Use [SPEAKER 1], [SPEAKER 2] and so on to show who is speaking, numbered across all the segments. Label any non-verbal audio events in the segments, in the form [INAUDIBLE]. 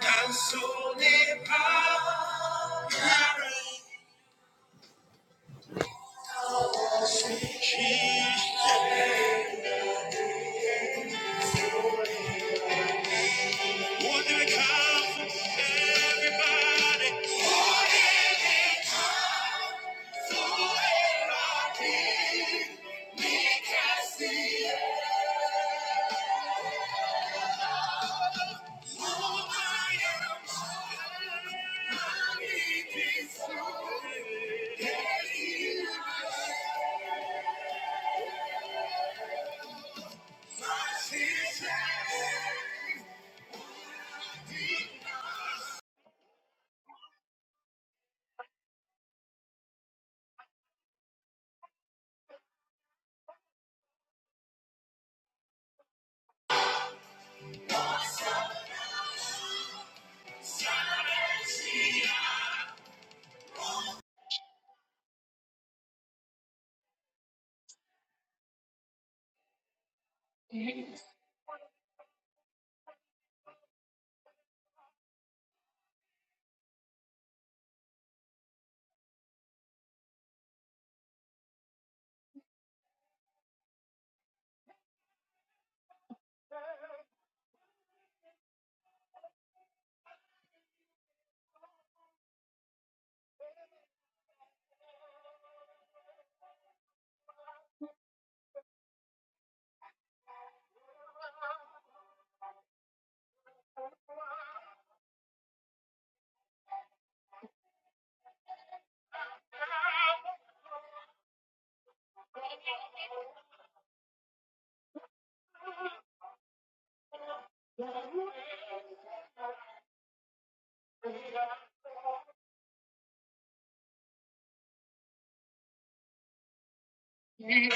[SPEAKER 1] I'm so empowered. Jeez, what did I come for? Everybody. I think I see my sister. Nobody,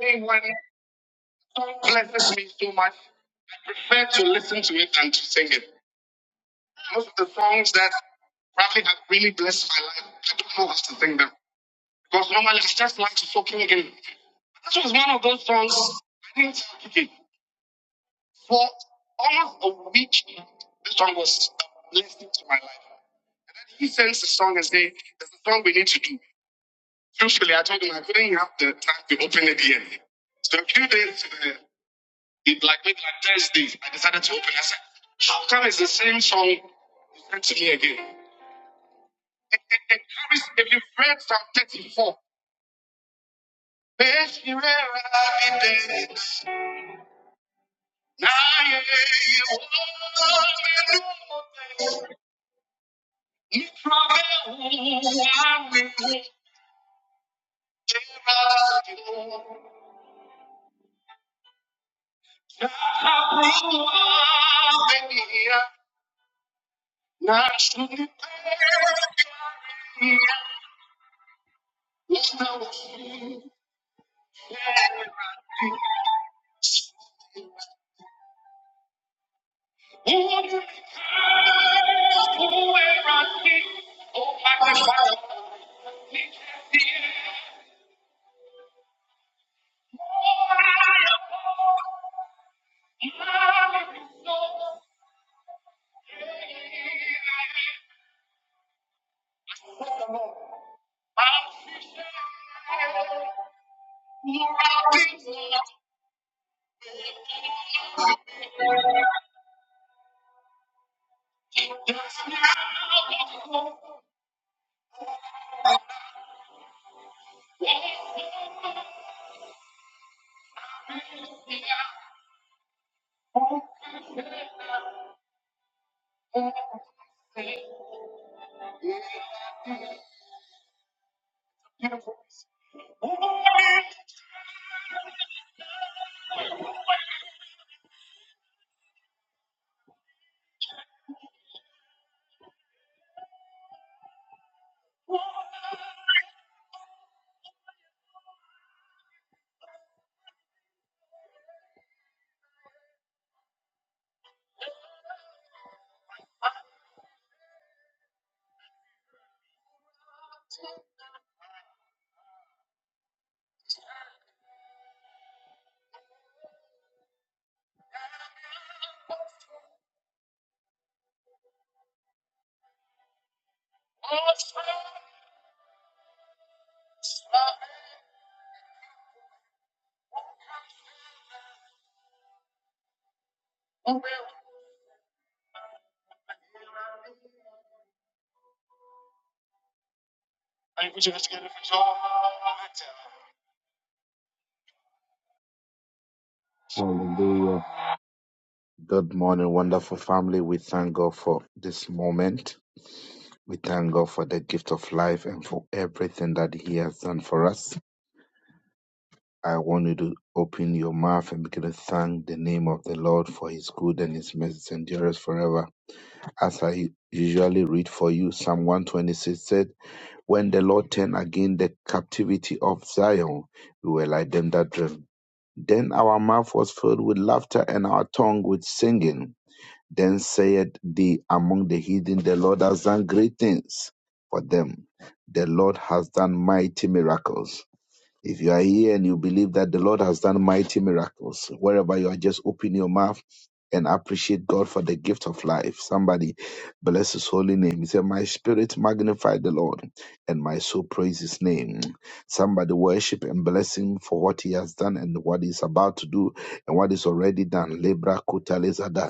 [SPEAKER 1] they want to blesses me so much. Fair to listen to it and to sing it. Most of the songs that rapping that really blessed my life, I don't know how to sing them. Because normally I just like to soaking in. This was one of those songs I didn't tell Kiki. For almost a week, this song was a blessing to my life. And then he sends the song and say, There's a song we need to do. Truthfully, I told him I couldn't have the time to open it yet. So a few days to it like maybe like Thursday, I decided to open it. I said, How come it's the same song you sent to me again? It, it, it carries, if you read Psalm 34, "Beth Yireh Abi Beth, Nayeh Yehovah Menuh, Yitraveu Anu, Jeradu, Yahabru Avenia, Nashuni Unawu Yerah, Unu Kuhu Erani, O Magnify, Abi Unawu Yerah. Hallelujah. Good morning, wonderful family. We thank God for this moment. We thank God for the gift of life and for everything that He has done for us. I want you to open your mouth and begin to thank the name of the Lord for His good and His mercy endures forever. As I usually read for you, Psalm 126 said, When the Lord turned again the captivity of Zion, we were like them that dream. Then our mouth was filled with laughter and our tongue with singing. Then said they among the heathen, The Lord has done great things for them. The Lord has done mighty miracles. If you are here and you believe that the Lord has done mighty miracles, wherever you are, just open your mouth and appreciate God for the gift of life. Somebody bless his holy name. He said, My spirit magnify the Lord and my soul praise his name. Somebody worship and bless him for what he has done and what he's about to do and what is already done. Lebra kutalezada.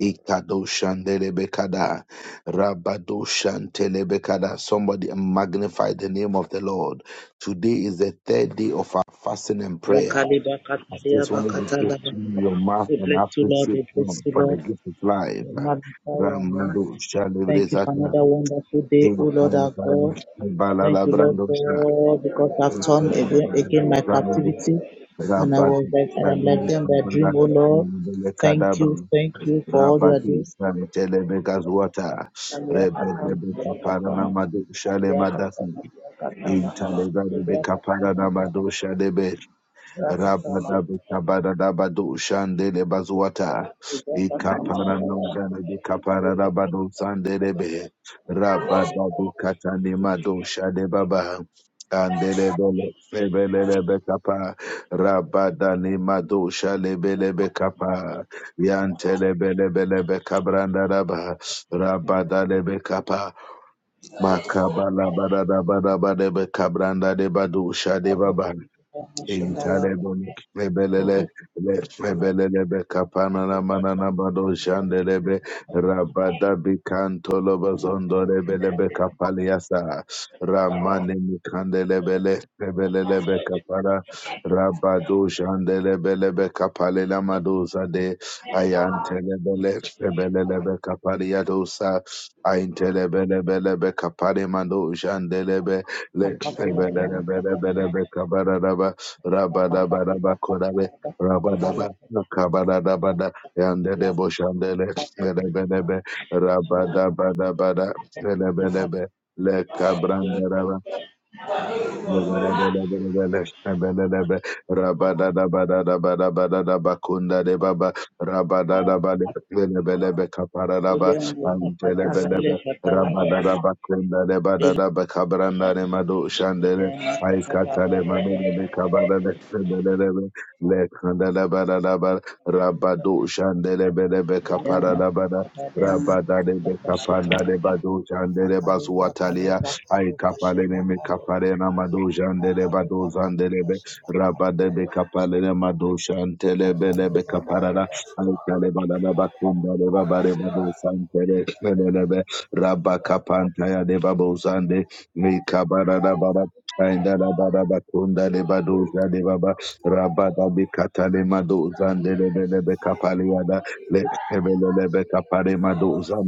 [SPEAKER 1] Ikadoshandelebekada, Rabadoshantelebekada. Somebody magnify the name of the Lord. Today is the third day of our fasting and prayer. I just wanted you to
[SPEAKER 2] Rekaliba-kataliaba-katalaba.
[SPEAKER 1] open your mouth
[SPEAKER 2] We
[SPEAKER 1] and
[SPEAKER 2] bless you, Lord.
[SPEAKER 1] appreciate
[SPEAKER 2] We
[SPEAKER 1] God
[SPEAKER 2] bless you,
[SPEAKER 1] for the
[SPEAKER 2] Lord.
[SPEAKER 1] gift of life.
[SPEAKER 2] We magnify your name. Thank you for
[SPEAKER 1] Ramadoshalebezata,
[SPEAKER 2] another wonderful day, O Lord our God.
[SPEAKER 1] Ikabalalabrandosha,
[SPEAKER 2] Thank you, Lord God, because I've turned again, again my
[SPEAKER 1] Ikabalabrandosha,
[SPEAKER 2] captivity and I was
[SPEAKER 1] Rabadoshalebezata,
[SPEAKER 2] like I am like them that dream, O Lord. Thank you, thank you for all you are
[SPEAKER 1] Rabadu
[SPEAKER 2] doing.
[SPEAKER 1] Shantelebe Gazuata,
[SPEAKER 2] And we are Katama,
[SPEAKER 1] Rebebe
[SPEAKER 2] we are
[SPEAKER 1] shale
[SPEAKER 2] Katama,
[SPEAKER 1] Madu
[SPEAKER 2] we are
[SPEAKER 1] Shalema Dafi,
[SPEAKER 2] Katama, we are Katama, we are Katama, we
[SPEAKER 1] Intalega Rebe Kaparana Madu
[SPEAKER 2] are Katama,
[SPEAKER 1] Rabadabadabadu shandele bazuata.
[SPEAKER 2] we are Katama,
[SPEAKER 1] Ikapara nungane bikapara rabado sandelebe. Rabadabi katani mado shade baba. Andele bele febelele bekapa. Rabadani mado shale bele bekapa. Yantele bele bele bekabranda raba. Rabadale bekapa. Makabala barada barabade bekabranda de badu shade baba. Intalebon Rebelele Rebelele Becapana Manana Bado Shandelebe Rabada Bicanto Lobazondo Rebele Becapaliasa Ramane Micandelebele Rebelele Becapara Rabado Shandelebele Becapalela Madosa de Ayantelebele Rebelele Becapariadosa Aintelebele Becapare Mando Shandelebe Rebelele Becabara Rabadabadabakodabe, Rabadaba, Kabadabada, Yandedebo Shandele, Lebedebe, Rabadabadabada, Lebedebe, Le Rabada de Capanda de Badu Chandele Basuatalia Ay kapalene me kaparena madojandele badozandelebe rabadebe kapalene madoshantelebe lebe kaparara ay kalebalana bakumbale babare badosantele lelebe rabba kapantaya de babozande me kabarara bara Aindala bada bakunda le badoja de baba rabada bikata le madozande le lebe kapale yada le hebele lebe kapare madoza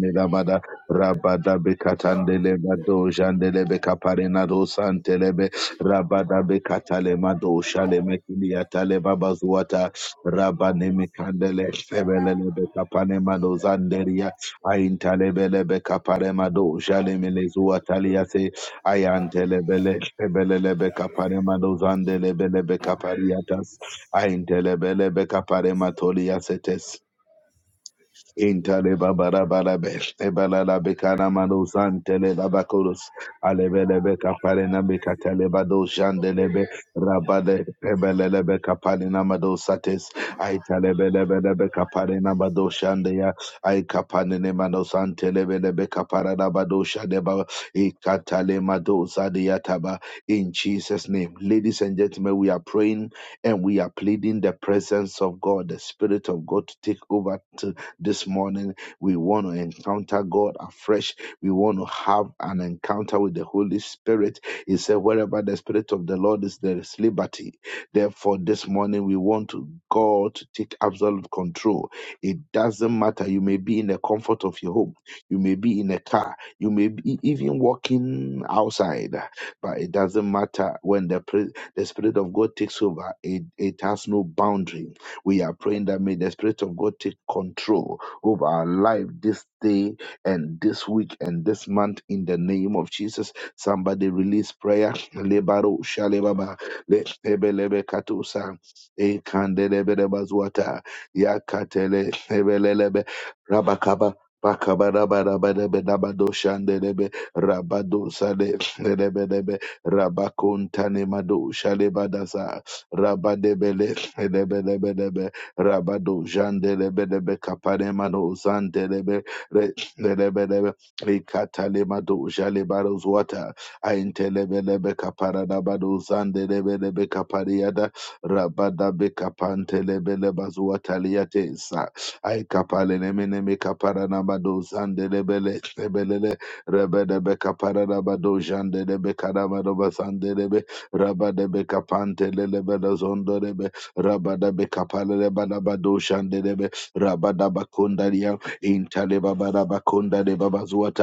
[SPEAKER 1] Rabada bekatandele mado jandele bekaparena do santelebe rabada bekatale mado shale mekilia tale babazuata rabane mekandele sebelele bekapane mado zanderia aintalebele bekapare mado jale melezua taliase ayantelebele sebelele bekapare mado zandelebele bekapariatas aintelebele bekapare matoliasetes Intale babara barabe, ebala la bekana manusan tele la bakurus, alebele beka palena beka bado jandelebe, rabade ebele lebe kapalena madosates, ay telebele bele beka bado shandeya, ay kapanene manusan telebele beka parada bado shadeba, ikatale madosadia taba. In Jesus' name, ladies and gentlemen, we are praying and we are pleading the presence of God, the Spirit of God to take over this morning, we want to encounter God afresh. We want to have an encounter with the Holy Spirit. He said, Wherever the Spirit of the Lord is, there is liberty. Therefore, this morning, we want to God to take absolute control. It doesn't matter. You may be in the comfort of your home, you may be in a car, you may be even walking outside, but it doesn't matter when the, pre- the Spirit of God takes over, it, it has no boundary we are praying that may the Spirit of God take control over our life this day and this week and this month in the name of Jesus. Somebody release prayer. [SNIFFS] Lebaro shalebaba, le- ebelebe katusa, ekandelebelebazwata, yakatele, ebelelebe, rabakaba, bakaba, raba, raba, debe, dabado, shandelebe, rabadebele, Lebelebelebe, Rabado Jandelebelebe Capanemano Zandelebe Re- Lebelebe Ricatalemado Jalebaros Water Aintelebelebe Caparanabado Zandelebelebe Capariada Rabadabe Capantelebelebas Wataliatesa I Capalenemene Caparanabado Zandelebele Lebelele Rebelebe Caparanabado Jandelebe Caramadova Zandelebe Rabadebe Capantelebe Zondorebe rabada be kapalele badabado shandelebe rabada bakondalia intale babada bakonda de babazuata.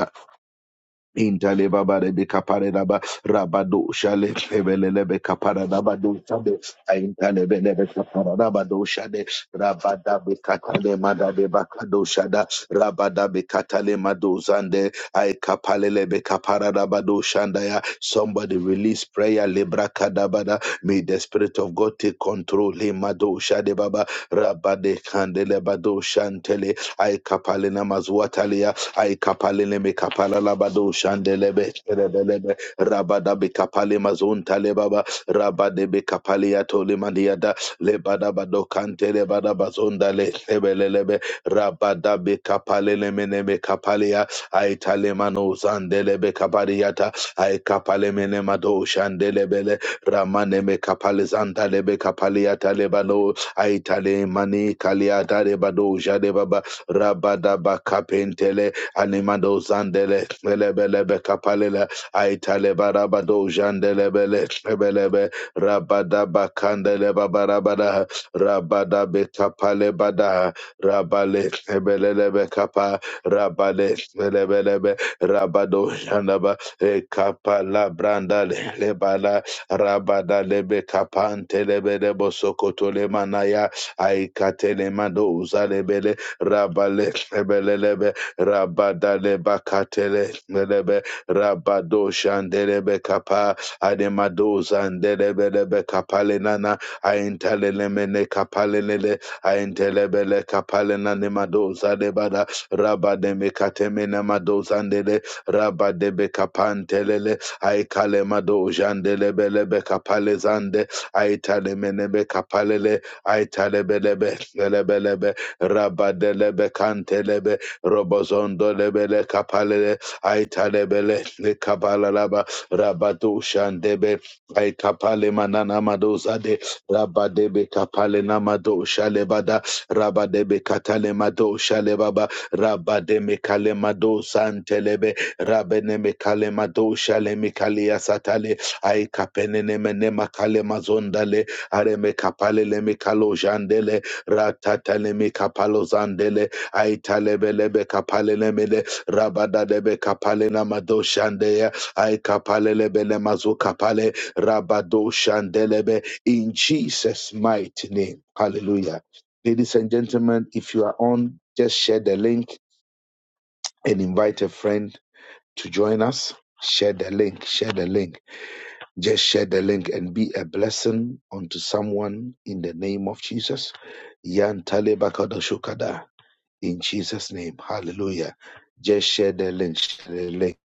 [SPEAKER 1] Intale baba rebe kapare raba rabado shale ebele lebe kapara rabado shade aintale bele be kapara rabado shade rabada be katale mada be bakado shada rabada be katale mado zande ay kapale lebe kapara rabado shanda ya somebody release prayer lebra kadabada may the spirit of God take control le mado shade baba rabade kandele bado shantele ay kapale namazwatale I kapalele me kapala labado shandelebe rebelebe rabada be kapale mazon talebaba rabade be kapale atole mandiada lebada bado kante lebada bazonda le ebelelebe rabada be kapalele mene me kapalia ai tale mano zandelebe kapariata ai kapale mene mado shandelebele ramane me kapale zandalebe kapaliata lebano ai tale mani kaliata rebado jadebaba rabada ba kapentele Animado Zandele, Lebelebe Capalela, Aitalebarabado Jandelebele, Lebelebe, Rabadaba Candeleba Barabada, Rabadabe Capalebada, Rabale, Lebelebe Capa, Rabale, Lebelebe, Rabado Jandaba, E Capala Brandale, Lebala, Rabada Lebe Capante, Lebelebo Sokoto Lemanaya, Aikatelemado Zalebele, Rabale, Lebelebe, Rabadaleba katele melebe rabado shandelebe kapa ademado zandelebe lebe kapale nana aintelele mene kapale lele aintelebele kapale nane mado zadebada rabademe kateme na mado zandele rabadebe kapantelele aikale mado jandelebe lebe kapale zande aitale menebe kapalele aitalebelebe lelebelebe rabadelebe kantelebe robozondo lebele kapalele aitalebele lekabalalaba rabado shandebe aikapale manana madozade rabadebe kapale namado shalebada rabadebe katale mado shalebaba rabademe kale mado santelebe rabeneme kale mado shalemi kalia satale aikapene menema kale mazondale areme kapale leme kalo jandele ratatale me kapalo zandele aitalebelebe kapalelemele rabadadebe kapalena madoshandeya aikapalelebele mazukapale rabadoshandelebe in Jesus' mighty name. Hallelujah. Ladies and gentlemen, if you are on, just share the link and invite a friend to join us. Share the link, share the link. Just share the link and be a blessing unto someone in the name of Jesus. Yan in Jesus' name. Hallelujah. Just share the link. Share the link.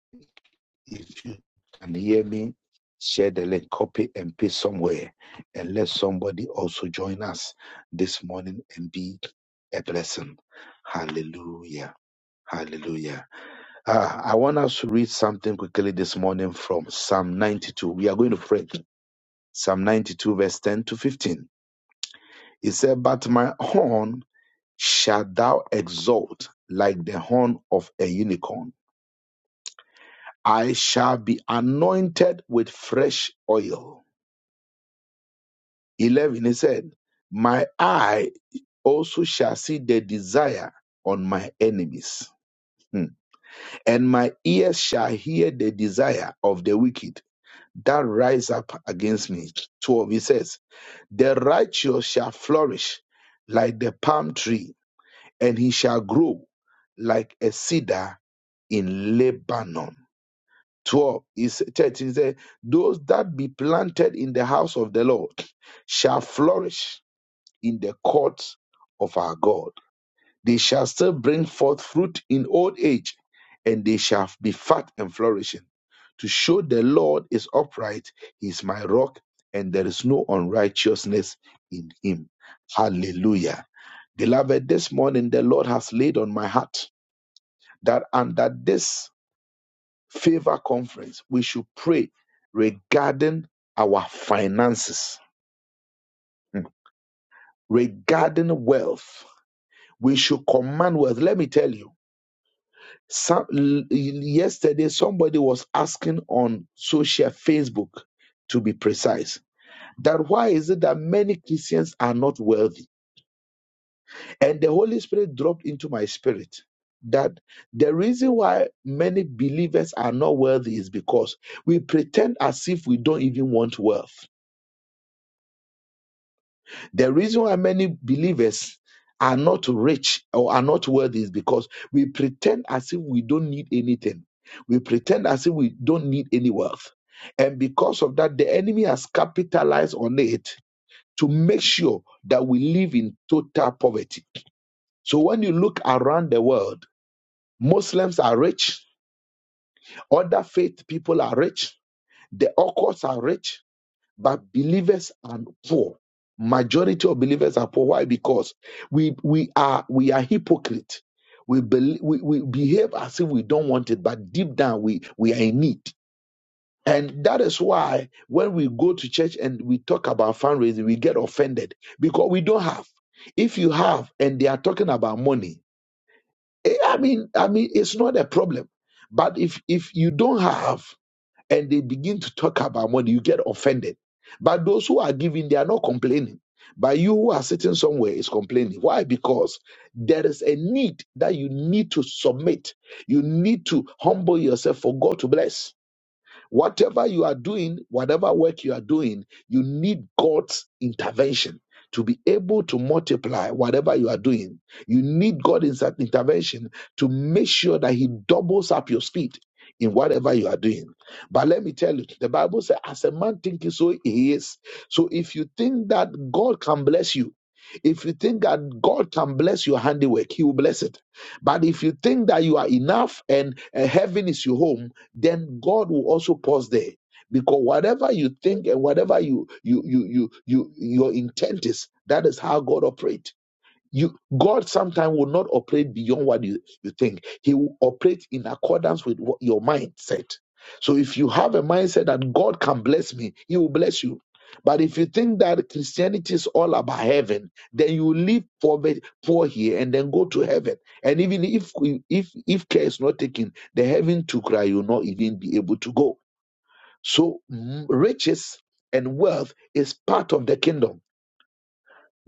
[SPEAKER 1] If you can hear me, share the link, copy and paste somewhere, and let somebody also join us this morning and be a blessing. Hallelujah. Hallelujah. Ah, I want us to read something quickly this morning from Psalm 92. We are going to pray. Psalm 92, verse 10 to 15. It said, But my horn shalt thou exalt like the horn of a unicorn I shall be anointed with fresh oil. 11, he said, My eye also shall see the desire on my enemies, Hmm. and my ears shall hear the desire of the wicked that rise up against me. 12, he says, The righteous shall flourish like the palm tree, and he shall grow like a cedar in Lebanon. 12 is 13 it says, Those that be planted in the house of the Lord shall flourish in the courts of our God. They shall still bring forth fruit in old age, and they shall be fat and flourishing. To show the Lord is upright, he is my rock, and there is no unrighteousness in him. Hallelujah. Beloved, this morning the Lord has laid on my heart that under this favor conference, we should pray regarding our finances, mm, regarding wealth. We should command wealth. Let me tell you. Some, yesterday, somebody was asking on social Facebook, to be precise, that why is it that many Christians are not wealthy? And the Holy Spirit dropped into my spirit that the reason why many believers are not wealthy is because we pretend as if we don't even want wealth The reason why many believers are not rich or are not worthy is because we pretend as if we don't need anything. We pretend as if we don't need any wealth. And because of that, the enemy has capitalized on it to make sure that we live in total poverty. So when you look around the world, Muslims are rich, other faith people are rich, the occults are rich, but believers are poor. Majority of believers are poor. Why? Because we we are we are hypocrite. We, bel we we behave as if we don't want it, but deep down we we are in need. And that is why when we go to church and we talk about fundraising, we get offended because we don't have. If you have and they are talking about money, eh, I mean, I mean, it's not a problem. But if if you don't have and they begin to talk about money, you get offended. But those who are giving, they are not complaining. But you who are sitting somewhere is complaining. Why? Because there is a need that you need to submit. You need to humble yourself for God to bless. Whatever you are doing, whatever work you are doing, you need God's intervention to be able to multiply whatever you are doing. You need God's intervention to make sure that He doubles up your speed in whatever you are doing. But let me tell you, the Bible says, as a man thinketh, so he is. So if you think that God can bless you, if you think that God can bless your handiwork, He will bless it. But if you think that you are enough and uh, heaven is your home, then God will also pause there. Because whatever you think and whatever you you you you you your intent is, that is how God operates you god sometimes will not operate beyond what you, you think he will operate in accordance with what your mindset so if you have a mindset that god can bless me he will bless you but if you think that christianity is all about heaven then you live poor, be- poor here and then go to heaven and even if if if care is not taken the heaven to cry you will not even be able to go so mm, riches and wealth is part of the kingdom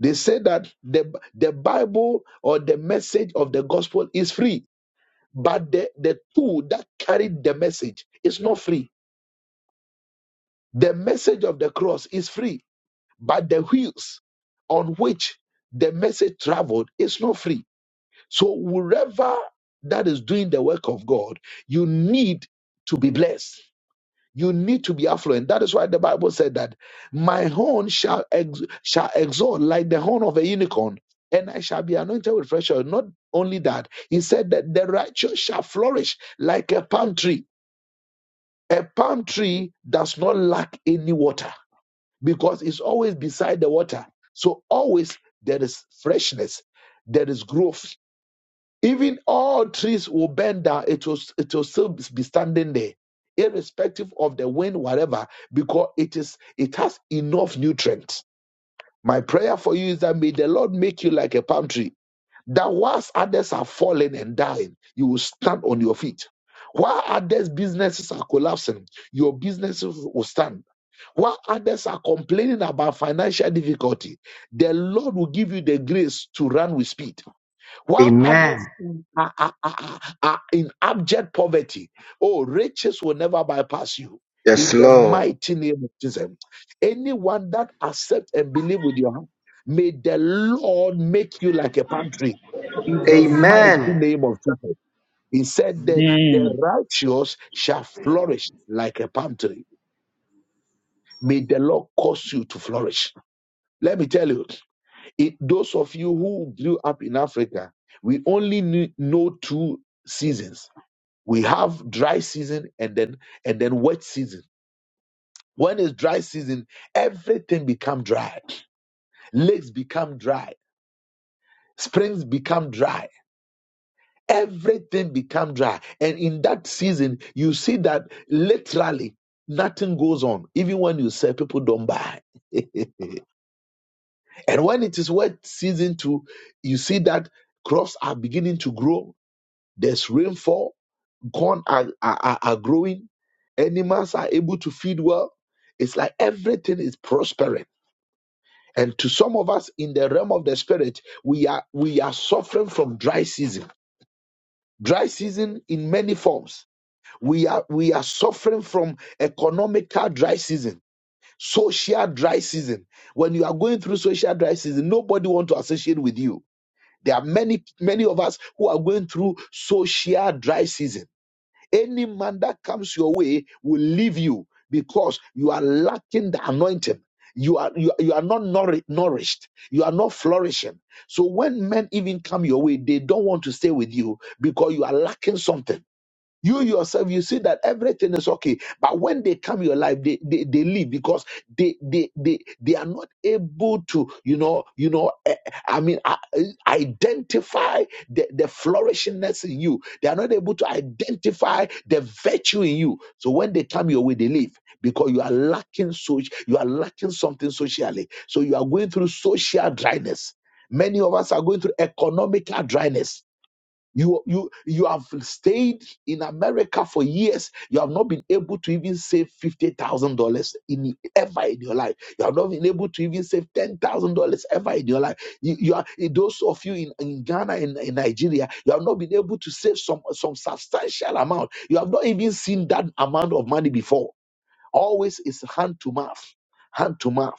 [SPEAKER 1] they say that the, the Bible or the message of the gospel is free, but the, the tool that carried the message is not free. The message of the cross is free, but the wheels on which the message traveled is not free. So, wherever that is doing the work of God, you need to be blessed. You need to be affluent. That is why the Bible said that my horn shall ex- shall exalt like the horn of a unicorn, and I shall be anointed with fresh oil. Not only that, he said that the righteous shall flourish like a palm tree. A palm tree does not lack any water because it's always beside the water. So always there is freshness, there is growth, even all trees will bend down, it will, it will still be standing there, irrespective of the wind, whatever, because it is it has enough nutrients. My prayer for you is that may the Lord make you like a palm tree, that whilst others are falling and dying, you will stand on your feet. While others' businesses are collapsing, your businesses will stand. While others are complaining about financial difficulty, the Lord will give you the grace to run with speed. While
[SPEAKER 3] Amen.
[SPEAKER 1] others in- are, are, are, are are in abject poverty? Oh, riches will never bypass you.
[SPEAKER 3] Yes,
[SPEAKER 1] In the
[SPEAKER 3] Lord.
[SPEAKER 1] mighty name of Jesus, anyone that accept and believe with your heart, may the Lord make you like a palm tree. In the
[SPEAKER 3] Amen.
[SPEAKER 1] mighty name of Jesus, He said, "The the
[SPEAKER 2] Amen.
[SPEAKER 1] righteous shall flourish like a palm tree." May the Lord cause you to flourish. Let me tell you it, those of you who grew up in Africa, we only knew, know two seasons. We have dry season and then and then wet season. When it's dry season, everything become dry. Lakes become dry. Springs become dry. Everything become dry. And in that season, you see that literally nothing goes on. Even when you sell, people don't buy. [LAUGHS] and when it is wet season too, you see that crops are beginning to grow There's rainfall. Corn are, are, are are growing. Animals are able to feed well. It's like everything is prospering. And to some of us in the realm of the spirit, we are we are suffering from dry season. Dry season in many forms. We are we are suffering from economical dry season, social dry season. When you are going through social dry season, nobody want to associate with you. There are many many of us who are going through social dry season Any man that comes your way will leave you because you are lacking the anointing. You are you, you are not nouri- nourished. You are not flourishing. So when men even come your way, they don't want to stay with you because you are lacking something. You yourself, you see that everything is okay. But when they come your life, they, they, they leave because they, they they they are not able to, you know, you know, eh, I mean, I- I- identify the, the flourishingness in you. They are not able to identify the virtue in you. So when they come your way, they leave because you are lacking so you are lacking something socially. So you are going through social dryness. Many of us are going through economical dryness you, you, you have stayed in America for years. You have not been able to even save $50,000 in ever in your life. You have not been able to even save $10,000 ever in your life. You, you are, those of you in, in Ghana and in, in Nigeria, you have not been able to save some, some substantial amount. You have not even seen that amount of money before. Always is hand to mouth, hand to mouth.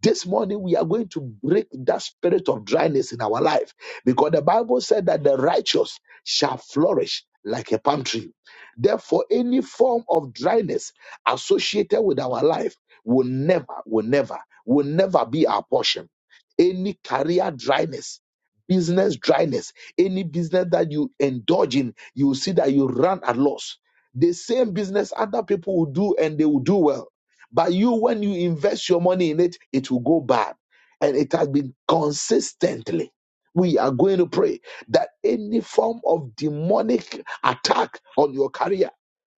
[SPEAKER 1] This morning, we are going to break that spirit of dryness in our life because the Bible said that the righteous shall flourish like a palm tree. Therefore, any form of dryness associated with our life will never, will never, will never be our portion. Any career dryness, business dryness, any business that you indulge in, you will see that you run at loss. The same business other people will do and they will do well but you, when you invest your money in it, it will go bad. And it has been consistently. We are going to pray that any form of demonic attack on your career.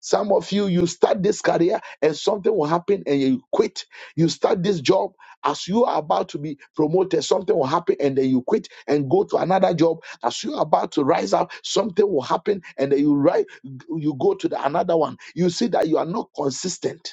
[SPEAKER 1] Some of you, you start this career and something will happen and you quit. You start this job as you are about to be promoted, something will happen and then you quit and go to another job. As you are about to rise up, something will happen and then you rise, you go to the another one. You see that you are not consistent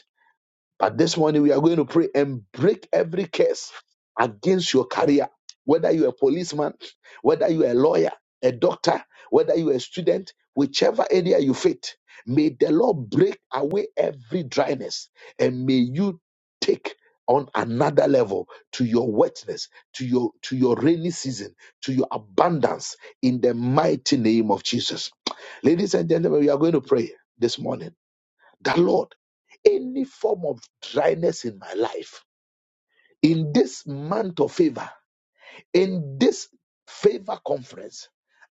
[SPEAKER 1] but this morning we are going to pray and break every curse against your career. Whether you're a policeman, whether you're a lawyer, a doctor, whether you're a student, whichever area you fit, may the Lord break away every dryness and may you take on another level to your wetness, to your to your rainy season, to your abundance in the mighty name of Jesus. Ladies and gentlemen, we are going to pray this morning that Lord, any form of dryness in my life, in this month of favor, in this favor conference,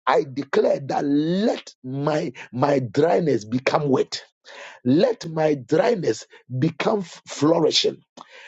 [SPEAKER 1] I declare that let my my dryness become wet. Let my dryness become f- flourishing.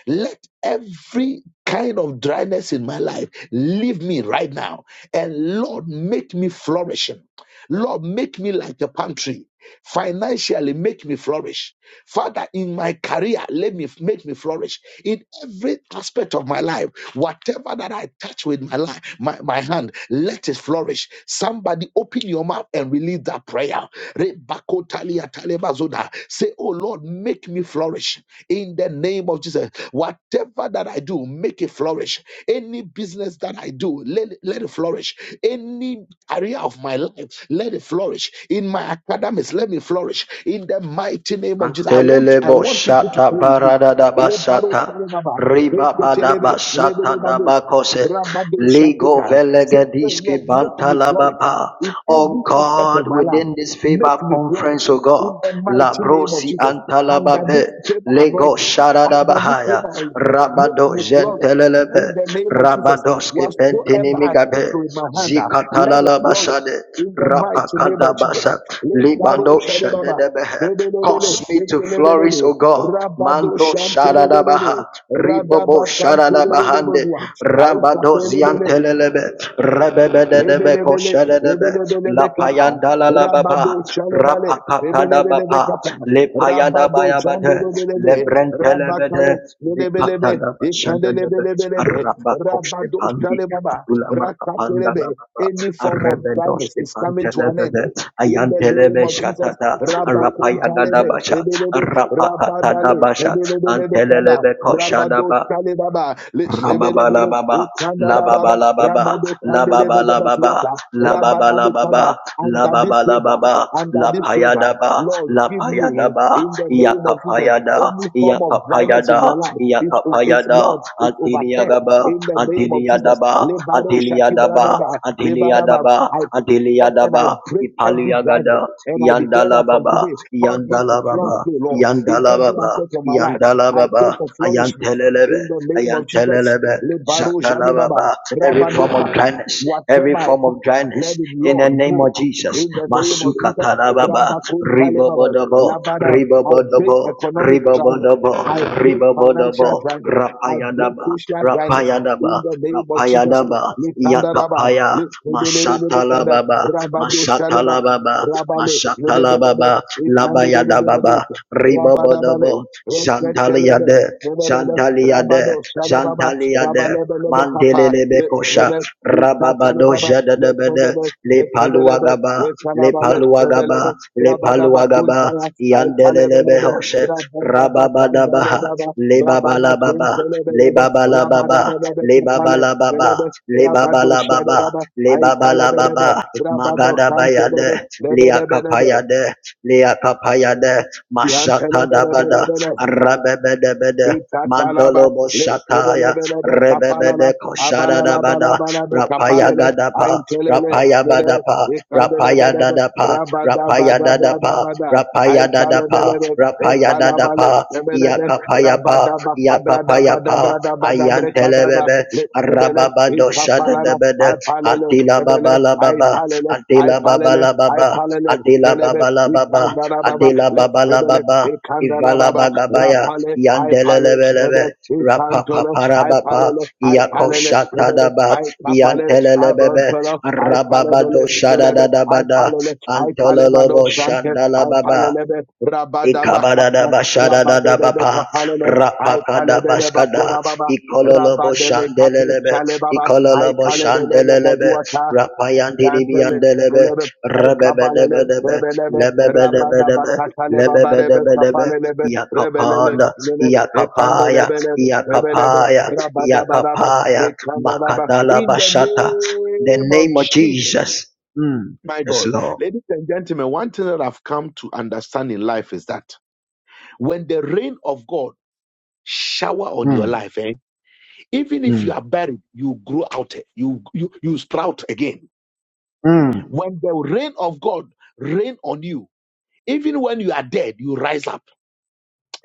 [SPEAKER 1] Let every kind of dryness in my life leave me right now. And Lord, make me flourishing. Lord, make me like a palm tree. Financially, make me flourish. Father, in my career, let me make me flourish. In every aspect of my life, whatever that I touch with my life, my, my hand, let it flourish. Somebody open your mouth and release that prayer. Rebakotaliatalebazoda. Say, Oh Lord, make me flourish in the name of Jesus. Whatever that I do, make it flourish. Any business that I do, let, let it flourish. Any area of my life, let it flourish. In my academics, let me flourish. In the mighty name of Jesus. I want
[SPEAKER 3] Antelele
[SPEAKER 1] I want people to
[SPEAKER 3] boshata
[SPEAKER 1] pray with me.
[SPEAKER 3] barada da
[SPEAKER 1] Lebaro
[SPEAKER 3] basata
[SPEAKER 1] Saranaba,
[SPEAKER 3] ribaba da
[SPEAKER 1] Eketelebe,
[SPEAKER 3] basata da
[SPEAKER 1] Lebedebabosa,
[SPEAKER 3] bakose
[SPEAKER 1] Rabado
[SPEAKER 3] ligo
[SPEAKER 1] Shakika. Say, oh Lord,
[SPEAKER 3] velegediski
[SPEAKER 1] make me
[SPEAKER 3] bantala
[SPEAKER 1] flourish
[SPEAKER 3] baba.
[SPEAKER 1] in
[SPEAKER 3] Oh
[SPEAKER 1] every aspect
[SPEAKER 3] God,
[SPEAKER 1] of my life.
[SPEAKER 3] within this favor
[SPEAKER 1] Make me flourish
[SPEAKER 3] conference, oh God,
[SPEAKER 1] in the mighty name of
[SPEAKER 3] labrosi
[SPEAKER 1] Jesus. Under this
[SPEAKER 3] antalababe
[SPEAKER 1] favor
[SPEAKER 3] lego
[SPEAKER 1] anointing,
[SPEAKER 3] sharada
[SPEAKER 1] under this
[SPEAKER 3] bahaya
[SPEAKER 1] favor oil, make
[SPEAKER 3] rabado
[SPEAKER 1] me flourish in
[SPEAKER 3] gentelelebe
[SPEAKER 1] the name of Jesus.
[SPEAKER 3] rabadoske
[SPEAKER 1] Whatsoever I touch
[SPEAKER 3] pentinimigabe
[SPEAKER 1] with my hand, ah, let it
[SPEAKER 3] zikatalala
[SPEAKER 1] flourish
[SPEAKER 3] basade
[SPEAKER 1] in the mighty name
[SPEAKER 3] rapakada
[SPEAKER 1] of Jesus.
[SPEAKER 3] basa
[SPEAKER 1] Let Karo
[SPEAKER 3] libando
[SPEAKER 1] Shadebaba.
[SPEAKER 3] shadedebe
[SPEAKER 1] Lebelebele,
[SPEAKER 3] Cause me to flourish,
[SPEAKER 1] lebelebelele,
[SPEAKER 3] O God.
[SPEAKER 1] Rabado
[SPEAKER 3] Mando Shadadabaha,
[SPEAKER 1] Shantelebelele,
[SPEAKER 3] Ribobo
[SPEAKER 1] Radaba
[SPEAKER 3] Shadadabahande,
[SPEAKER 1] Santelebelebelua,
[SPEAKER 3] Rabado Ziantelebe, Rebebedebe
[SPEAKER 1] Rebelebele,
[SPEAKER 3] Koshadebe, La
[SPEAKER 1] rebelebelebe kapa,
[SPEAKER 3] Payanda La La Baba,
[SPEAKER 1] rabado chalebale, rebelebelebe
[SPEAKER 3] Rapakatadabapa,
[SPEAKER 1] kapa,
[SPEAKER 3] Le
[SPEAKER 1] rabado
[SPEAKER 3] Payadabayabade, Le
[SPEAKER 1] jandelebelebe,
[SPEAKER 3] Brentelebede,
[SPEAKER 1] rabakale, lelebelebe,
[SPEAKER 3] Vipatadaba Shadadebe,
[SPEAKER 1] ikandelebelebelebe,
[SPEAKER 3] Arabakoste
[SPEAKER 1] rabado
[SPEAKER 3] Pandi,
[SPEAKER 1] chalebaba,
[SPEAKER 3] Atulama Kapanda La
[SPEAKER 1] rakatelebe.
[SPEAKER 3] Baba,
[SPEAKER 1] Any form of blindness
[SPEAKER 3] Arrebedoste
[SPEAKER 1] is coming to an end.
[SPEAKER 3] Pantelebede,
[SPEAKER 1] In the name
[SPEAKER 3] Ayantelebe
[SPEAKER 1] of Jesus,
[SPEAKER 3] Shatada,
[SPEAKER 1] Rabakon Talebe,
[SPEAKER 3] Rapayadabasha,
[SPEAKER 1] Rebelebe, Rabadale,
[SPEAKER 3] Rapakatadabasha,
[SPEAKER 1] Rebelebelebe Kada,
[SPEAKER 3] Antelelebeko
[SPEAKER 1] Rabado
[SPEAKER 3] Shadaba,
[SPEAKER 1] Talebaba,
[SPEAKER 3] Rababa
[SPEAKER 1] Rebelebele,
[SPEAKER 3] La baba, la baba la baba,
[SPEAKER 1] Ramado
[SPEAKER 3] la
[SPEAKER 1] Kandele
[SPEAKER 3] baba la
[SPEAKER 1] Begebet
[SPEAKER 3] baba,
[SPEAKER 1] Wata,
[SPEAKER 3] la baba la
[SPEAKER 1] Rabadami Kaba,
[SPEAKER 3] baba, la
[SPEAKER 1] under this
[SPEAKER 3] baba la
[SPEAKER 1] favor,
[SPEAKER 3] Rababalababa, lababalababa,
[SPEAKER 1] under
[SPEAKER 3] lababalababa, lababalababa, lababalababa,
[SPEAKER 1] this favor, Lord, give
[SPEAKER 3] lapayadaba,
[SPEAKER 1] me
[SPEAKER 3] ba,
[SPEAKER 1] in the name of Jesus
[SPEAKER 3] yakapayada,
[SPEAKER 1] any form of dryness
[SPEAKER 3] yakapayada,
[SPEAKER 1] in my life. It's, it's
[SPEAKER 3] yakapayada,
[SPEAKER 1] Lord, it's
[SPEAKER 3] antiliada
[SPEAKER 1] overturned
[SPEAKER 3] ba,
[SPEAKER 1] in the name of Jesus.
[SPEAKER 3] antiliadaba,
[SPEAKER 1] Lebaro
[SPEAKER 3] antiliadaba,
[SPEAKER 1] Shakibradaba,
[SPEAKER 3] antiliadaba,
[SPEAKER 1] Lebaraba,
[SPEAKER 3] ba, antiliada ba,
[SPEAKER 1] I off
[SPEAKER 3] antiliada
[SPEAKER 1] and I
[SPEAKER 3] ba,
[SPEAKER 1] break every
[SPEAKER 3] ipaliagada,
[SPEAKER 1] dryness. And I declare that from
[SPEAKER 3] yandalababa,
[SPEAKER 1] today, help me to
[SPEAKER 3] yandalababa,
[SPEAKER 1] flourish, oh Lord, in every
[SPEAKER 3] yandalababa,
[SPEAKER 1] aspect of my life. I
[SPEAKER 3] yandalababa,
[SPEAKER 1] pray for flourishment in
[SPEAKER 3] ayantelelebe,
[SPEAKER 1] the name of Jesus.
[SPEAKER 3] Ayantelelebe,
[SPEAKER 1] Lebaro Jadebaba,
[SPEAKER 3] shatalababa. Every
[SPEAKER 1] Rabado
[SPEAKER 3] form of
[SPEAKER 1] Papa,
[SPEAKER 3] dryness, every
[SPEAKER 1] whatever I
[SPEAKER 3] form
[SPEAKER 1] touch,
[SPEAKER 3] of
[SPEAKER 1] let
[SPEAKER 3] dryness,
[SPEAKER 1] it,
[SPEAKER 3] in the
[SPEAKER 1] Lord,
[SPEAKER 3] name
[SPEAKER 1] move.
[SPEAKER 3] of Jesus.
[SPEAKER 1] In the name of
[SPEAKER 3] Masuka
[SPEAKER 1] Jesus,
[SPEAKER 3] talababa,
[SPEAKER 1] Rabakun Talebaba,
[SPEAKER 3] ribobodobo,
[SPEAKER 1] Labada, I break
[SPEAKER 3] ribobodobo,
[SPEAKER 1] economic dryness.
[SPEAKER 3] ribobodobo,
[SPEAKER 1] I break financial
[SPEAKER 3] ribobodobo,
[SPEAKER 1] dryness. I break
[SPEAKER 3] rapayadaba,
[SPEAKER 1] social dryness. In
[SPEAKER 3] rapayadaba,
[SPEAKER 1] the name of Jesus,
[SPEAKER 3] rapayadaba,
[SPEAKER 1] Likandaraba,
[SPEAKER 3] yakapaya,
[SPEAKER 1] Likandaraba,
[SPEAKER 3] mashatalababa,
[SPEAKER 1] Rabado Shalebaba,
[SPEAKER 3] mashatalababa,
[SPEAKER 1] Rabale,
[SPEAKER 3] mashatalababa.
[SPEAKER 1] Lebebebe,
[SPEAKER 3] Baba, Labayada
[SPEAKER 1] Likandarababa,
[SPEAKER 3] Baba, Ribabodabo,
[SPEAKER 1] Rabadabale, Reketelebe,
[SPEAKER 3] Zantaliade,
[SPEAKER 1] Lebebele,
[SPEAKER 3] Zantaliade,
[SPEAKER 1] Rabado Shalebaba,
[SPEAKER 3] Zantaliade,
[SPEAKER 1] Rabalebe kapa, le
[SPEAKER 3] Mandelebekosha,
[SPEAKER 1] lebe, le katana
[SPEAKER 3] Rababado
[SPEAKER 1] baba, le
[SPEAKER 3] Jadadabede,
[SPEAKER 1] kandelebe,
[SPEAKER 3] Le
[SPEAKER 1] le kandelebe,
[SPEAKER 3] Paluagaba,
[SPEAKER 1] le
[SPEAKER 3] Le
[SPEAKER 1] kanaba le
[SPEAKER 3] Paluagaba,
[SPEAKER 1] sebelebe,
[SPEAKER 3] Le
[SPEAKER 1] rabada
[SPEAKER 3] Paluagaba,
[SPEAKER 1] bakuntaya, ay talebelebe,
[SPEAKER 3] Yandelebehoshe,
[SPEAKER 1] rabada batandale
[SPEAKER 3] Rababadabaha,
[SPEAKER 1] baba,
[SPEAKER 3] Le
[SPEAKER 1] rabada
[SPEAKER 3] Babalababa, Le
[SPEAKER 1] kentelebelebe, rabada
[SPEAKER 3] Babalababa,
[SPEAKER 1] lebe
[SPEAKER 3] Le Babalababa, le Leba
[SPEAKER 1] rabado
[SPEAKER 3] bala
[SPEAKER 1] shade
[SPEAKER 3] baba
[SPEAKER 1] ay talebelebe,
[SPEAKER 3] Lebabalababa, Lebabalababa,
[SPEAKER 1] rabado kantelebe,
[SPEAKER 3] Magadabayade,
[SPEAKER 1] lebe lebe
[SPEAKER 3] Liakapayade, Liakapayade, Mashatadabada, Rabebedebede,
[SPEAKER 1] Itatalaba,
[SPEAKER 3] Mandolobo
[SPEAKER 1] le-
[SPEAKER 3] Shataya,
[SPEAKER 1] rebelebelebe, kapalala,
[SPEAKER 3] Rebebede Koshada dabada,
[SPEAKER 1] abalalabalabalaba,
[SPEAKER 3] Rapaya
[SPEAKER 1] kapalele,
[SPEAKER 3] Gadapa,
[SPEAKER 1] aintelele,
[SPEAKER 3] Rapaya
[SPEAKER 1] lele,
[SPEAKER 3] Badapa, Rapaya
[SPEAKER 1] ikandelebelebe,
[SPEAKER 3] Dadapa, Rapaya Dadapa,
[SPEAKER 1] rabadabadabradabada,
[SPEAKER 3] Rapaya Dadapa,
[SPEAKER 1] aitalebelebe,
[SPEAKER 3] Rapaya
[SPEAKER 1] etalabale,
[SPEAKER 3] Dadapa,
[SPEAKER 1] lebelebe,
[SPEAKER 3] Yakapayapa, Yakapayapa,
[SPEAKER 1] rabadabakabradabadabradabadabre,
[SPEAKER 3] Ayantelebebe,
[SPEAKER 1] le- lebele,
[SPEAKER 3] Rababado shada
[SPEAKER 1] ikapalala,
[SPEAKER 3] debede.
[SPEAKER 1] apalele,
[SPEAKER 3] Adila
[SPEAKER 1] lebele,
[SPEAKER 3] baba la baba.
[SPEAKER 1] aipalele,
[SPEAKER 3] Adila baba
[SPEAKER 1] aipalele,
[SPEAKER 3] la baba.
[SPEAKER 1] aipalele,
[SPEAKER 3] Adila
[SPEAKER 1] lebelebe,
[SPEAKER 3] baba la baba.
[SPEAKER 1] ikandalababa,
[SPEAKER 3] Adila
[SPEAKER 1] le-
[SPEAKER 3] baba la
[SPEAKER 1] lebele,
[SPEAKER 3] baba. Ivala
[SPEAKER 1] ikandalababa,
[SPEAKER 3] bagabaya.
[SPEAKER 1] Rapale, I pale, Rebbe,
[SPEAKER 3] Yandelelebelebe.
[SPEAKER 1] I Incantole, I
[SPEAKER 3] Rapapaparabapa.
[SPEAKER 1] palele, I palele, Rebel,
[SPEAKER 3] Yakoshatadaba.
[SPEAKER 1] I tapale, I
[SPEAKER 3] Yantelelebebe.
[SPEAKER 1] brontolo, I
[SPEAKER 3] Rababado
[SPEAKER 1] palebele,
[SPEAKER 3] shada
[SPEAKER 1] Rebel, I
[SPEAKER 3] dadabada.
[SPEAKER 1] palele, I palemano
[SPEAKER 3] Antololobo
[SPEAKER 1] shante, I
[SPEAKER 3] shandalababa.
[SPEAKER 1] palelebe, Rabadaba
[SPEAKER 3] Ikabada da
[SPEAKER 1] kapna,
[SPEAKER 3] bashada da da
[SPEAKER 1] Rabadebe
[SPEAKER 3] bapa
[SPEAKER 1] kapalelo, I
[SPEAKER 3] rapakada
[SPEAKER 1] palebele
[SPEAKER 3] bashkada
[SPEAKER 1] bakurababa,
[SPEAKER 3] ikololo
[SPEAKER 1] Rabademe katu
[SPEAKER 3] boshandelelebe
[SPEAKER 1] chalebaba,
[SPEAKER 3] ikololo
[SPEAKER 1] I
[SPEAKER 3] boshandelelebe
[SPEAKER 1] kalebele
[SPEAKER 3] rapayandiri
[SPEAKER 1] Antele,
[SPEAKER 3] biyandelebe
[SPEAKER 1] Pelebe, Ay Kabalele,
[SPEAKER 3] rebebedebedebe
[SPEAKER 1] Rebelebe, Rabada
[SPEAKER 3] lebebedebedebe
[SPEAKER 1] Bakatale Babalebe,
[SPEAKER 3] lebebedebedebe
[SPEAKER 1] Sapalebe, Rebelele,
[SPEAKER 3] yakapada
[SPEAKER 1] Lele,
[SPEAKER 3] yakapaya
[SPEAKER 1] Ekandelebelebe, Rebelebe,
[SPEAKER 3] yakapaya
[SPEAKER 1] Rabada Baraba,
[SPEAKER 3] yakapaya
[SPEAKER 1] Mekandaraba.
[SPEAKER 3] makadala
[SPEAKER 1] In the
[SPEAKER 3] bashata the
[SPEAKER 1] name of
[SPEAKER 3] name of
[SPEAKER 1] Jesus,
[SPEAKER 3] Jesus mm,
[SPEAKER 1] my
[SPEAKER 3] yes
[SPEAKER 1] God.
[SPEAKER 3] Lord
[SPEAKER 1] Ladies and gentlemen, one thing that I've come to understand in life is that when the rain of God shower on your
[SPEAKER 3] mm,
[SPEAKER 1] life, eh, even if you
[SPEAKER 3] mm,
[SPEAKER 1] are buried, you grow out, eh, you, you, you sprout again.
[SPEAKER 3] mm,
[SPEAKER 1] When the rain of God rain on you, Even when you are dead, you rise up.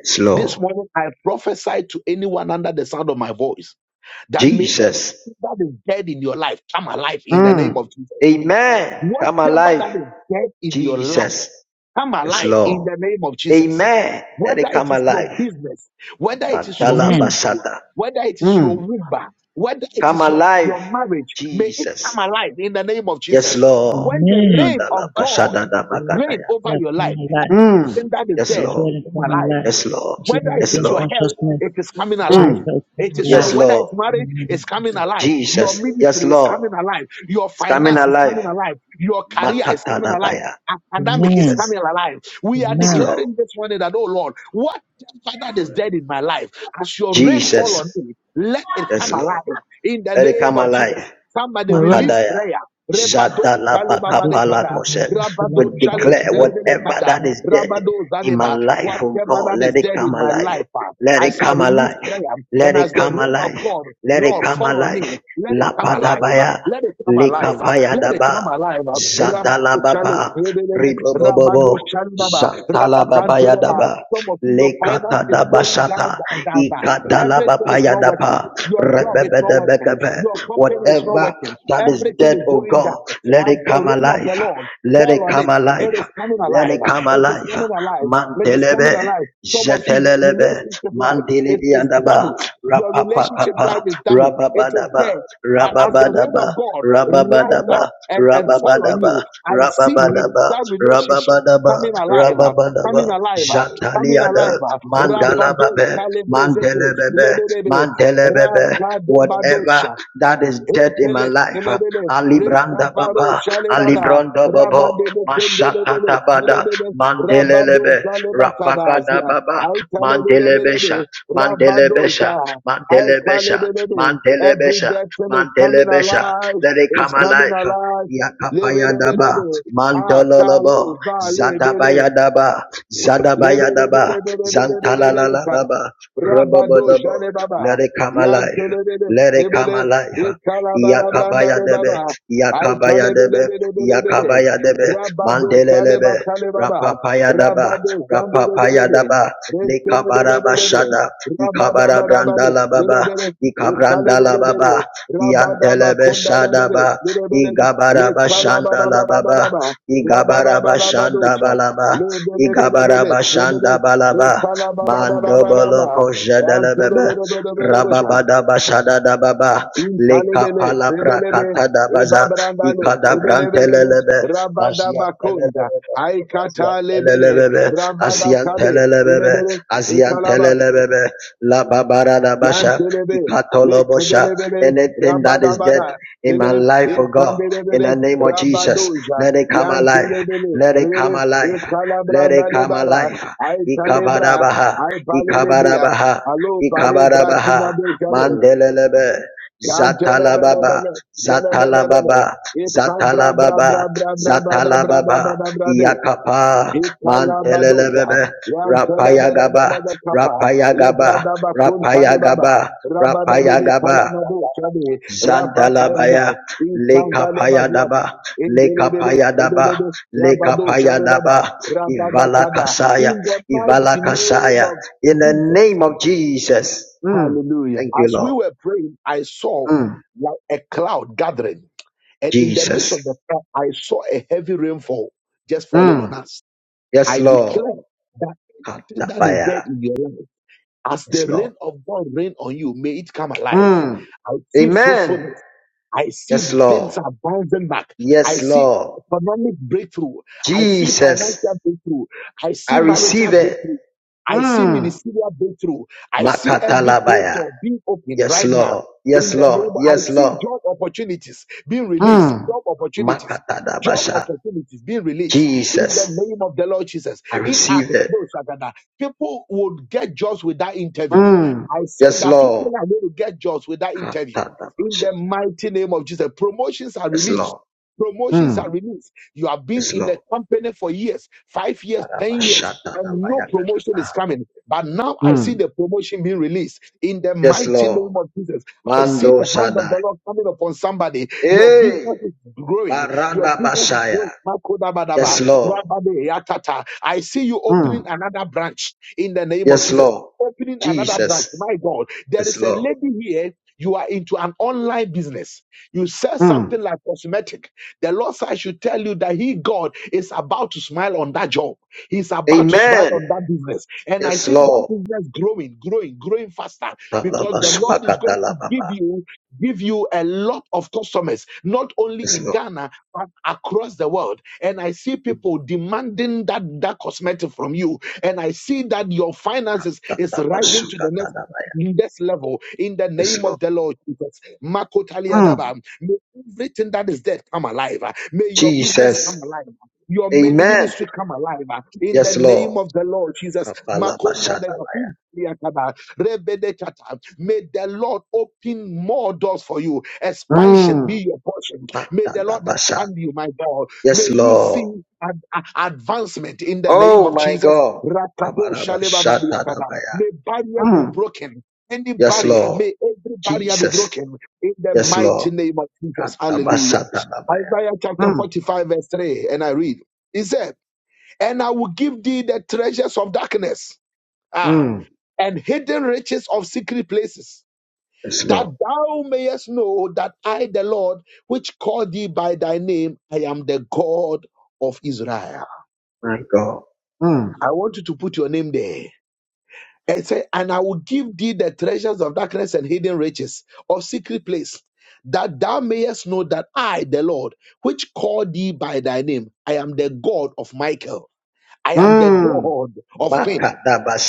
[SPEAKER 3] yes
[SPEAKER 1] This
[SPEAKER 3] Lord
[SPEAKER 1] morning, I prophesy to anyone under the sound of my voice that may
[SPEAKER 3] Jesus.
[SPEAKER 1] that is dead in your life come alive in the name
[SPEAKER 3] Mm.
[SPEAKER 1] of Jesus.
[SPEAKER 3] Amen. Come
[SPEAKER 1] Whatever
[SPEAKER 3] alive.
[SPEAKER 1] that is dead in your life,
[SPEAKER 3] Jesus.
[SPEAKER 1] come
[SPEAKER 3] Yes,
[SPEAKER 1] alive in
[SPEAKER 3] Lord.
[SPEAKER 1] the name of Jesus.
[SPEAKER 3] Amen. Let it
[SPEAKER 1] Whether it
[SPEAKER 3] come
[SPEAKER 1] is your
[SPEAKER 3] alive.
[SPEAKER 1] business, whether it is your
[SPEAKER 3] Katala
[SPEAKER 2] Amen.
[SPEAKER 1] ministry,
[SPEAKER 3] basata.
[SPEAKER 1] whether it is your
[SPEAKER 3] Mm.
[SPEAKER 1] womb, whether it
[SPEAKER 3] Come
[SPEAKER 1] is your,
[SPEAKER 3] alive.
[SPEAKER 1] your marriage, may it come
[SPEAKER 3] Jesus.
[SPEAKER 1] alive in the name of
[SPEAKER 3] Yes,
[SPEAKER 1] Jesus.
[SPEAKER 3] Lord.
[SPEAKER 1] When the
[SPEAKER 2] Amen.
[SPEAKER 1] reign
[SPEAKER 3] Katala
[SPEAKER 1] of God
[SPEAKER 3] bashada da
[SPEAKER 1] reign
[SPEAKER 3] bakadaya.
[SPEAKER 1] over
[SPEAKER 2] That
[SPEAKER 1] your
[SPEAKER 2] for
[SPEAKER 1] life,
[SPEAKER 2] my life.
[SPEAKER 1] then
[SPEAKER 3] Mm.
[SPEAKER 1] that is
[SPEAKER 3] Yes,
[SPEAKER 1] dead,
[SPEAKER 2] It's
[SPEAKER 3] Lord.
[SPEAKER 2] really for
[SPEAKER 1] come
[SPEAKER 2] my
[SPEAKER 1] alive
[SPEAKER 2] life.
[SPEAKER 3] Yes, Lord.
[SPEAKER 2] Jesus
[SPEAKER 1] whether it
[SPEAKER 3] Yes,
[SPEAKER 1] is
[SPEAKER 2] gain
[SPEAKER 1] your
[SPEAKER 3] Lord.
[SPEAKER 1] health,
[SPEAKER 2] consciousness.
[SPEAKER 1] it is coming alive.
[SPEAKER 2] Jesus
[SPEAKER 3] Mm.
[SPEAKER 2] is for
[SPEAKER 1] It
[SPEAKER 2] my
[SPEAKER 1] is your
[SPEAKER 3] Yes,
[SPEAKER 2] life.
[SPEAKER 1] whether
[SPEAKER 3] Lord.
[SPEAKER 1] it's
[SPEAKER 2] In the
[SPEAKER 1] marriage,
[SPEAKER 2] name
[SPEAKER 1] it's
[SPEAKER 2] of
[SPEAKER 1] coming
[SPEAKER 2] Jesus.
[SPEAKER 1] alive. Your
[SPEAKER 3] Jesus. Yes,
[SPEAKER 1] ministry is
[SPEAKER 3] Lord.
[SPEAKER 1] coming alive. Your
[SPEAKER 3] It's coming
[SPEAKER 1] finance is
[SPEAKER 3] alive.
[SPEAKER 1] coming alive. Your career is coming alive.
[SPEAKER 3] Makatalabaya.
[SPEAKER 1] Academic is
[SPEAKER 2] Amen.
[SPEAKER 3] Jesus.
[SPEAKER 1] coming alive. We are
[SPEAKER 3] Yes,
[SPEAKER 2] Amen.
[SPEAKER 3] Lord.
[SPEAKER 1] declaring this morning that, oh Lord, whatever that is dead in my life, as your rain fall
[SPEAKER 3] Jesus.
[SPEAKER 1] on me, let it
[SPEAKER 3] Yes,
[SPEAKER 1] come alive
[SPEAKER 3] Lord.
[SPEAKER 1] in the
[SPEAKER 3] Let it
[SPEAKER 1] name
[SPEAKER 3] come
[SPEAKER 1] of
[SPEAKER 3] alive.
[SPEAKER 1] Jesus. Somebody
[SPEAKER 2] All right.
[SPEAKER 1] release
[SPEAKER 3] Makadaya.
[SPEAKER 1] prayer. Rebado, shalom,
[SPEAKER 2] I do thank
[SPEAKER 1] abadekada.
[SPEAKER 2] you,
[SPEAKER 3] Jadalabakapalakoshe.
[SPEAKER 2] Lord, and to
[SPEAKER 3] We
[SPEAKER 2] love
[SPEAKER 1] Rabado,
[SPEAKER 2] and follow you
[SPEAKER 3] declare
[SPEAKER 2] by God in
[SPEAKER 3] whatever
[SPEAKER 1] chale,
[SPEAKER 3] that
[SPEAKER 2] the name.
[SPEAKER 3] is dead
[SPEAKER 1] Rabado
[SPEAKER 3] in my
[SPEAKER 1] Zadeba,
[SPEAKER 3] life, oh
[SPEAKER 1] whatever
[SPEAKER 3] God,
[SPEAKER 1] that is
[SPEAKER 3] let it
[SPEAKER 1] dead
[SPEAKER 3] come
[SPEAKER 1] in my
[SPEAKER 3] alive.
[SPEAKER 1] life, Father,
[SPEAKER 3] Let it
[SPEAKER 1] as I shall
[SPEAKER 3] come
[SPEAKER 1] release
[SPEAKER 3] alive.
[SPEAKER 1] prayer
[SPEAKER 3] Let
[SPEAKER 1] and
[SPEAKER 3] it
[SPEAKER 1] as the
[SPEAKER 3] come
[SPEAKER 1] rain of
[SPEAKER 3] alive.
[SPEAKER 1] God,
[SPEAKER 3] Let it
[SPEAKER 1] Lord,
[SPEAKER 3] come
[SPEAKER 1] fall on me,
[SPEAKER 3] alive.
[SPEAKER 1] let it come alive,
[SPEAKER 3] Lapadabaya.
[SPEAKER 1] let it come alive, let it come
[SPEAKER 3] Likapayadaba.
[SPEAKER 1] alive. Rabado Chale,
[SPEAKER 3] Jadalababa.
[SPEAKER 1] Rebelebe, Rabado
[SPEAKER 3] Ribobobobo.
[SPEAKER 1] Chandaba,
[SPEAKER 3] Shantalababa
[SPEAKER 1] Rabakanteleba.
[SPEAKER 3] yadaba
[SPEAKER 1] Some of you, your finance
[SPEAKER 3] lekata
[SPEAKER 1] is
[SPEAKER 3] da
[SPEAKER 1] going down,
[SPEAKER 3] bashata
[SPEAKER 1] down, down, down.
[SPEAKER 3] ikata la
[SPEAKER 1] Everything is
[SPEAKER 3] bapaya
[SPEAKER 1] not
[SPEAKER 3] da
[SPEAKER 1] working.
[SPEAKER 3] pa
[SPEAKER 1] Your job is
[SPEAKER 3] rebebe
[SPEAKER 1] not
[SPEAKER 3] de
[SPEAKER 1] working.
[SPEAKER 3] bekebe.
[SPEAKER 1] Your company is not
[SPEAKER 3] whatever
[SPEAKER 1] working.
[SPEAKER 3] that is
[SPEAKER 1] Everything is
[SPEAKER 3] dead oh
[SPEAKER 1] going down.
[SPEAKER 3] god let
[SPEAKER 1] As
[SPEAKER 3] it
[SPEAKER 1] the
[SPEAKER 3] come
[SPEAKER 1] rain of
[SPEAKER 3] alive
[SPEAKER 1] the Lord,
[SPEAKER 3] let it
[SPEAKER 1] fall on it
[SPEAKER 3] come
[SPEAKER 1] it is
[SPEAKER 3] alive
[SPEAKER 1] coming
[SPEAKER 3] let it
[SPEAKER 1] alive.
[SPEAKER 3] come
[SPEAKER 1] It is
[SPEAKER 3] alive
[SPEAKER 1] coming alive. It is coming
[SPEAKER 3] mantelebe
[SPEAKER 1] alive. Some of you, your
[SPEAKER 3] Jetelelebe,
[SPEAKER 1] relationship life is is
[SPEAKER 3] Mandilibiandaba,
[SPEAKER 1] damaged. Your relationship life
[SPEAKER 3] Rapapakapa,
[SPEAKER 1] is damaged. It is
[SPEAKER 3] Rababadaba,
[SPEAKER 1] dead. But as the rain of
[SPEAKER 3] Rababadaba,
[SPEAKER 1] God rise
[SPEAKER 3] Rababadaba,
[SPEAKER 1] up and, and fall on
[SPEAKER 3] Rababadaba,
[SPEAKER 1] you, I see
[SPEAKER 3] Rababadaba,
[SPEAKER 1] that relationship
[SPEAKER 3] Rababadaba,
[SPEAKER 1] coming alive. uh, Coming
[SPEAKER 3] Rababadaba,
[SPEAKER 1] alive, uh, coming
[SPEAKER 3] Jataliada,
[SPEAKER 1] alive. uh. Rabado,
[SPEAKER 3] Mandalababe,
[SPEAKER 1] Galebrezete,
[SPEAKER 3] Mandelebebe,
[SPEAKER 1] Lebedebe,
[SPEAKER 3] Mandelebebe, whatever
[SPEAKER 1] Rakadebadosha.
[SPEAKER 3] that is dead in my
[SPEAKER 1] Entele,
[SPEAKER 3] life, uh,
[SPEAKER 1] lelelele,
[SPEAKER 3] Alibranda
[SPEAKER 1] rekabaro
[SPEAKER 3] Baba,
[SPEAKER 1] chaleraba,
[SPEAKER 3] Alibranda Baba,
[SPEAKER 1] rabadebe kendelelele,
[SPEAKER 3] Mashatabada,
[SPEAKER 1] lelelele, rabado
[SPEAKER 3] Mandelelebe,
[SPEAKER 1] zaleba
[SPEAKER 3] Rapagada
[SPEAKER 1] kadazia,
[SPEAKER 3] Baba, Mandelebesha,
[SPEAKER 1] aitalelelelele,
[SPEAKER 3] Mandelebesha,
[SPEAKER 1] rabadoja,
[SPEAKER 3] Mandelebesha,
[SPEAKER 1] aikalelelele. Every
[SPEAKER 3] Mandelebesha,
[SPEAKER 1] death cell is coming
[SPEAKER 3] Mandelebesha.
[SPEAKER 1] alive,
[SPEAKER 3] Let it
[SPEAKER 1] it's
[SPEAKER 3] come
[SPEAKER 1] coming
[SPEAKER 3] alive.
[SPEAKER 1] alive.
[SPEAKER 3] Yakapayadaba,
[SPEAKER 1] Lebelebelebe,
[SPEAKER 3] Mandololobo,
[SPEAKER 1] akalo zalebele,
[SPEAKER 3] Zadabayadaba,
[SPEAKER 1] Rabado
[SPEAKER 3] Zadabayadaba, Zantalalalaba, Robobodobo.
[SPEAKER 1] Jale
[SPEAKER 3] Let
[SPEAKER 1] Baba.
[SPEAKER 3] it come
[SPEAKER 1] Yan
[SPEAKER 3] alive.
[SPEAKER 1] Telebele
[SPEAKER 3] Let it come
[SPEAKER 1] Nebele
[SPEAKER 3] alive.
[SPEAKER 1] Ikalabarabrandare
[SPEAKER 3] Yakabayadebe,
[SPEAKER 1] Baba. I
[SPEAKER 3] Yakabayadebe,
[SPEAKER 1] Talebele
[SPEAKER 3] Yakabayadebe,
[SPEAKER 1] Rabado Taleba
[SPEAKER 3] Mandelelebe,
[SPEAKER 1] Talebaba.
[SPEAKER 3] Rapapayadaba,
[SPEAKER 1] Rabado
[SPEAKER 3] Rapa
[SPEAKER 1] Jandelebele.
[SPEAKER 3] Payadaba, Lekabara
[SPEAKER 1] Restelebele.
[SPEAKER 3] Bashada, Ikabara
[SPEAKER 1] Rabadabarabale.
[SPEAKER 3] Brandala baba.
[SPEAKER 1] Lebele.
[SPEAKER 3] Ikabrandala
[SPEAKER 1] Italebele.
[SPEAKER 3] baba. Yantelebe
[SPEAKER 1] Rabadabakunda Lebele.
[SPEAKER 3] Shadaba,
[SPEAKER 1] Lebele.
[SPEAKER 3] Igabara Bashandala baba.
[SPEAKER 1] Lekalabarabarababa.
[SPEAKER 3] Igabara Bashanda
[SPEAKER 1] Rabarabadocha.
[SPEAKER 3] balaba. Rapapayadaba, Lekabarabashada, Ikabarabrandalababa, Ikabrandalababa, Iantelebeshadaba, Igabarabashandalababa, Igabarabashandabalaba, Igabarabashandabalaba, Mandoboloko Jedelebebe, Rababadabashadadababa, Lekapalabrakatadabaza, Ikadabrantelelebe, Asiantelelebe, Asian telelebebe, Asian
[SPEAKER 1] Rabada
[SPEAKER 3] telelebebe, La babara Babaradabasha,
[SPEAKER 1] Yantelebe,
[SPEAKER 3] Ikatolobosha,
[SPEAKER 1] Lekedelebele,
[SPEAKER 3] anything that is dead
[SPEAKER 1] Rabadabada,
[SPEAKER 3] in my
[SPEAKER 1] Bele,
[SPEAKER 3] life, oh God, in the
[SPEAKER 1] Ekambelebele,
[SPEAKER 3] name of Jesus,
[SPEAKER 1] Rabadoja,
[SPEAKER 3] let it come alive,
[SPEAKER 1] Yantelebele,
[SPEAKER 3] let it come
[SPEAKER 1] Bele,
[SPEAKER 3] alive, let it
[SPEAKER 1] Ekalabranda
[SPEAKER 3] come
[SPEAKER 1] Lebara,
[SPEAKER 3] alive.
[SPEAKER 1] Aitalebra,
[SPEAKER 3] Ikabarabaha,
[SPEAKER 1] Aipalelebria,
[SPEAKER 3] Ikabarabaha,
[SPEAKER 1] Alo Bare
[SPEAKER 3] Ikabarabaha,
[SPEAKER 1] Brakina Bechale,
[SPEAKER 3] Mandelelebe, Zatalababa,
[SPEAKER 1] Yantelebelebele, Lelebelebele,
[SPEAKER 3] Zatalababa,
[SPEAKER 1] Ekabra Bra
[SPEAKER 3] Zatalababa,
[SPEAKER 1] Bra Bra Bra Bada Bra Bada
[SPEAKER 3] Zatalababa,
[SPEAKER 1] Bra Bra Bra
[SPEAKER 3] Yakapa,
[SPEAKER 1] Ikalabadoja.
[SPEAKER 3] Mantelelebebe,
[SPEAKER 1] Yan
[SPEAKER 3] Rapayagaba,
[SPEAKER 1] telebelebelebe kapa.
[SPEAKER 3] Rapayagaba,
[SPEAKER 1] Lebrada bakun talebaba.
[SPEAKER 3] Rapayagaba,
[SPEAKER 1] Rabada debe
[SPEAKER 3] Rapayagaba,
[SPEAKER 1] kalemado chabe. Rabatayada.
[SPEAKER 3] Zantalabaya,
[SPEAKER 1] Ikanda lebazuata.
[SPEAKER 3] Lekapayadaba,
[SPEAKER 1] Indelebele.
[SPEAKER 3] Lekapayadaba,
[SPEAKER 1] Indelebe. Rabado
[SPEAKER 3] Lekapayadaba,
[SPEAKER 1] chalebaba. Rabada
[SPEAKER 3] Ivala
[SPEAKER 1] kada.
[SPEAKER 3] Kasaya,
[SPEAKER 1] In the mighty
[SPEAKER 3] Ivala
[SPEAKER 1] name
[SPEAKER 3] Kasaya,
[SPEAKER 1] of
[SPEAKER 3] in the
[SPEAKER 1] Jesus.
[SPEAKER 3] name of Jesus. Mm.
[SPEAKER 1] Hallelujah.
[SPEAKER 3] Thank you,
[SPEAKER 1] As we
[SPEAKER 3] Lord.
[SPEAKER 1] were praying, I saw
[SPEAKER 3] Mm.
[SPEAKER 1] like a cloud gathering. And in the midst of the
[SPEAKER 3] Jesus.
[SPEAKER 1] cloud, I saw a heavy rainfall just falling on
[SPEAKER 3] Mm.
[SPEAKER 1] us.
[SPEAKER 3] Yes,
[SPEAKER 1] I
[SPEAKER 3] Lord.
[SPEAKER 1] declare Everything that is dead
[SPEAKER 3] Katabaya.
[SPEAKER 1] in your life, as
[SPEAKER 3] Yes,
[SPEAKER 1] the
[SPEAKER 3] Lord.
[SPEAKER 1] rain of God rain on you, may it come alive.
[SPEAKER 3] Mm.
[SPEAKER 1] I see
[SPEAKER 3] Amen.
[SPEAKER 1] fruitfulness. I see
[SPEAKER 3] Yes,
[SPEAKER 1] things
[SPEAKER 3] Lord.
[SPEAKER 1] are bouncing back. I
[SPEAKER 3] Yes,
[SPEAKER 1] see
[SPEAKER 3] Lord.
[SPEAKER 1] economic breakthrough. I see
[SPEAKER 3] Jesus,
[SPEAKER 1] financial breakthrough. I
[SPEAKER 3] I
[SPEAKER 1] see
[SPEAKER 3] receive
[SPEAKER 1] marital
[SPEAKER 3] it.
[SPEAKER 1] breakthrough. I see
[SPEAKER 3] Mm.
[SPEAKER 1] ministerial breakthrough. I see every closed
[SPEAKER 3] Makatalabaya.
[SPEAKER 1] door being opened
[SPEAKER 3] Yes,
[SPEAKER 1] right now.
[SPEAKER 3] Lord. Yes,
[SPEAKER 1] In the name,
[SPEAKER 3] Lord.
[SPEAKER 1] of- I
[SPEAKER 3] Yes,
[SPEAKER 1] see
[SPEAKER 3] Lord.
[SPEAKER 1] job opportunities being released.
[SPEAKER 3] Mm.
[SPEAKER 1] Job opportunities. Job
[SPEAKER 3] Makatadabasha.
[SPEAKER 1] opportunities being released in the
[SPEAKER 3] Jesus,
[SPEAKER 1] name of the Lord Jesus.
[SPEAKER 3] I
[SPEAKER 1] In
[SPEAKER 3] receive it.
[SPEAKER 1] Akabo Sagada, people would get jobs with that interview.
[SPEAKER 3] Mm.
[SPEAKER 1] I said
[SPEAKER 3] Yes,
[SPEAKER 1] that
[SPEAKER 3] Lord.
[SPEAKER 1] people are going to get jobs with that interview in
[SPEAKER 3] Katadabasha.
[SPEAKER 1] the mighty name of Jesus. Promotions are
[SPEAKER 3] Yes,
[SPEAKER 1] released.
[SPEAKER 3] Lord.
[SPEAKER 1] Promotions are
[SPEAKER 3] Mm.
[SPEAKER 1] released. You have been
[SPEAKER 3] Yes,
[SPEAKER 1] in the
[SPEAKER 3] Lord.
[SPEAKER 1] company for years, five years, ten years, and no
[SPEAKER 3] Barabashatadabaya.
[SPEAKER 1] promotion is coming. But now I see
[SPEAKER 3] Mm.
[SPEAKER 1] the promotion being released in the
[SPEAKER 3] Yes,
[SPEAKER 1] mighty name
[SPEAKER 3] Lord.
[SPEAKER 1] of Jesus. I see
[SPEAKER 3] Mando
[SPEAKER 1] the hand of
[SPEAKER 3] Shaddai.
[SPEAKER 1] the Lord coming upon somebody. Your
[SPEAKER 3] Hey.
[SPEAKER 1] business is growing. Your
[SPEAKER 3] Barada
[SPEAKER 1] business is
[SPEAKER 3] Bashaya.
[SPEAKER 1] growing. Makodabadaba,
[SPEAKER 3] Yes, Lord.
[SPEAKER 1] rabadeyatata. I see you
[SPEAKER 3] Mm.
[SPEAKER 1] opening another branch in the name of
[SPEAKER 3] Yes,
[SPEAKER 1] Jesus
[SPEAKER 3] Lord.
[SPEAKER 1] opening another
[SPEAKER 3] Jesus.
[SPEAKER 1] branch. My God, there
[SPEAKER 3] Yes,
[SPEAKER 1] is a
[SPEAKER 3] Lord.
[SPEAKER 1] lady here. You are into an online business. You sell something
[SPEAKER 3] Mm.
[SPEAKER 1] like cosmetic. The Lord said, I should tell you that He, God, is about to smile on that job. He's about to smile
[SPEAKER 3] Amen.
[SPEAKER 1] on that business. And I
[SPEAKER 3] Yes,
[SPEAKER 1] see that
[SPEAKER 3] Lord.
[SPEAKER 1] business growing, growing, growing faster because the Lord is going to give
[SPEAKER 3] Talabasuakatalababa.
[SPEAKER 1] you give you a lot of customers, not only
[SPEAKER 3] Yes,
[SPEAKER 1] in
[SPEAKER 3] Lord.
[SPEAKER 1] Ghana, but across the world. And I see people demanding that, that cosmetic from you. And I see that your finances is rising to the next,
[SPEAKER 3] Talabasukatalaba.
[SPEAKER 1] next level in the
[SPEAKER 3] Yes,
[SPEAKER 1] name of
[SPEAKER 3] Lord.
[SPEAKER 1] the Lord Jesus.
[SPEAKER 3] Mm.
[SPEAKER 1] Makotaliadaba. May everything that is dead come alive. May your business
[SPEAKER 3] Jesus.
[SPEAKER 1] come alive. Your min-
[SPEAKER 3] Amen.
[SPEAKER 1] ministry come alive uh, in the
[SPEAKER 3] Yes,
[SPEAKER 1] name
[SPEAKER 3] Lord.
[SPEAKER 1] of the Lord Jesus. Makoria de-
[SPEAKER 3] Kapalabashadaba.
[SPEAKER 1] Rafu, Yakaba, Rebedekata. May the Lord open more doors for you. Expansion be
[SPEAKER 3] Mm.
[SPEAKER 1] your portion. May the Lord
[SPEAKER 3] Matadabasha.
[SPEAKER 1] expand you, my God. May
[SPEAKER 3] Yes,
[SPEAKER 1] you see
[SPEAKER 3] Lord.
[SPEAKER 1] an a- advancement in the name
[SPEAKER 3] Oh,
[SPEAKER 1] of
[SPEAKER 3] my
[SPEAKER 1] Jesus.
[SPEAKER 3] God.
[SPEAKER 1] Rakato shalebabadiakada.
[SPEAKER 3] Kabarabashatadabaya.
[SPEAKER 1] May barriers be
[SPEAKER 3] Mm.
[SPEAKER 1] broken. Any
[SPEAKER 3] Yes,
[SPEAKER 1] barrier, may
[SPEAKER 3] Lord.
[SPEAKER 1] every barrier be
[SPEAKER 3] Jesus.
[SPEAKER 1] broken in the
[SPEAKER 3] Yes, Lord.
[SPEAKER 1] mighty name of Jesus. Hallelujah. Isaiah
[SPEAKER 3] Katabashatanabaya.
[SPEAKER 1] chapter 45, verse 3, and I read. He said, And I will give thee the treasures of darkness, ah,
[SPEAKER 3] Mm.
[SPEAKER 1] and hidden riches of secret places,
[SPEAKER 3] Yes,
[SPEAKER 1] that
[SPEAKER 3] Lord.
[SPEAKER 1] thou mayest know that I, the Lord, which called thee by thy name, I am the God of Israel.
[SPEAKER 3] My God. Mm.
[SPEAKER 1] I want you to put your name there. And say, and I will give thee the treasures of darkness and hidden riches or secret place, that thou mayest know that I, the Lord, which called thee by thy name, I am the God of Michael. I am the
[SPEAKER 3] Mm.
[SPEAKER 1] God of Queen.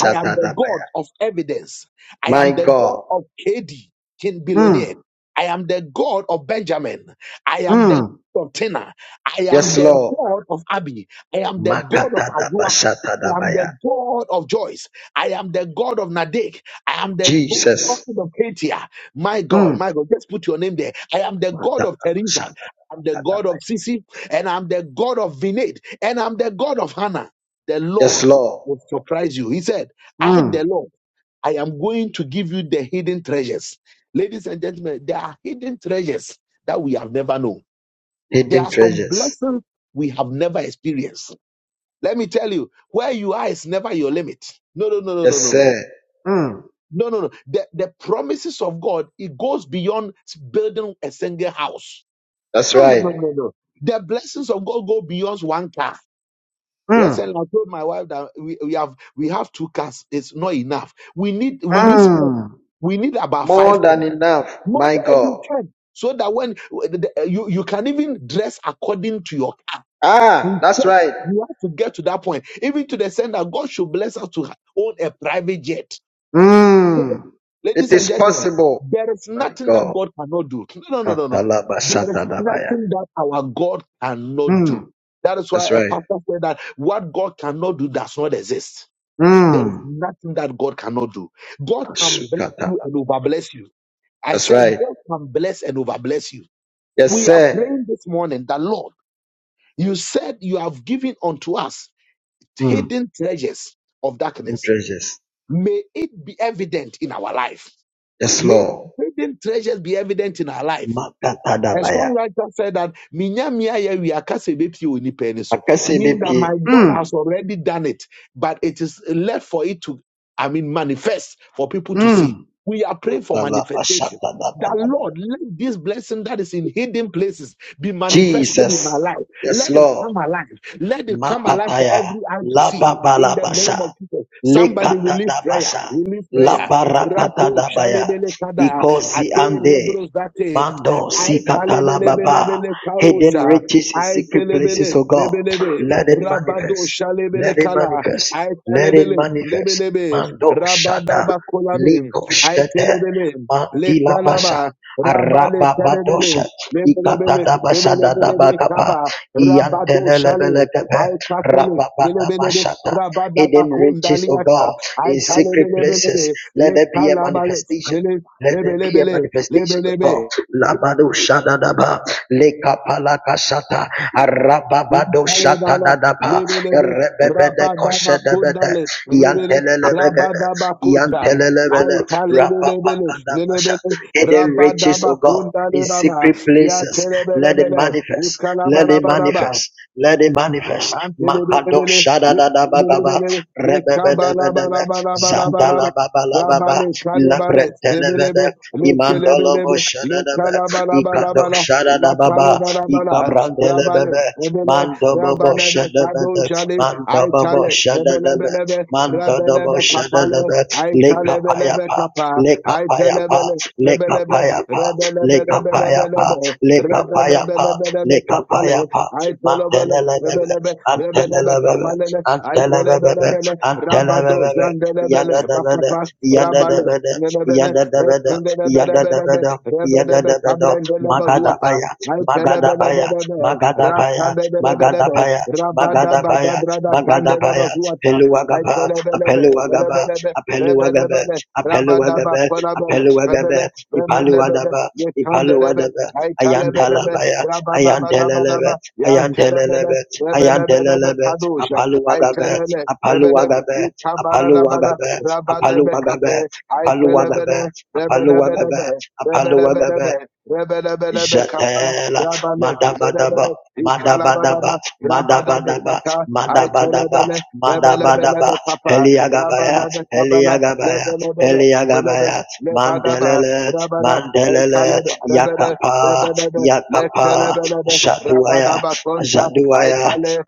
[SPEAKER 1] I am the God of evidence. I
[SPEAKER 3] My
[SPEAKER 1] am the God
[SPEAKER 3] God.
[SPEAKER 1] of KD, King Billionaire.
[SPEAKER 3] Mm.
[SPEAKER 1] I am the God of Benjamin. I am the
[SPEAKER 3] Mm.
[SPEAKER 1] God of Tina. I am
[SPEAKER 3] Yes,
[SPEAKER 1] the
[SPEAKER 3] Lord.
[SPEAKER 1] God of Abby. I am the God of Agua. I am
[SPEAKER 3] Makatadabashatadabaya.
[SPEAKER 1] the God of Joyce. I am the God of Nadek. I am the God.
[SPEAKER 3] Jesus.
[SPEAKER 1] Of Katia, my God,
[SPEAKER 3] Mm.
[SPEAKER 1] my God, just put your name there. I am the God of Teresa,
[SPEAKER 3] Makadabashatadabaya.
[SPEAKER 1] I'm the God of Sisi, and I'm the God of Vinay, and I'm the God of Hannah. The
[SPEAKER 3] Yes,
[SPEAKER 1] Lord
[SPEAKER 3] Lord.
[SPEAKER 1] will surprise you. He said. I, the
[SPEAKER 3] Mm.
[SPEAKER 1] Lord, I am going to give you the hidden treasures. Ladies and gentlemen, there are hidden treasures that we have never known. There
[SPEAKER 3] Hidden
[SPEAKER 1] are some
[SPEAKER 3] treasures.
[SPEAKER 1] blessings we have never experienced. Let me tell you, where you are is never your limit. No, no, no, no,
[SPEAKER 3] Yes,
[SPEAKER 1] no, no, no.
[SPEAKER 3] sir. Mm.
[SPEAKER 1] No, no, no. The, the promises of God, it goes beyond building a single house.
[SPEAKER 3] That's
[SPEAKER 1] No,
[SPEAKER 3] right.
[SPEAKER 1] no, no, no. The blessings of God go beyond one car. Recently,
[SPEAKER 3] Mm.
[SPEAKER 1] I told my wife that we, we have we have two cars. It's not enough. We need we need sport.
[SPEAKER 3] Mm.
[SPEAKER 1] We need about
[SPEAKER 3] More
[SPEAKER 1] five
[SPEAKER 3] than
[SPEAKER 1] cars,
[SPEAKER 3] enough.
[SPEAKER 1] not
[SPEAKER 3] My
[SPEAKER 1] every
[SPEAKER 3] God.
[SPEAKER 1] time, so that when the- the- you you can even dress according to your car. We
[SPEAKER 3] Ah, that's
[SPEAKER 1] get
[SPEAKER 3] right.
[SPEAKER 1] we have to get to that point, even to the extent that God should bless us to ha- own a private jet
[SPEAKER 3] Mm, it
[SPEAKER 1] Ladies and
[SPEAKER 3] is
[SPEAKER 1] gentlemen,
[SPEAKER 3] possible.
[SPEAKER 1] there is
[SPEAKER 3] My
[SPEAKER 1] nothing that
[SPEAKER 3] God.
[SPEAKER 1] God cannot do. No, no, no, no, no. There is
[SPEAKER 3] Katalabashatalabaya.
[SPEAKER 1] nothing that our God cannot do.
[SPEAKER 3] Mm,
[SPEAKER 1] That is why
[SPEAKER 3] that's
[SPEAKER 1] a
[SPEAKER 3] right.
[SPEAKER 1] pastor said that what God cannot do does not exist. There is
[SPEAKER 3] Mm,
[SPEAKER 1] nothing that God cannot do. God can bless you
[SPEAKER 3] Shukatala.
[SPEAKER 1] and overbless you. I
[SPEAKER 3] that's
[SPEAKER 1] said,
[SPEAKER 3] right.
[SPEAKER 1] God can bless and overbless you.
[SPEAKER 3] Yes,
[SPEAKER 1] We are
[SPEAKER 3] sir.
[SPEAKER 1] praying this morning that, Lord, you said you have given unto us
[SPEAKER 3] Mm,
[SPEAKER 1] hidden treasures of
[SPEAKER 3] in
[SPEAKER 1] darkness.
[SPEAKER 3] treasures.
[SPEAKER 1] May it be evident in our life
[SPEAKER 3] Yes,
[SPEAKER 1] May
[SPEAKER 3] Lord.
[SPEAKER 1] hidden treasures be evident in our life. A
[SPEAKER 3] Makatadabaya.
[SPEAKER 1] songwriter said that "Minya mia ye wia kasa ebepie onipa ani so," meaning that my
[SPEAKER 3] Akasebepi.
[SPEAKER 1] God
[SPEAKER 3] Mm,
[SPEAKER 1] has already done it, but it is left for it to, I mean, manifest for people to see.
[SPEAKER 3] mm.
[SPEAKER 1] We are praying for manifestation. That
[SPEAKER 3] Katalabashatalabaya.
[SPEAKER 1] Lord, let this blessing that is in hidden places be manifested in my
[SPEAKER 3] Jesus.
[SPEAKER 1] life.
[SPEAKER 3] Yes,
[SPEAKER 1] Let it
[SPEAKER 3] Lord.
[SPEAKER 1] come alive. Let it come alive for
[SPEAKER 3] Mapapaya,
[SPEAKER 1] every eye to see. In the name of
[SPEAKER 3] lababalabasa,
[SPEAKER 1] Jesus, somebody release prayer.
[SPEAKER 3] lekatadabasa,
[SPEAKER 1] Release prayer. Rapo
[SPEAKER 3] labarapatadabaya,
[SPEAKER 1] jalebele kada
[SPEAKER 3] ikozi
[SPEAKER 1] ate
[SPEAKER 3] ande,
[SPEAKER 1] lebros date.
[SPEAKER 3] mando
[SPEAKER 1] I
[SPEAKER 3] sikatalababa,
[SPEAKER 1] talebelebelebele
[SPEAKER 3] hidden
[SPEAKER 1] karosha.
[SPEAKER 3] riches in
[SPEAKER 1] I
[SPEAKER 3] secret places,
[SPEAKER 1] telebele
[SPEAKER 3] O God,
[SPEAKER 1] lebelebe
[SPEAKER 3] let it
[SPEAKER 1] rabado
[SPEAKER 3] manifest,
[SPEAKER 1] shalebele
[SPEAKER 3] let it
[SPEAKER 1] kala. I
[SPEAKER 3] manifest, let it
[SPEAKER 1] talebele
[SPEAKER 3] manifest,
[SPEAKER 1] lebelebe
[SPEAKER 3] mando shada,
[SPEAKER 1] rabadaba kolabim.
[SPEAKER 3] liko
[SPEAKER 1] I
[SPEAKER 3] shkete,
[SPEAKER 1] telebele le
[SPEAKER 3] mandilabasa,
[SPEAKER 1] kalaba rabale kalebele
[SPEAKER 3] arababadosha,
[SPEAKER 1] lebelebele
[SPEAKER 3] ikatadabasa
[SPEAKER 1] lebelebelebe
[SPEAKER 3] dadabakapa,
[SPEAKER 1] kaba rabado shale.
[SPEAKER 3] Yantelelebelekebe,
[SPEAKER 1] I tatele lebelebe
[SPEAKER 3] rababadabashata.
[SPEAKER 1] rabadaba
[SPEAKER 3] Hidden riches, O God,
[SPEAKER 1] kundaliata. I
[SPEAKER 3] in secret places.
[SPEAKER 1] talebelebelebe le
[SPEAKER 3] Let there be a
[SPEAKER 1] kalaba le
[SPEAKER 3] manifestation. Let there be a
[SPEAKER 1] lebelebele
[SPEAKER 3] manifestation of
[SPEAKER 1] lebelebe
[SPEAKER 3] God. Labado shadadaba, lekapalaka shata, arababado
[SPEAKER 1] Alebana,
[SPEAKER 3] shatadadaba,
[SPEAKER 1] lebelebe,
[SPEAKER 3] erebebede
[SPEAKER 1] rabadaba
[SPEAKER 3] koshedebede,
[SPEAKER 1] kundale, lebele,
[SPEAKER 3] yantelelebegede,
[SPEAKER 1] rabadaba kota.
[SPEAKER 3] yantelelebele,
[SPEAKER 1] Aita lebelebele,
[SPEAKER 3] rapapakadabasha
[SPEAKER 1] lebele,
[SPEAKER 3] hidden riches, O
[SPEAKER 1] rabadaba
[SPEAKER 3] God, in
[SPEAKER 1] kundale raba,
[SPEAKER 3] secret
[SPEAKER 1] ya
[SPEAKER 3] places. Let it
[SPEAKER 1] telebelebele,
[SPEAKER 3] manifest. Let it
[SPEAKER 1] ikalabalabalaba.
[SPEAKER 3] manifest. Let it manifest. Mapado
[SPEAKER 1] Antelebelebele,
[SPEAKER 3] shada da da ba ba ba.
[SPEAKER 1] lebelebele,
[SPEAKER 3] Rebebe de be de be. Zanda la
[SPEAKER 1] ikabalabalabalabalaba.
[SPEAKER 3] ba ba la ba ba.
[SPEAKER 1] Rabale kalebale
[SPEAKER 3] Labrete le ve de.
[SPEAKER 1] lebelebe
[SPEAKER 3] Imandolo bo
[SPEAKER 1] lekelebelebe
[SPEAKER 3] shada da be. Ikado
[SPEAKER 1] lekalabalabalabala
[SPEAKER 3] shada da ba ba.
[SPEAKER 1] lakalebalabalabala
[SPEAKER 3] Ikabrande le be
[SPEAKER 1] rabale
[SPEAKER 3] be.
[SPEAKER 1] lebele
[SPEAKER 3] Mando bo bo
[SPEAKER 1] rabalebe
[SPEAKER 3] shada be de.
[SPEAKER 1] kadoşale
[SPEAKER 3] Mando bo bo
[SPEAKER 1] aytale
[SPEAKER 3] shada da be.
[SPEAKER 1] lebelebelebe
[SPEAKER 3] Mando do bo
[SPEAKER 1] rabelebe
[SPEAKER 3] shada
[SPEAKER 1] kapale
[SPEAKER 3] da be. Leka pa ya
[SPEAKER 1] aytalebelebe
[SPEAKER 3] pa.
[SPEAKER 1] kapa
[SPEAKER 3] Leka pa ya pa
[SPEAKER 1] aytelebele lebelebe
[SPEAKER 3] lekapayapa, lekapayapa,
[SPEAKER 1] rebelebelebelebelebe
[SPEAKER 3] lekapayapa,
[SPEAKER 1] rebelebelebelebe kapale
[SPEAKER 3] lekapayapa,
[SPEAKER 1] aytolebele
[SPEAKER 3] mantelelebebe,
[SPEAKER 1] lebelebe rebelebe
[SPEAKER 3] antelelebebe,
[SPEAKER 1] kapale
[SPEAKER 3] antelelebebe,
[SPEAKER 1] aytelebelebele rabado
[SPEAKER 3] antelelebebe,
[SPEAKER 1] zandelebele
[SPEAKER 3] yadadabada,
[SPEAKER 1] bakapa Rabale,
[SPEAKER 3] yadadabada,
[SPEAKER 1] Nebele,
[SPEAKER 3] yadadabada,
[SPEAKER 1] Rebele,
[SPEAKER 3] yadadabada,
[SPEAKER 1] Rebele,
[SPEAKER 3] yadadabada,
[SPEAKER 1] Abrendele Bazuata,
[SPEAKER 3] magadabaya, magadabaya,
[SPEAKER 1] Itelebele,
[SPEAKER 3] magadabaya,
[SPEAKER 1] Ratabele,
[SPEAKER 3] magadabaya,
[SPEAKER 1] Rabada
[SPEAKER 3] magadabaya,
[SPEAKER 1] Babrada Candele
[SPEAKER 3] magadabaya,
[SPEAKER 1] Bazuata,
[SPEAKER 3] peluagaba,
[SPEAKER 1] Itelebele,
[SPEAKER 3] apeluagaba,
[SPEAKER 1] Rebele,
[SPEAKER 3] apeluagaba,
[SPEAKER 1] Rebele, Rabada
[SPEAKER 3] apeluagaba,
[SPEAKER 1] Bacolabele,
[SPEAKER 3] apeluagaba,
[SPEAKER 1] Rebele, Remelebele,
[SPEAKER 3] ipaluadaba,
[SPEAKER 1] Yetandelebe,
[SPEAKER 3] ipaluadaba,
[SPEAKER 1] Itelebele,
[SPEAKER 3] ayantalabaya,
[SPEAKER 1] Rabada
[SPEAKER 3] ayantelelebe,
[SPEAKER 1] Badabadaba, Yantelebele,
[SPEAKER 3] ayantelelebe,
[SPEAKER 1] Rebele,
[SPEAKER 3] ayantelelebe,
[SPEAKER 1] Kadusha,
[SPEAKER 3] apaluagabe,
[SPEAKER 1] Itele, Rebele,
[SPEAKER 3] apaluagabe, apaluagabe, apaluagabe,
[SPEAKER 1] Rabadebekape, I
[SPEAKER 3] apaluagabe,
[SPEAKER 1] telebele,
[SPEAKER 3] apaluagabe,
[SPEAKER 1] Rebelebelebe,
[SPEAKER 3] apaluagabe,
[SPEAKER 1] Rebelebelebe, Rebelebelebekapa,
[SPEAKER 3] Jatela,
[SPEAKER 1] Rabale,
[SPEAKER 3] Madabadaba,
[SPEAKER 1] Rebele,
[SPEAKER 3] Madabadaba,
[SPEAKER 1] Ikalabanaba,
[SPEAKER 3] Madabadaba,
[SPEAKER 1] Rabadabekata,
[SPEAKER 3] Madabadaba,
[SPEAKER 1] Aitelebele,
[SPEAKER 3] Madabadaba,
[SPEAKER 1] Rebelebelebekapa,
[SPEAKER 3] Heliagabaya,
[SPEAKER 1] Rabanabekabana,
[SPEAKER 3] Heliagabaya,
[SPEAKER 1] Lebelebele, Rebele,
[SPEAKER 3] Heliagabaya,
[SPEAKER 1] Lebadaba,
[SPEAKER 3] Mandelele,
[SPEAKER 1] Rabada,
[SPEAKER 3] Mandelele,
[SPEAKER 1] Aikalebe, Rebele,
[SPEAKER 3] Yakapa,
[SPEAKER 1] Rebelebe,
[SPEAKER 3] Yakapa,
[SPEAKER 1] Lekelebelebe,
[SPEAKER 3] Shatuaya,
[SPEAKER 1] Rabadaba Conta,
[SPEAKER 3] Shaduaya,
[SPEAKER 1] le,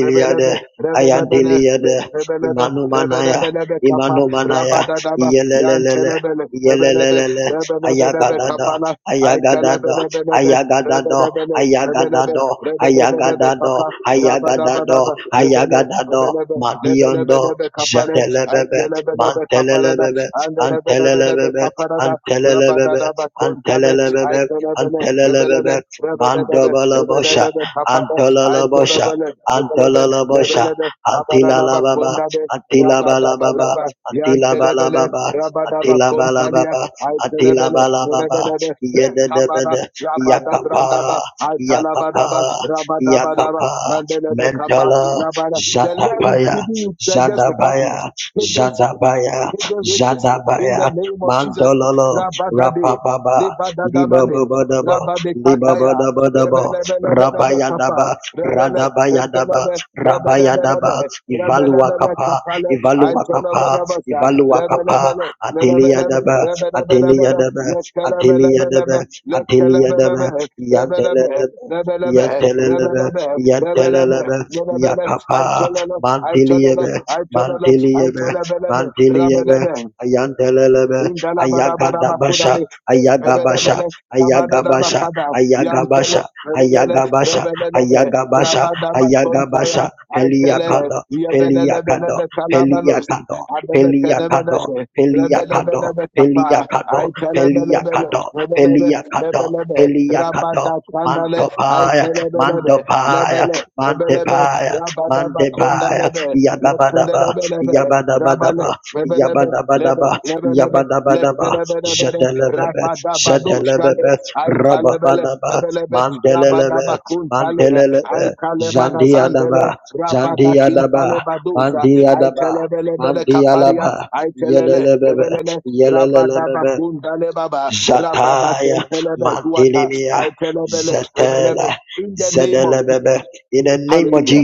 [SPEAKER 1] rebelebe, Rebelebele,
[SPEAKER 3] Ayandiliade,
[SPEAKER 1] le,
[SPEAKER 3] Imanumanaya,
[SPEAKER 1] rebelebelebe kapa,
[SPEAKER 3] Imanumanaya,
[SPEAKER 1] rabadadaba,
[SPEAKER 3] Yelelelele,
[SPEAKER 1] yantelebele, rebelebe,
[SPEAKER 3] Yelelelele,
[SPEAKER 1] rebelebelebe
[SPEAKER 3] Ayagadada,
[SPEAKER 1] kapala,
[SPEAKER 3] Ayagadada,
[SPEAKER 1] aytelebelebelebe,
[SPEAKER 3] Ayagadado,
[SPEAKER 1] rebelebele, rebelebe,
[SPEAKER 3] Ayagadado,
[SPEAKER 1] rebelebelebe kapa,
[SPEAKER 3] Ayagadado,
[SPEAKER 1] rabadabadaba,
[SPEAKER 3] Ayagadado,
[SPEAKER 1] rebele,
[SPEAKER 3] Ayagadado,
[SPEAKER 1] rebelebe,
[SPEAKER 3] Madiondo,
[SPEAKER 1] lebelebelebe kapale,
[SPEAKER 3] Jatelebebe,
[SPEAKER 1] aylelebelebe kapalada,
[SPEAKER 3] Mantelebebe,
[SPEAKER 1] andelebelebelebe
[SPEAKER 3] Antelebebe,
[SPEAKER 1] kaparada,
[SPEAKER 3] Antelebebe,
[SPEAKER 1] rabadadaba kontale,
[SPEAKER 3] Antelebebe,
[SPEAKER 1] aytelebele, rebelele,
[SPEAKER 3] Antelebebe,
[SPEAKER 1] rebelebe,
[SPEAKER 3] Mandobalabosha,
[SPEAKER 1] rebelebe kapale,
[SPEAKER 3] Antolalabosha,
[SPEAKER 1] aytelebele, rebelebe,
[SPEAKER 3] Antolalabosha,
[SPEAKER 1] lebelebe, rabadadaba
[SPEAKER 3] Antilalababa,
[SPEAKER 1] kondabe,
[SPEAKER 3] Antilabalababa,
[SPEAKER 1] Rabadabadaba, Yantelebele,
[SPEAKER 3] Antilabalababa,
[SPEAKER 1] Rabadaba Contalia, Itelebele,
[SPEAKER 3] Antilabalababa,
[SPEAKER 1] Rebelebe,
[SPEAKER 3] de de.
[SPEAKER 1] Rekabada,
[SPEAKER 3] Yakapa,
[SPEAKER 1] Rabadabrandaba,
[SPEAKER 3] Yakapa,
[SPEAKER 1] Italabadaba, Rabadabadaba,
[SPEAKER 3] Yakapa,
[SPEAKER 1] Mandelebe Kappa,
[SPEAKER 3] Mentala,
[SPEAKER 1] Rabada. The Lord is
[SPEAKER 3] Zadabaya,
[SPEAKER 1] giving you treasures of darkness,
[SPEAKER 3] Zadabaya,
[SPEAKER 1] hidden secrets,
[SPEAKER 3] Zadabaya,
[SPEAKER 1] hidden riches. In the
[SPEAKER 3] Zadabaya,
[SPEAKER 1] name of Jesus,
[SPEAKER 3] Mandololo,
[SPEAKER 1] Rabadade,
[SPEAKER 3] Rapapaba,
[SPEAKER 1] Libadadabade,
[SPEAKER 3] Libababadaba,
[SPEAKER 1] Rabade Kataya,
[SPEAKER 3] Libababadaba,
[SPEAKER 1] Rebelebelebelebe Kappa,
[SPEAKER 3] Rabayadaba,
[SPEAKER 1] Rebele,
[SPEAKER 3] Radabayadaba,
[SPEAKER 1] Rekelebe,
[SPEAKER 3] Rabayadaba,
[SPEAKER 1] Rebelebelebe, Rebelebele
[SPEAKER 3] Ivaluakapa,
[SPEAKER 1] kapale,
[SPEAKER 3] Ivaluakapa,
[SPEAKER 1] aytolebelebese,
[SPEAKER 3] Ivaluakapa,
[SPEAKER 1] rebelebele, rebelebele,
[SPEAKER 3] Ateliadaba,
[SPEAKER 1] rebelebelebele,
[SPEAKER 3] Ateliadaba, Ateliadaba,
[SPEAKER 1] lekelebelebelebe,
[SPEAKER 3] Ateliadaba,
[SPEAKER 1] lekelebelebe, rebelebe,
[SPEAKER 3] Yantelelebe,
[SPEAKER 1] rebelebe,
[SPEAKER 3] Yantelelebe,
[SPEAKER 1] rebelebe, rebelebe,
[SPEAKER 3] Yantelelebe,
[SPEAKER 1] rebele,
[SPEAKER 3] Yakapa,
[SPEAKER 1] aytolele, aytolele,
[SPEAKER 3] Mantiliebe,
[SPEAKER 1] aytolele,
[SPEAKER 3] Mantiliebe,
[SPEAKER 1] aytolebelebe,
[SPEAKER 3] Mantiliebe,
[SPEAKER 1] rebelebe,
[SPEAKER 3] Ayantelelebe, Ayagadabasha,
[SPEAKER 1] Indalabadabadabakudabe,
[SPEAKER 3] Ayagabasha,
[SPEAKER 1] Rebelebele,
[SPEAKER 3] Ayagabasha,
[SPEAKER 1] Rabadadabakada,
[SPEAKER 3] Ayagabasha,
[SPEAKER 1] Yantele, Rebelele,
[SPEAKER 3] Ayagabasha,
[SPEAKER 1] Rebelelele,
[SPEAKER 3] Ayagabasha, Ayagabasha,
[SPEAKER 1] Rabadabakontaya, Aikele,
[SPEAKER 3] Peliakado, Peliakado,
[SPEAKER 1] Yebelelebelebe Kalabalos,
[SPEAKER 3] Peliakado, Peliakado,
[SPEAKER 1] Adebekenebeneshe,
[SPEAKER 3] Peliakado,
[SPEAKER 1] Rebelebelebe Kafa,
[SPEAKER 3] Peliakado,
[SPEAKER 1] Aitelebelebele,
[SPEAKER 3] Peliakado,
[SPEAKER 1] Rebelebe,
[SPEAKER 3] Peliakata,
[SPEAKER 1] Lebelebe,
[SPEAKER 3] Peliakata,
[SPEAKER 1] Rabadakandale,
[SPEAKER 3] Mantopaya,
[SPEAKER 1] Aitelebelebe,
[SPEAKER 3] Mandopaya,
[SPEAKER 1] Lebele, Rebelebe,
[SPEAKER 3] Mantepaya, Mantepaya,
[SPEAKER 1] Rabadabakondalebe,
[SPEAKER 3] Yagabadaba,
[SPEAKER 1] Letendelebelebe, Rabale,
[SPEAKER 3] Yabadabadaba,
[SPEAKER 1] Rebelebe, lebe,
[SPEAKER 3] Yabadabadaba,
[SPEAKER 1] lebelebe,
[SPEAKER 3] Yabadabadaba,
[SPEAKER 1] Lekelebelebele,
[SPEAKER 3] Jadelebebe,
[SPEAKER 1] rabadabado shale,
[SPEAKER 3] Jadelebebe,
[SPEAKER 1] aitalebele,
[SPEAKER 3] Rababadaba,
[SPEAKER 1] lebelebe,
[SPEAKER 3] Mandelelebe,
[SPEAKER 1] rabadabakuntale,
[SPEAKER 3] Mandelelebe,
[SPEAKER 1] aitalemanazandele,
[SPEAKER 3] Zandiadaba, Zandiadaba,
[SPEAKER 1] rabadakintalebadosha,
[SPEAKER 3] Mandiadaba,
[SPEAKER 1] aitelebelebele kaparia,
[SPEAKER 3] Mandialaba,
[SPEAKER 1] aitelele,
[SPEAKER 3] Yelelebebe,
[SPEAKER 1] lebelele,
[SPEAKER 3] Yelelebebe,
[SPEAKER 1] rabadabakundale baba,
[SPEAKER 3] Zataya,
[SPEAKER 1] rabadakentelebe zuata,
[SPEAKER 3] Mantilimia,
[SPEAKER 1] aitelebele, lebelebe.
[SPEAKER 3] Zatela,
[SPEAKER 1] In the name of
[SPEAKER 3] Zedelebebe,
[SPEAKER 1] Jesus.
[SPEAKER 3] in the name of
[SPEAKER 1] Hallelujah.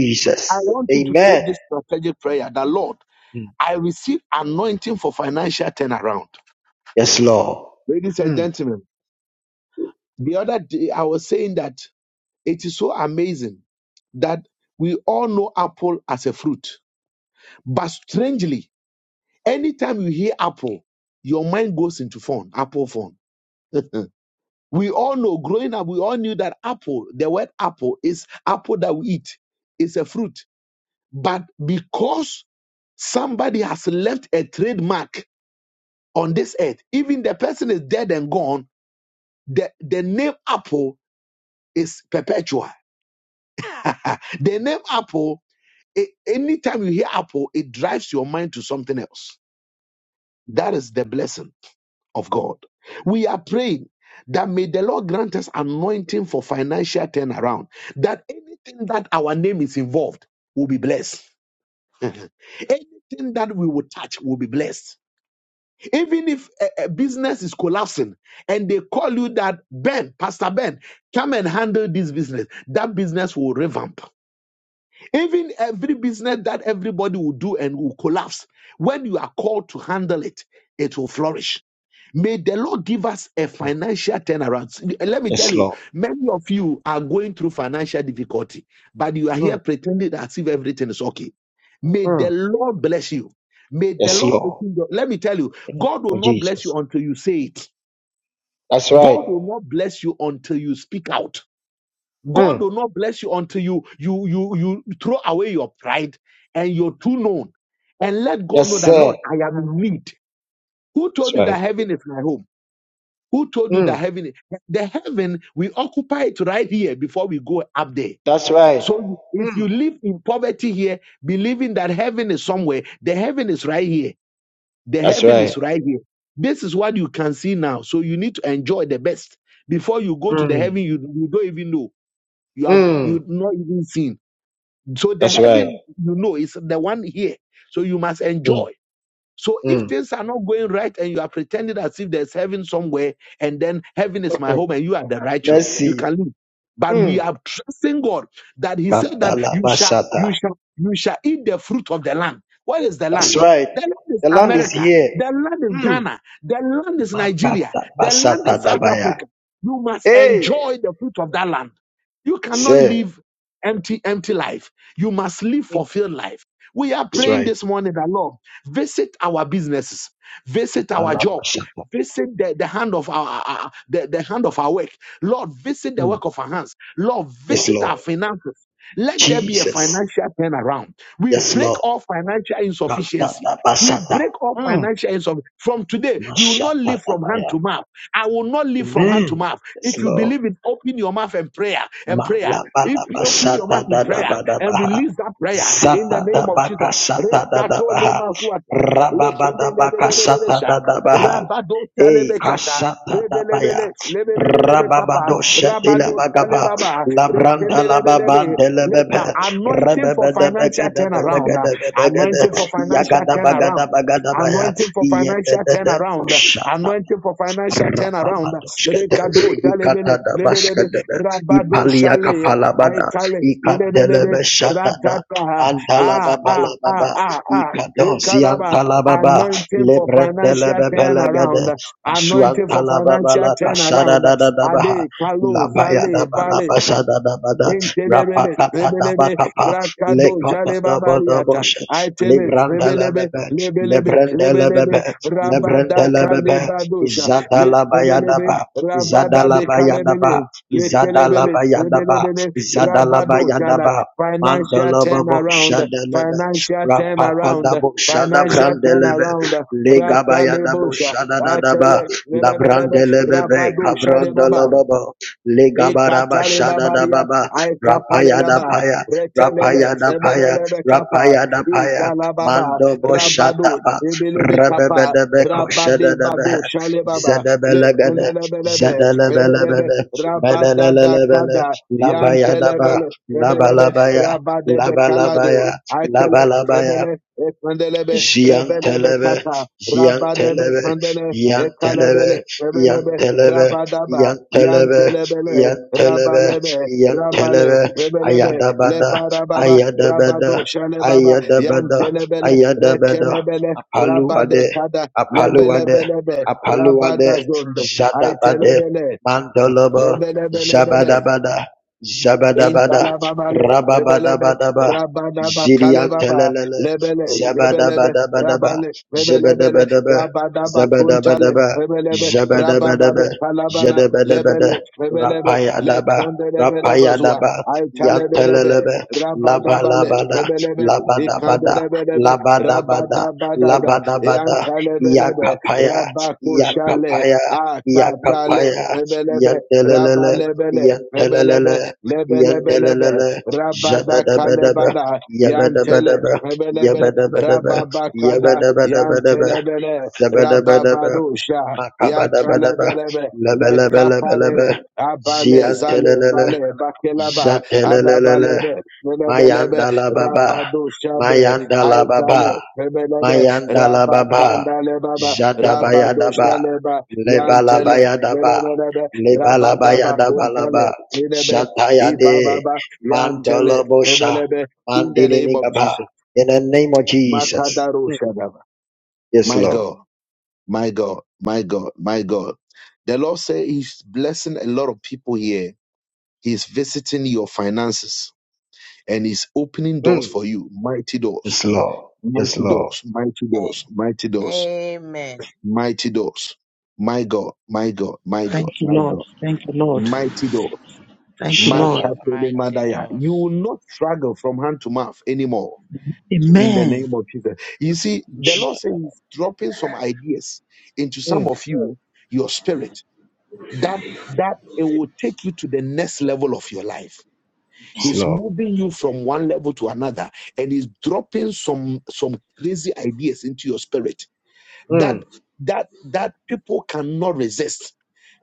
[SPEAKER 1] I want you to pray
[SPEAKER 3] Amen.
[SPEAKER 1] this strategic prayer. The Lord,
[SPEAKER 3] Mm.
[SPEAKER 1] I receive anointing for financial turnaround.
[SPEAKER 3] Yes, Lord.
[SPEAKER 1] Ladies and
[SPEAKER 3] Mm.
[SPEAKER 1] gentlemen, the other day I was saying that it is so amazing that we all know apple as a fruit. But strangely, anytime you hear apple, your mind goes into phone, apple phone. [LAUGHS] we all know growing up, we all knew that apple, the word apple is apple that we eat, it's a fruit. But because somebody has left a trademark on this earth, even the person is dead and gone, the, the name apple is perpetual [LAUGHS] the name Apple, a- anytime you hear Apple, it drives your mind to something else. That is the blessing of God. We are praying that may the Lord grant us anointing for financial turnaround, that anything that our name is involved will be blessed. [LAUGHS] anything that we will touch will be blessed. Even if a, a business is collapsing and they call you that Ben, Pastor Ben, come and handle this business, that business will revamp Even every business that everybody will do and will collapse, when you are called to handle it, it will flourish. May the Lord give us a financial turnaround. Let me tell
[SPEAKER 3] Yes,
[SPEAKER 1] you,
[SPEAKER 3] Lord.
[SPEAKER 1] many of you are going through financial difficulty, but you are
[SPEAKER 3] Mm.
[SPEAKER 1] here pretending as if everything is okay. May the
[SPEAKER 3] Mm.
[SPEAKER 1] Lord bless you. May the
[SPEAKER 3] Yes,
[SPEAKER 1] Lord
[SPEAKER 3] Lord.
[SPEAKER 1] open your. Let me tell you, God will
[SPEAKER 3] For
[SPEAKER 1] not bless you
[SPEAKER 3] Jesus.
[SPEAKER 1] until you say it.
[SPEAKER 3] That's right.
[SPEAKER 1] God will not bless you until you speak out. God
[SPEAKER 3] Mm.
[SPEAKER 1] will not bless you until you you you you throw away your pride and your too known and let God know
[SPEAKER 3] Yes,
[SPEAKER 1] that
[SPEAKER 3] sir.
[SPEAKER 1] Lord, I am in need. Who
[SPEAKER 3] That's
[SPEAKER 1] told you
[SPEAKER 3] right.
[SPEAKER 1] that heaven is my home? Who told you that
[SPEAKER 3] Mm.
[SPEAKER 1] heaven is the heaven we occupy it right here before we go up there?
[SPEAKER 3] That's right.
[SPEAKER 1] So if you
[SPEAKER 3] Mm.
[SPEAKER 1] live in poverty here, believing that heaven is somewhere, the heaven is right here. The
[SPEAKER 3] That's
[SPEAKER 1] heaven
[SPEAKER 3] right.
[SPEAKER 1] is right here. This is what you can see now. So you need to enjoy the best. Before you go to the heaven,
[SPEAKER 3] Mm.
[SPEAKER 1] you, you don't even know. You have you
[SPEAKER 3] Mm.
[SPEAKER 1] not even seen. So the
[SPEAKER 3] That's right.
[SPEAKER 1] heaven, you know, is the one here. So you must
[SPEAKER 3] Mm.
[SPEAKER 1] enjoy. So if
[SPEAKER 3] Mm.
[SPEAKER 1] things are not going right and you are pretending as if there's heaven somewhere and then heaven is my
[SPEAKER 3] Mm.
[SPEAKER 1] home and you are the righteous, you
[SPEAKER 3] Mercy.
[SPEAKER 1] can live. But we
[SPEAKER 3] Mm.
[SPEAKER 1] are trusting God that He said that you shall, you
[SPEAKER 3] Katalabasata.
[SPEAKER 1] shall, you shall eat the fruit of the land. What is the
[SPEAKER 3] That's
[SPEAKER 1] land?
[SPEAKER 3] right.
[SPEAKER 1] The land is
[SPEAKER 3] The land is
[SPEAKER 1] America. The
[SPEAKER 3] here.
[SPEAKER 1] land is
[SPEAKER 3] Mm.
[SPEAKER 1] Ghana. The land is Nigeria.
[SPEAKER 3] Makata
[SPEAKER 1] The land
[SPEAKER 3] basata
[SPEAKER 1] is South
[SPEAKER 3] dabaya.
[SPEAKER 1] Africa. You must
[SPEAKER 3] Hey,
[SPEAKER 1] enjoy the fruit of that land. You cannot
[SPEAKER 3] say
[SPEAKER 1] live empty, empty life. You must live
[SPEAKER 3] that's
[SPEAKER 1] fulfilled life. We are praying
[SPEAKER 3] right.
[SPEAKER 1] this morning that Lord, visit our businesses, visit our job, visit the, the hand of our our- the, the hand of our work. Lord, visit the
[SPEAKER 3] Mm.
[SPEAKER 1] work of our hands. Lord,
[SPEAKER 3] Yes,
[SPEAKER 1] visit our
[SPEAKER 3] Lord.
[SPEAKER 1] finances. Let there be a
[SPEAKER 3] Jesus.
[SPEAKER 1] financial turnaround. We
[SPEAKER 3] Yes,
[SPEAKER 1] break
[SPEAKER 3] Lord.
[SPEAKER 1] all financial insufficiency.
[SPEAKER 3] Makata
[SPEAKER 1] We
[SPEAKER 3] basata.
[SPEAKER 1] break all
[SPEAKER 3] Mm.
[SPEAKER 1] financial insufficiency. From today, we will not live
[SPEAKER 3] Mashata
[SPEAKER 1] from hand to
[SPEAKER 3] dabaya.
[SPEAKER 1] mouth. I will not live from hand to
[SPEAKER 3] Amen.
[SPEAKER 1] mouth.
[SPEAKER 3] Yes,
[SPEAKER 1] If you
[SPEAKER 3] Lord.
[SPEAKER 1] believe it, open your mouth and prayer and prayer. If you open your mouth in prayer and
[SPEAKER 3] Malabalabashadadadabadabaha.
[SPEAKER 1] release that prayer in the name of Jesus. Rekato
[SPEAKER 3] Zatadabakashatadadabaha.
[SPEAKER 1] lemafuata, lekendelebelebelebesha,
[SPEAKER 3] Rababadabakashatadadabaha.
[SPEAKER 1] rabado
[SPEAKER 3] Ei
[SPEAKER 1] talebekata,
[SPEAKER 3] kashatadabaya.
[SPEAKER 1] rebelebele, lebelebelebekapa, rabado
[SPEAKER 3] Rababadoshatilabagaba.
[SPEAKER 1] talebaba, rekendelebelebe. Let
[SPEAKER 3] Labrantalababandelebepe.
[SPEAKER 1] the anointing for financial turnaround, uh,
[SPEAKER 3] Rebebedebegedebelegedebelegede.
[SPEAKER 1] anointing for financial turnaround.
[SPEAKER 3] Yagadabagadabagadabaya.
[SPEAKER 1] Anointing for financial turnaround. uh,
[SPEAKER 3] Yedededekosha.
[SPEAKER 1] Anointing for financial turnaround. uh,
[SPEAKER 3] Rababadoshkata,
[SPEAKER 1] Rekado, jalebele,
[SPEAKER 3] Ikatada
[SPEAKER 1] lebelebe,
[SPEAKER 3] Bashkadada,
[SPEAKER 1] rabado,
[SPEAKER 3] Ipalia
[SPEAKER 1] shale. I
[SPEAKER 3] Kapalabada,
[SPEAKER 1] call it,
[SPEAKER 3] Ikadelebe
[SPEAKER 1] lelelelele, ratata,
[SPEAKER 3] Shatada,
[SPEAKER 1] ah, ah, ah,
[SPEAKER 3] Antalababalababa,
[SPEAKER 1] ah, ah,
[SPEAKER 3] Ikadosi
[SPEAKER 1] lekalaba,
[SPEAKER 3] Antalababa,
[SPEAKER 1] anointing for financial
[SPEAKER 3] Lebretelebebelebede,
[SPEAKER 1] turnaround, anointing for financial
[SPEAKER 3] Asuantalababala
[SPEAKER 1] turnaround,
[SPEAKER 3] Kashadadadabaha,
[SPEAKER 1] ade, kalo, zale, bale,
[SPEAKER 3] Labayadabalabashadadabada,
[SPEAKER 1] Intelebele, lebelebe,
[SPEAKER 3] Rapatadabakapa,
[SPEAKER 1] rakado, jale babariata.
[SPEAKER 3] Lekotadabodaboshe,
[SPEAKER 1] I tell it, lebelebe,
[SPEAKER 3] Librandelebebe,
[SPEAKER 1] lebelebe, lebelebe,
[SPEAKER 3] Lebrandelebebe,
[SPEAKER 1] rabada
[SPEAKER 3] Lebrandelebebe,
[SPEAKER 1] kalebadosha, le-
[SPEAKER 3] Izadala
[SPEAKER 1] lebelebe,
[SPEAKER 3] Bayadaba,
[SPEAKER 1] rabada
[SPEAKER 3] izadala
[SPEAKER 1] be
[SPEAKER 3] bayadaba,
[SPEAKER 1] bekalebele,
[SPEAKER 3] Izadala
[SPEAKER 1] lekelebele,
[SPEAKER 3] bayadaba,
[SPEAKER 1] lebelebele,
[SPEAKER 3] Izadalabayadaba, Izadalabayadaba, Izadalabayadaba,
[SPEAKER 1] rabado jana.
[SPEAKER 3] Izadalabayadaba.
[SPEAKER 1] Financial
[SPEAKER 3] Mandalababo
[SPEAKER 1] turnaround,
[SPEAKER 3] Shadalebe,
[SPEAKER 1] financial turnaround,
[SPEAKER 3] Rapakadabo
[SPEAKER 1] financial
[SPEAKER 3] Shadabrandelebe,
[SPEAKER 1] turnaround,
[SPEAKER 3] Legabayadabo
[SPEAKER 1] rakalebosha. I tell
[SPEAKER 3] Shadadadaba,
[SPEAKER 1] it, lebelebe,
[SPEAKER 3] Labrandelebe,
[SPEAKER 1] rabado shade baba.
[SPEAKER 3] Cabrandalababo, Legabaraba
[SPEAKER 1] Ikatale babaria,
[SPEAKER 3] Shadadababa,
[SPEAKER 1] aikapale laba,
[SPEAKER 3] Rapayadapaya,
[SPEAKER 1] retelele,
[SPEAKER 3] Rapayadapaya,
[SPEAKER 1] sebelelebe kapa,
[SPEAKER 3] Rapayadapaya,
[SPEAKER 1] idala baba,
[SPEAKER 3] Mandobo
[SPEAKER 1] rabadu,
[SPEAKER 3] Shataba,
[SPEAKER 1] ibilebe kapa,
[SPEAKER 3] Rebebedebe
[SPEAKER 1] rabade
[SPEAKER 3] Koshadebe,
[SPEAKER 1] badu. shale baba, le,
[SPEAKER 3] Zadabalagada,
[SPEAKER 1] sebelebelebe, sebelebe,
[SPEAKER 3] Zadalabalabada,
[SPEAKER 1] rabadada
[SPEAKER 3] Madalalalabala,
[SPEAKER 1] kada,
[SPEAKER 3] Labayadaba,
[SPEAKER 1] yantelebele, sebelebe,
[SPEAKER 3] Labalabaya,
[SPEAKER 1] rabadebe kalado,
[SPEAKER 3] Labalabaya,
[SPEAKER 1] Akele,
[SPEAKER 3] Labalabaya,
[SPEAKER 1] Rebele, Ekandelebe, Rebelebe
[SPEAKER 3] Giantelebe,
[SPEAKER 1] Tata, Rabadebe
[SPEAKER 3] Giantelebe,
[SPEAKER 1] Kandele,
[SPEAKER 3] Giantelebe,
[SPEAKER 1] Ekalebele, Rebelebe,
[SPEAKER 3] Giantelebe,
[SPEAKER 1] Rabadaba,
[SPEAKER 3] Giantelebe,
[SPEAKER 1] Yantelebele,
[SPEAKER 3] Giantelebe,
[SPEAKER 1] Rabalebe, Rabale,
[SPEAKER 3] Giantelebe,
[SPEAKER 1] Rebelebe,
[SPEAKER 3] Ayadabada,
[SPEAKER 1] Lebarababa, Rabado,
[SPEAKER 3] Ayadabada,
[SPEAKER 1] Shalebaba,
[SPEAKER 3] Ayadabada,
[SPEAKER 1] Yantelebele,
[SPEAKER 3] Ayadabada,
[SPEAKER 1] Rekelebele,
[SPEAKER 3] Apaluade,
[SPEAKER 1] Rabadekada,
[SPEAKER 3] Apaluade,
[SPEAKER 1] Lebelebelebe,
[SPEAKER 3] Apaluade,
[SPEAKER 1] Rabadazondo,
[SPEAKER 3] Jadabade,
[SPEAKER 1] Itelebele,
[SPEAKER 3] Mandolobo,
[SPEAKER 1] Lebelebelebele,
[SPEAKER 3] Jabadabada, Jabadabada,
[SPEAKER 1] Intalababale, Rebelebe,
[SPEAKER 3] Rababadabadaba,
[SPEAKER 1] Rabadaba Kalebaba,
[SPEAKER 3] Ziriantelele,
[SPEAKER 1] Lebele, Rebelebe,
[SPEAKER 3] Zabadabadabadaba,
[SPEAKER 1] Rabane, Rebelebele,
[SPEAKER 3] Zabadabadaba,
[SPEAKER 1] Rabadaba Kuntale,
[SPEAKER 3] Zabadabadaba,
[SPEAKER 1] Rebelebe,
[SPEAKER 3] Zabadabadaba,
[SPEAKER 1] Rabadabe Kalabana,
[SPEAKER 3] Zabadabadaba,
[SPEAKER 1] Lebele, Rebelebe, Le
[SPEAKER 3] Rapayadaba,
[SPEAKER 1] Candelebezua,
[SPEAKER 3] Rapayadaba,
[SPEAKER 1] I Talebelebe,
[SPEAKER 3] Yantelelebe,
[SPEAKER 1] Rabadabale,
[SPEAKER 3] Labalabada,
[SPEAKER 1] Rebelebe,
[SPEAKER 3] Labadabada,
[SPEAKER 1] Ikandelebelebe,
[SPEAKER 3] Labadabada,
[SPEAKER 1] Rabadabadada,
[SPEAKER 3] Labadabada,
[SPEAKER 1] Eantalebelebe,
[SPEAKER 3] Yakapaya,
[SPEAKER 1] Rabakushale,
[SPEAKER 3] Yakapaya,
[SPEAKER 1] Atatale,
[SPEAKER 3] Yakapaya,
[SPEAKER 1] Rebelebe,
[SPEAKER 3] Yantelelele,
[SPEAKER 1] Rabalebele, Rebelebe,
[SPEAKER 3] Yantelelele,
[SPEAKER 1] lebelebelebe
[SPEAKER 3] Yantelelele,
[SPEAKER 1] rabada
[SPEAKER 3] Jadadabadaba,
[SPEAKER 1] kalebada yantele
[SPEAKER 3] Yabadabadaba,
[SPEAKER 1] lebelebe
[SPEAKER 3] Yabba-dabba-dabba,
[SPEAKER 1] rababakada
[SPEAKER 3] yabba-dabba-dabba-dabba,
[SPEAKER 1] yantelebele
[SPEAKER 3] zabba-dabba-dabba,
[SPEAKER 1] rababadusha
[SPEAKER 3] makabba-dabba-dabba,
[SPEAKER 1] yakalebelebe
[SPEAKER 3] labba-labba-labba-labba,
[SPEAKER 1] lekapare abale zale
[SPEAKER 3] ziyantelelele,
[SPEAKER 1] bale bakelaba
[SPEAKER 3] zatelelelele,
[SPEAKER 1] adabalebe lebelebe
[SPEAKER 3] mayandalababa,
[SPEAKER 1] rabadusha be
[SPEAKER 3] mayandalababa,
[SPEAKER 1] aikale lebelebe
[SPEAKER 3] Mayandalababa,
[SPEAKER 1] rabakanda lebaba,
[SPEAKER 3] Jadabayadaba,
[SPEAKER 1] rabadusha leba yantele
[SPEAKER 3] Lebalabayadaba,
[SPEAKER 1] lebelebe
[SPEAKER 3] Lebalabaya
[SPEAKER 1] rabadaba kuntale
[SPEAKER 3] Shatayade,
[SPEAKER 1] Ibababa, Yantele,
[SPEAKER 3] Mandolobosha,
[SPEAKER 1] Ebelebe, in the name of
[SPEAKER 3] Mandilimigaba.
[SPEAKER 1] Jesus.
[SPEAKER 3] In the name of Jesus.
[SPEAKER 1] Makadaro
[SPEAKER 3] Mm.
[SPEAKER 1] Shadaba.
[SPEAKER 3] Yes,
[SPEAKER 1] My
[SPEAKER 3] Lord.
[SPEAKER 1] God, my God, my God, my God. The Lord said He's blessing a lot of people here. He's visiting your finances and He's opening doors
[SPEAKER 3] Mm.
[SPEAKER 1] for you. Mighty doors,
[SPEAKER 3] Yes, Lord. Yes,
[SPEAKER 1] mighty
[SPEAKER 3] Lord.
[SPEAKER 1] doors, mighty doors,
[SPEAKER 4] Amen.
[SPEAKER 1] mighty doors,
[SPEAKER 4] Amen.
[SPEAKER 1] mighty doors. My God, my God, my God,
[SPEAKER 2] Thank you,
[SPEAKER 1] my
[SPEAKER 2] Lord.
[SPEAKER 1] God,
[SPEAKER 2] Thank you, Lord.
[SPEAKER 1] mighty doors.
[SPEAKER 2] Thank you,
[SPEAKER 1] My
[SPEAKER 2] Lord.
[SPEAKER 4] Save
[SPEAKER 3] Shatala.
[SPEAKER 4] mighty
[SPEAKER 1] Madaya. You
[SPEAKER 4] doors.
[SPEAKER 1] will not struggle from hand to mouth anymore in the
[SPEAKER 2] Amen.
[SPEAKER 1] name of Jesus. You see, the Lord
[SPEAKER 3] Shat-
[SPEAKER 1] says He's dropping some ideas into some
[SPEAKER 3] Mm.
[SPEAKER 1] of you, your spirit, that that it will take you to the next level of your life.
[SPEAKER 3] Yes,
[SPEAKER 1] He's
[SPEAKER 3] Lord.
[SPEAKER 1] moving you from one level to another, and he's dropping some some crazy ideas into your spirit that
[SPEAKER 3] Mm.
[SPEAKER 1] that that people cannot resist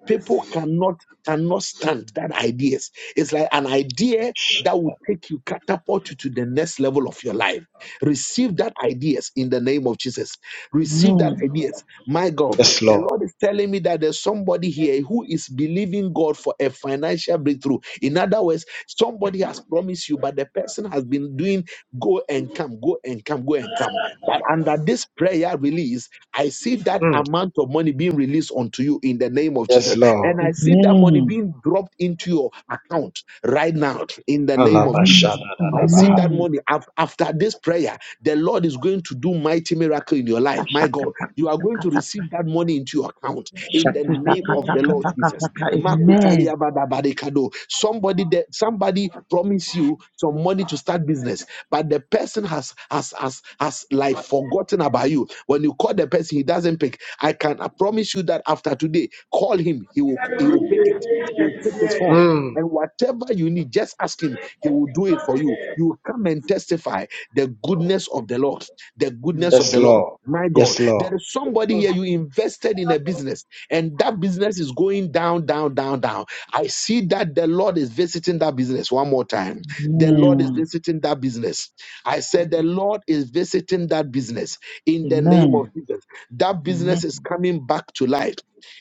[SPEAKER 1] People cannot cannot stand that ideas. It's like an idea
[SPEAKER 3] Shat-
[SPEAKER 1] that will take you, catapult you to the next level of your life. Receive that ideas in the name of Jesus. Receive that
[SPEAKER 2] Amen.
[SPEAKER 1] ideas. My God,
[SPEAKER 3] Yes,
[SPEAKER 1] the
[SPEAKER 3] Lord.
[SPEAKER 1] Lord is telling me that there's somebody here who is believing God for a financial breakthrough. In other words, somebody. Somebody has promised you, but the person has been doing go and come, go and come, go and come. But under this prayer release, I see that
[SPEAKER 3] Mm.
[SPEAKER 1] amount of money being released unto you in the name of
[SPEAKER 3] Yes,
[SPEAKER 1] Jesus. And
[SPEAKER 3] Lord.
[SPEAKER 1] I see that money
[SPEAKER 2] Amen.
[SPEAKER 1] being dropped into your account right now in the name of Jesus.
[SPEAKER 2] Amen.
[SPEAKER 1] I see
[SPEAKER 3] Alabashadadabaha.
[SPEAKER 1] that
[SPEAKER 2] Amen.
[SPEAKER 1] money af- after this prayer, the Lord is going to do mighty miracle in your life. My God, you are going to
[SPEAKER 2] Ashakatakatakataka.
[SPEAKER 1] receive that money into your account in the name of the Lord Jesus.
[SPEAKER 2] Shakutakatakataka. Amen.
[SPEAKER 1] Makotalia badabarikado. Somebody that somebody promised you some money to start business, but the person has has has has like forgotten about you. When you call the person, he doesn't pick. I can I promise you that after today, call him. He will he will pick it. He will pick his phone
[SPEAKER 3] Mm.
[SPEAKER 1] and whatever you need, just ask him. He will do it for you. You will come and testify the goodness of the Lord. The goodness of
[SPEAKER 3] Yes,
[SPEAKER 1] the Lord.
[SPEAKER 3] Lord.
[SPEAKER 1] My God,
[SPEAKER 3] Yes, Lord.
[SPEAKER 1] there is somebody here. You invested in a business, and that business is going down, down, down, down. I see that the Lord is visiting that business one more time. The Lord is
[SPEAKER 2] Amen.
[SPEAKER 1] visiting that business. I said, The Lord is visiting that business in the
[SPEAKER 2] Amen.
[SPEAKER 1] name of Jesus. That business
[SPEAKER 2] Amen.
[SPEAKER 1] is coming back to life.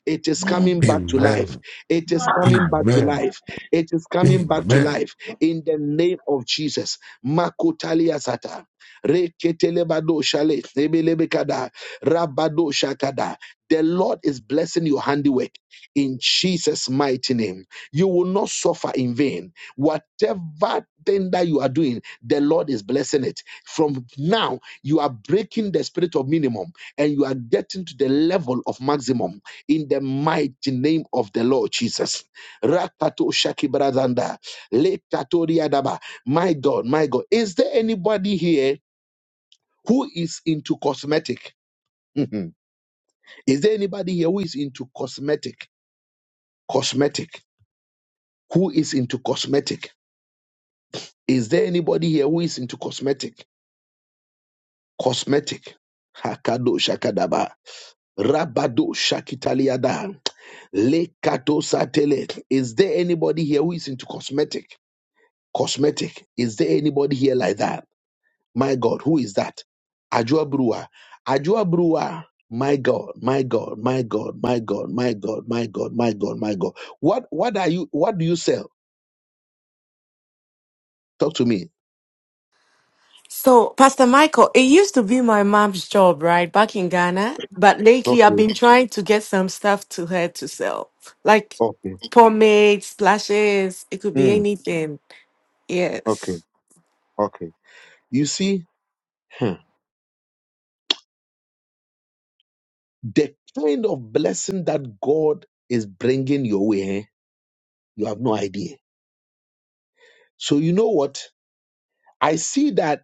[SPEAKER 1] It is
[SPEAKER 2] Amen.
[SPEAKER 1] coming back to life.
[SPEAKER 5] Amen.
[SPEAKER 1] It is coming back to
[SPEAKER 5] Amen.
[SPEAKER 1] life. It is coming back to
[SPEAKER 5] Amen.
[SPEAKER 1] life in the name of Jesus. Makotalia sata. Reketelebado shale. Nebelebekada. Rabado shakada. The Lord is blessing your handiwork in Jesus' mighty name. You will not suffer in vain. Whatever thing that you are doing, the Lord is blessing it. From now, you are breaking the spirit of minimum and you are getting to the level of maximum in the mighty name of the Lord Jesus. Rakato Shaki Bradanda. Lekatoria My God, my God. Is there anybody here who is into cosmetic? Mhm. Is there anybody here who is into cosmetic? Cosmetic. Who is into cosmetic? Is there anybody here who is into cosmetic? Cosmetic. Hakado Shakadaba. Rabado Shakitaliada. Lekato satele. Is there anybody here who is into cosmetic? Cosmetic. Is there anybody here like that? My God, who is that? Ajua Brewer. Ajua Brewer. My God, my God, my God, my God, my God, my God, my God, my God. What what are you what do you sell? Talk to me.
[SPEAKER 6] So, Pastor Michael, it used to be my mom's job, right, back in Ghana. But lately, I've
[SPEAKER 1] Okay,
[SPEAKER 6] been trying to get some stuff to her to sell, like
[SPEAKER 1] okay,
[SPEAKER 6] pomades, lashes. It could be
[SPEAKER 1] mm,
[SPEAKER 6] anything.
[SPEAKER 1] okay,
[SPEAKER 6] Yes.
[SPEAKER 1] okay. You see, hmm, the kind of blessing that God is bringing your way, eh, you have no idea. So you know what? I see that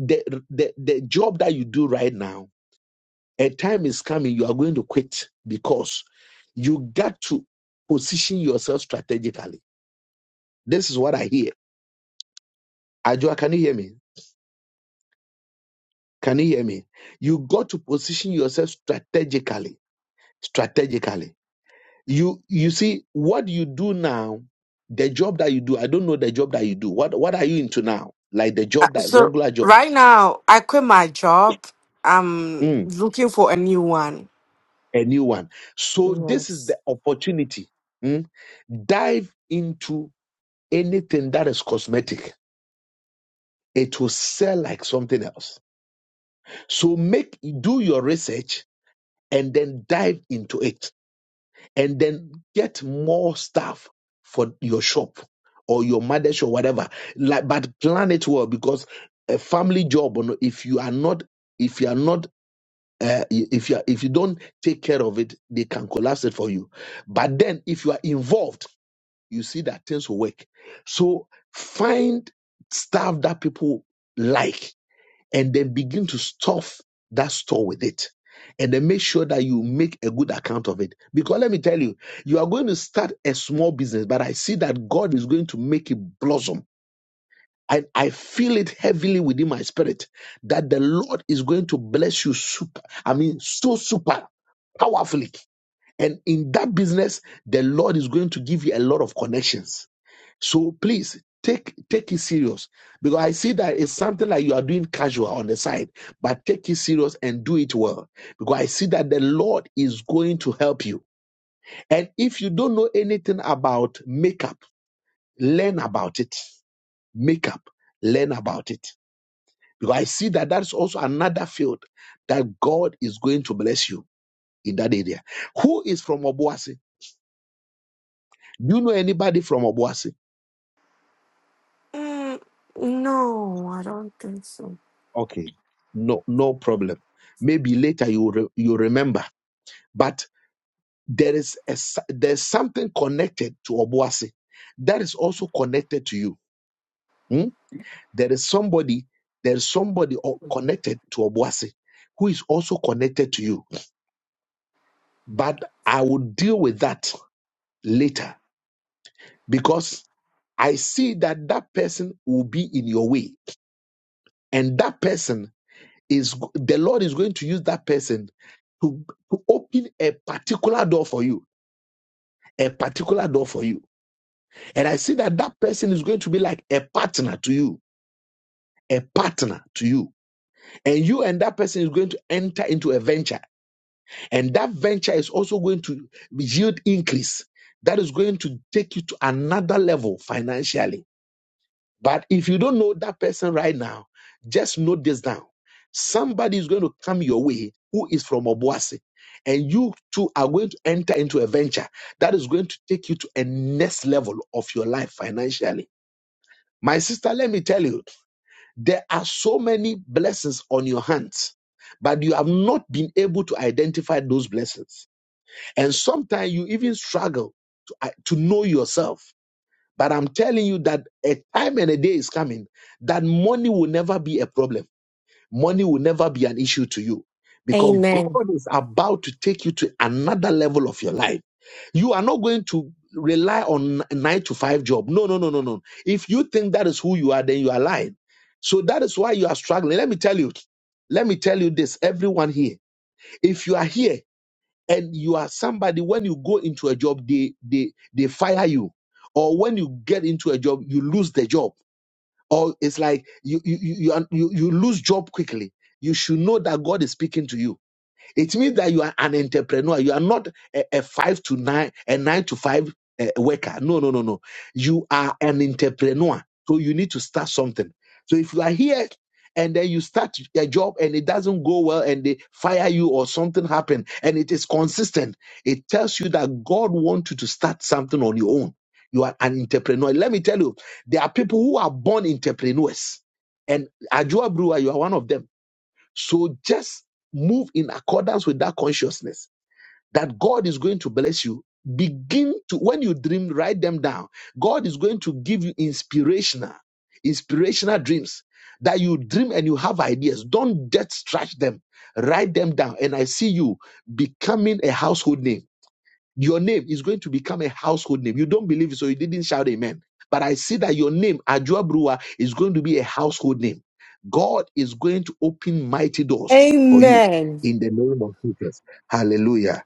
[SPEAKER 1] the, the the job that you do right now A time is coming, you are going to quit because you got to position yourself strategically. This is what I hear. Ajua, can you hear me? Can you hear me? You got to position yourself strategically. Strategically. You you see what you do now, the job that you do. I don't know the job that you do. What what are you into now? Like the
[SPEAKER 6] Uh,
[SPEAKER 1] job that
[SPEAKER 6] So
[SPEAKER 1] regular job.
[SPEAKER 6] right now, I quit my job. I'm
[SPEAKER 1] Mm,
[SPEAKER 6] looking for a new one.
[SPEAKER 1] a new one. So this is
[SPEAKER 6] Yes.
[SPEAKER 1] the opportunity. Mm. Dive into anything that is cosmetic it will sell like something else. So make do your research and then dive into it and then get more stuff for your shop or your mother's or whatever. Like, but plan it well because a family job, you know, if you are not, if you are not, uh, if you are, if you don't take care of it, they can collapse it for you. But then if you are involved, you see that things will work. So find stuff that people like and then begin to stuff that store with it. And then make sure that you make a good account of it. Because let me tell you, you are going to start a small business, but I see that God is going to make it blossom. And I feel it heavily within my spirit that the Lord is going to bless you super, I mean, so super powerfully. And in that business, the Lord is going to give you a lot of connections so please take take it serious because I see that it's something like you are doing casual on the side, but take it serious and do it well because I see that the Lord is going to help you. And if you don't know anything about makeup, learn about it. Makeup, learn about it because I see that that's also another field that God is going to bless you in that area. Who is from Obuasi? Do you know anybody from Obuasi?
[SPEAKER 6] Mm, no, I don't think so.
[SPEAKER 1] Okay, no, no problem. Maybe later you re- you remember, but there is a, s- there's something connected to Obuasi that is also connected to you. Hmm? There is somebody there is somebody o- connected to Obuasi who is also connected to you. But I will deal with that later because I see that that person will be in your way, and that person is the Lord is going to use that person to, to open a particular door for you, a particular door for you. And I see that that person is going to be like a partner to you, a partner to you. And you and that person is going to enter into a venture. And that venture is also going to yield increase. That is going to take you to another level financially But if you don't know that person right now, just note this down. Somebody is going to come your way who is from Obuasi, and you two are going to enter into a venture that is going to take you to a next level of your life financially. My sister, let me tell you, there are so many blessings on your hands, but you have not been able to identify those blessings. And sometimes you even struggle to, uh, to know yourself but I'm telling you that a time and a day is coming that money will never be a problem. Money will never be an issue to you because
[SPEAKER 6] Amen.
[SPEAKER 1] God is about to take you to another level of your life. You are not going to rely on a nine to five job. No, no, no, no, no. If you think that is who you are, then you are lying. So that is why you are struggling. Let me tell you. Let me tell you this, everyone here. If you are here and you are somebody when you go into a job they they they fire you or when you get into a job you lose the job or it's like you you you you, are- you, you lose job quickly you should know that god is speaking to you it means that you are an entrepreneur. You are not a, a five to nine, a nine to five uh, worker. No, no, no, no. You are an entrepreneur. So you need to start something. So if you are here and then you start a job and it doesn't go well and they fire you or something happen and it is consistent, it tells you that God wants you to start something on your own. You are an entrepreneur. Let me tell you, there are people who are born entrepreneurs. And Ajua Brewer, you are one of them so just move in accordance with that consciousness that God is going to bless you. Begin to, when you dream, write them down. God is going to give you inspirational, inspirational dreams that you dream and you have ideas. Don't just trash them. Write them down. And I see you becoming a household name your name is going to become a household name. You don't believe it, so you didn't shout amen. But I see that your name, Ajua Brewer, is going to be a household name. God is going to open mighty doors for you
[SPEAKER 6] Amen.
[SPEAKER 1] in the name of Jesus. Hallelujah.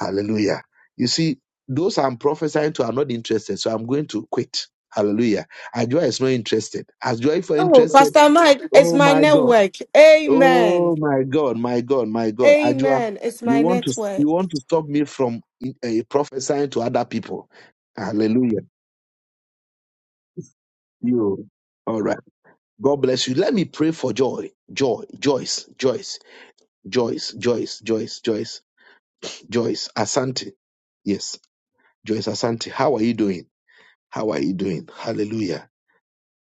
[SPEAKER 1] Hallelujah. You see, those I'm prophesying to are not interested, so I'm going to quit. Hallelujah. Ajua is not interested. Ajua, if you're
[SPEAKER 6] Oh,
[SPEAKER 1] interested,
[SPEAKER 6] Pastor Mike, it's
[SPEAKER 1] oh
[SPEAKER 6] my
[SPEAKER 1] my God.
[SPEAKER 6] network. Amen.
[SPEAKER 1] Oh my God, my God, my God, Ajua,
[SPEAKER 6] Amen. It's
[SPEAKER 1] you
[SPEAKER 6] my
[SPEAKER 1] want to
[SPEAKER 6] network.
[SPEAKER 1] you want to stop me from uh, prophesying to other people? Hallelujah. You all right? God bless you. Let me pray for joy, joy, Joyce, Joyce, Joyce, Joyce, Joyce, Joyce, Joyce, Asante. Yes, Joyce Asante. How are you doing? How are you doing? Hallelujah.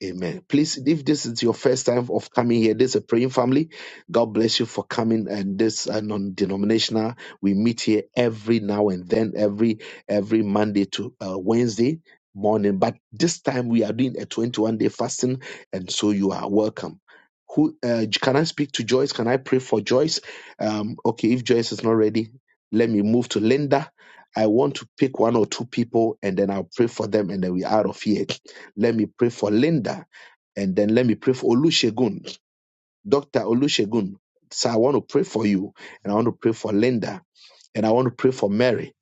[SPEAKER 1] Amen. Please, if this is your first time of coming here, this is a praying family. God bless you for coming. And this uh, non-denominational, we meet here every now and then, every every Monday to uh, Wednesday morning. But this time we are doing a 21 day fasting, and so you are welcome. Who uh, can I speak to Joyce? Can I pray for Joyce? Um, okay, if Joyce is not ready, let me move to Linda. I want to pick one or two people, and then I'll pray for them, and then we're out of here. Let me pray for Linda. And then let me pray for Olusegun, Dr. Olusegun. So I want to pray for you, and I want to pray for Linda, and I want to pray for Mary.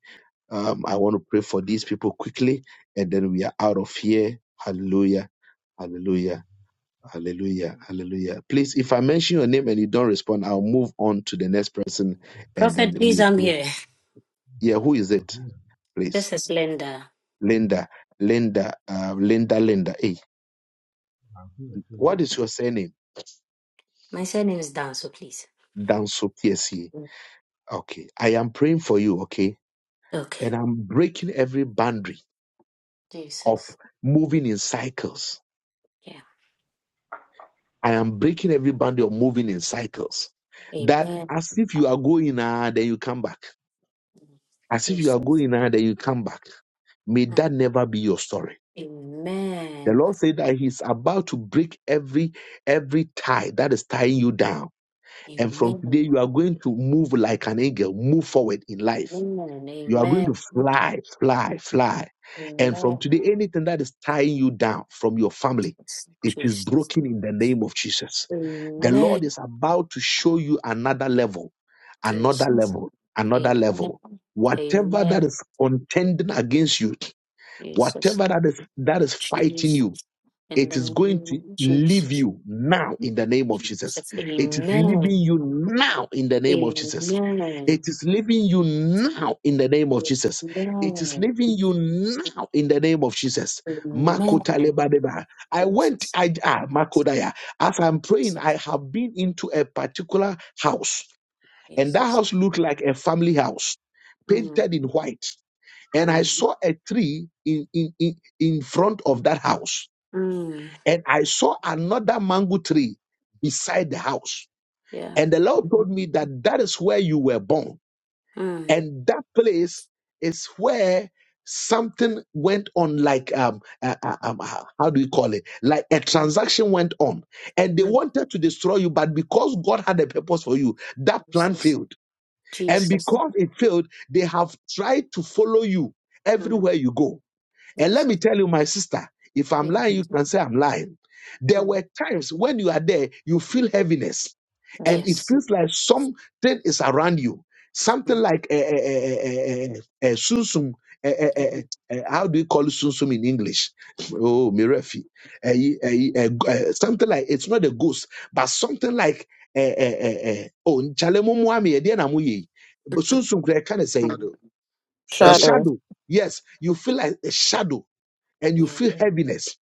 [SPEAKER 1] Um, I want to pray for these people quickly, and then we are out of here. Hallelujah. Hallelujah. Hallelujah. Hallelujah. Please, if I mention your name and you don't respond, I'll move on to the next person and
[SPEAKER 7] Prophet,
[SPEAKER 1] then
[SPEAKER 7] please,
[SPEAKER 1] we
[SPEAKER 7] I'm
[SPEAKER 1] will.
[SPEAKER 7] here.
[SPEAKER 1] Yeah, who is it? Please.
[SPEAKER 7] This is Linda.
[SPEAKER 1] Linda. Linda. Uh, Linda. Linda. Hey, what is your surname?
[SPEAKER 7] My surname is down, so please.
[SPEAKER 1] Danso PSE.
[SPEAKER 7] Mm.
[SPEAKER 1] Okay. I am praying for you, okay?
[SPEAKER 7] Okay.
[SPEAKER 1] and I'm breaking every boundary of
[SPEAKER 7] Jesus.
[SPEAKER 1] moving in cycles.
[SPEAKER 7] Yeah.
[SPEAKER 1] I am breaking every boundary of moving in cycles. That
[SPEAKER 7] Amen.
[SPEAKER 1] as if you are going ah, then you come back. As if you are
[SPEAKER 7] Jesus.
[SPEAKER 1] going ah, then you come back. May that
[SPEAKER 7] Mm.
[SPEAKER 1] never be your story. The
[SPEAKER 7] Amen.
[SPEAKER 1] Lord said that He's about to break every every tie that is tying you down. And from today,
[SPEAKER 7] Amen.
[SPEAKER 1] you are going to move like an eagle, move forward in life
[SPEAKER 7] Amen.
[SPEAKER 1] You are going to
[SPEAKER 7] Amen.
[SPEAKER 1] fly, fly, fly. And from
[SPEAKER 7] Amen.
[SPEAKER 1] today, anything that is tying you down from your family, it is
[SPEAKER 7] Jesus.
[SPEAKER 1] broken in the name of Jesus. The Lord
[SPEAKER 7] Amen.
[SPEAKER 1] is about to show you another level, another
[SPEAKER 7] Jesus.
[SPEAKER 1] level, another level.
[SPEAKER 7] Amen.
[SPEAKER 1] Whatever that
[SPEAKER 7] Amen.
[SPEAKER 1] is contending against you,
[SPEAKER 7] Jesus.
[SPEAKER 1] whatever that is that is fighting
[SPEAKER 7] Jesus.
[SPEAKER 1] you,
[SPEAKER 7] In
[SPEAKER 1] it
[SPEAKER 7] the
[SPEAKER 1] is
[SPEAKER 7] name
[SPEAKER 1] going to
[SPEAKER 7] of
[SPEAKER 1] leave
[SPEAKER 7] Jesus.
[SPEAKER 1] you now in the name of Jesus.
[SPEAKER 7] Jesus.
[SPEAKER 1] It is leaving
[SPEAKER 7] Amen.
[SPEAKER 1] you now in the name of Jesus.
[SPEAKER 7] Amen.
[SPEAKER 1] It is leaving you now in the name of
[SPEAKER 7] Amen.
[SPEAKER 1] Jesus. It is leaving you now in the name of Jesus.
[SPEAKER 7] Amen.
[SPEAKER 1] Makota lebadeba. I went,
[SPEAKER 7] Jesus.
[SPEAKER 1] I, ah, Makodaya. As I'm praying,
[SPEAKER 7] Jesus.
[SPEAKER 1] I have been into a particular house, and that
[SPEAKER 7] Jesus.
[SPEAKER 1] house looked like a family house,
[SPEAKER 7] Mm,
[SPEAKER 1] painted in white. And I
[SPEAKER 7] mm,
[SPEAKER 1] saw a tree in, in, in, in front of that house
[SPEAKER 7] mm.
[SPEAKER 1] and I saw another mango tree beside the house.
[SPEAKER 7] Yeah.
[SPEAKER 1] And the Lord
[SPEAKER 7] Mm.
[SPEAKER 1] told me that that is where you were born.
[SPEAKER 7] mm,
[SPEAKER 1] And that place is where something went on, like, um, uh, uh, um, uh, how do you call it? Like a transaction went on. And they wanted to destroy you, but because God had a purpose for you, that plan
[SPEAKER 7] Jesus.
[SPEAKER 1] failed. And
[SPEAKER 7] Jesus.
[SPEAKER 1] because it failed, they have tried to follow you
[SPEAKER 7] Mm,
[SPEAKER 1] everywhere you go. And let
[SPEAKER 7] Jesus.
[SPEAKER 1] me tell you, my sister, if I'm
[SPEAKER 7] Mm,
[SPEAKER 1] lying, you can say I'm lying. There
[SPEAKER 7] mm.
[SPEAKER 1] were times when you are there, you feel heaviness, and it
[SPEAKER 7] Yes.
[SPEAKER 1] feels like something is around you. Something
[SPEAKER 7] Mm,
[SPEAKER 1] like a, a, a, a, sunsum. eh, eh, eh, eh,
[SPEAKER 7] mm,
[SPEAKER 1] eh, how do you call it sunsum in English? [LAUGHS] Oh, mirefi. Eh, ye- eh, ye- eh, g- eh, something like it's not a ghost, but something like eh, eh, eh, eh, oh, nchale mu mu ami, eh, deɛ na mo yɛ yi? But sunsum, kind of saying
[SPEAKER 7] mm.
[SPEAKER 8] Shadow.
[SPEAKER 1] a
[SPEAKER 8] Shadow.
[SPEAKER 9] shadow.
[SPEAKER 1] shadow. Yes, you feel like a shadow and you
[SPEAKER 7] Yeah.
[SPEAKER 1] feel heaviness.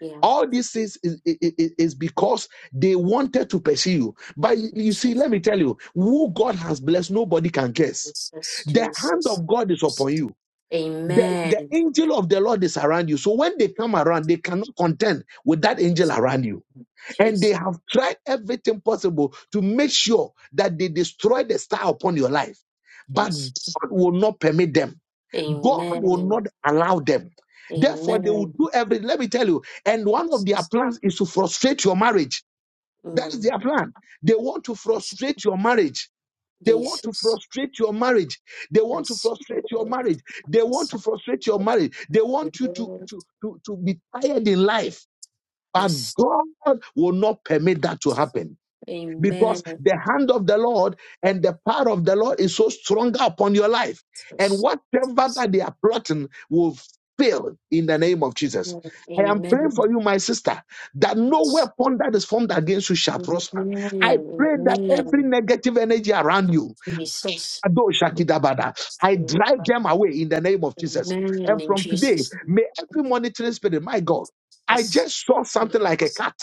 [SPEAKER 7] Yeah.
[SPEAKER 1] All these things is, is, is because they wanted to pursue you. But you see,
[SPEAKER 7] Jesus.
[SPEAKER 1] let me tell you, who God has blessed, nobody can guess.
[SPEAKER 7] Jesus.
[SPEAKER 1] The hand
[SPEAKER 7] Jesus.
[SPEAKER 1] of God is upon
[SPEAKER 7] Jesus.
[SPEAKER 1] you. The, the
[SPEAKER 7] Amen.
[SPEAKER 1] angel of the Lord is around you. So when they come around, they cannot contend with that angel
[SPEAKER 7] Jesus.
[SPEAKER 1] around you. And
[SPEAKER 7] Jesus.
[SPEAKER 1] they have tried everything possible to make sure that they destroy the star upon your life. But
[SPEAKER 7] Jesus.
[SPEAKER 1] God will not permit them. God will
[SPEAKER 7] Amen.
[SPEAKER 1] not allow them. Therefore, they
[SPEAKER 7] Amen.
[SPEAKER 1] will do everything. Let me tell you. And one of their
[SPEAKER 7] Jesus.
[SPEAKER 1] plans is to frustrate your marriage. That is
[SPEAKER 7] Mm.
[SPEAKER 1] their plan. They want to frustrate your marriage. They want to
[SPEAKER 7] Jesus.
[SPEAKER 1] frustrate your marriage. They want to
[SPEAKER 7] Yes,
[SPEAKER 1] frustrate your
[SPEAKER 7] Lord.
[SPEAKER 1] marriage. They
[SPEAKER 7] Yes,
[SPEAKER 1] want to frustrate your
[SPEAKER 7] Lord.
[SPEAKER 1] marriage. They want you to,
[SPEAKER 7] Amen.
[SPEAKER 1] to, to, to be tired in life. But
[SPEAKER 7] Yes.
[SPEAKER 1] God will not permit that to happen
[SPEAKER 7] Amen.
[SPEAKER 1] because
[SPEAKER 7] Yes.
[SPEAKER 1] the hand of the Lord and the power of the Lord is so stronger upon your life. And whatever
[SPEAKER 7] Yes.
[SPEAKER 1] that they are plotting will fail in the name of Jesus.
[SPEAKER 7] Lord.
[SPEAKER 1] I am praying
[SPEAKER 7] Amen.
[SPEAKER 1] for you, my sister, that no
[SPEAKER 7] Yes.
[SPEAKER 1] weapon that is formed against you shall prosper. I
[SPEAKER 7] Amen.
[SPEAKER 1] pray that every
[SPEAKER 7] Amen.
[SPEAKER 1] negative energy around you,
[SPEAKER 7] Jesus.
[SPEAKER 1] Ado Shakidabada. I drive them away in the name of Jesus.
[SPEAKER 7] Amen.
[SPEAKER 1] And
[SPEAKER 7] In
[SPEAKER 1] from today,
[SPEAKER 7] Jesus.
[SPEAKER 1] may every monitoring spirit, my God, I
[SPEAKER 7] Yes.
[SPEAKER 1] just saw something like a
[SPEAKER 7] Yes.
[SPEAKER 1] cat,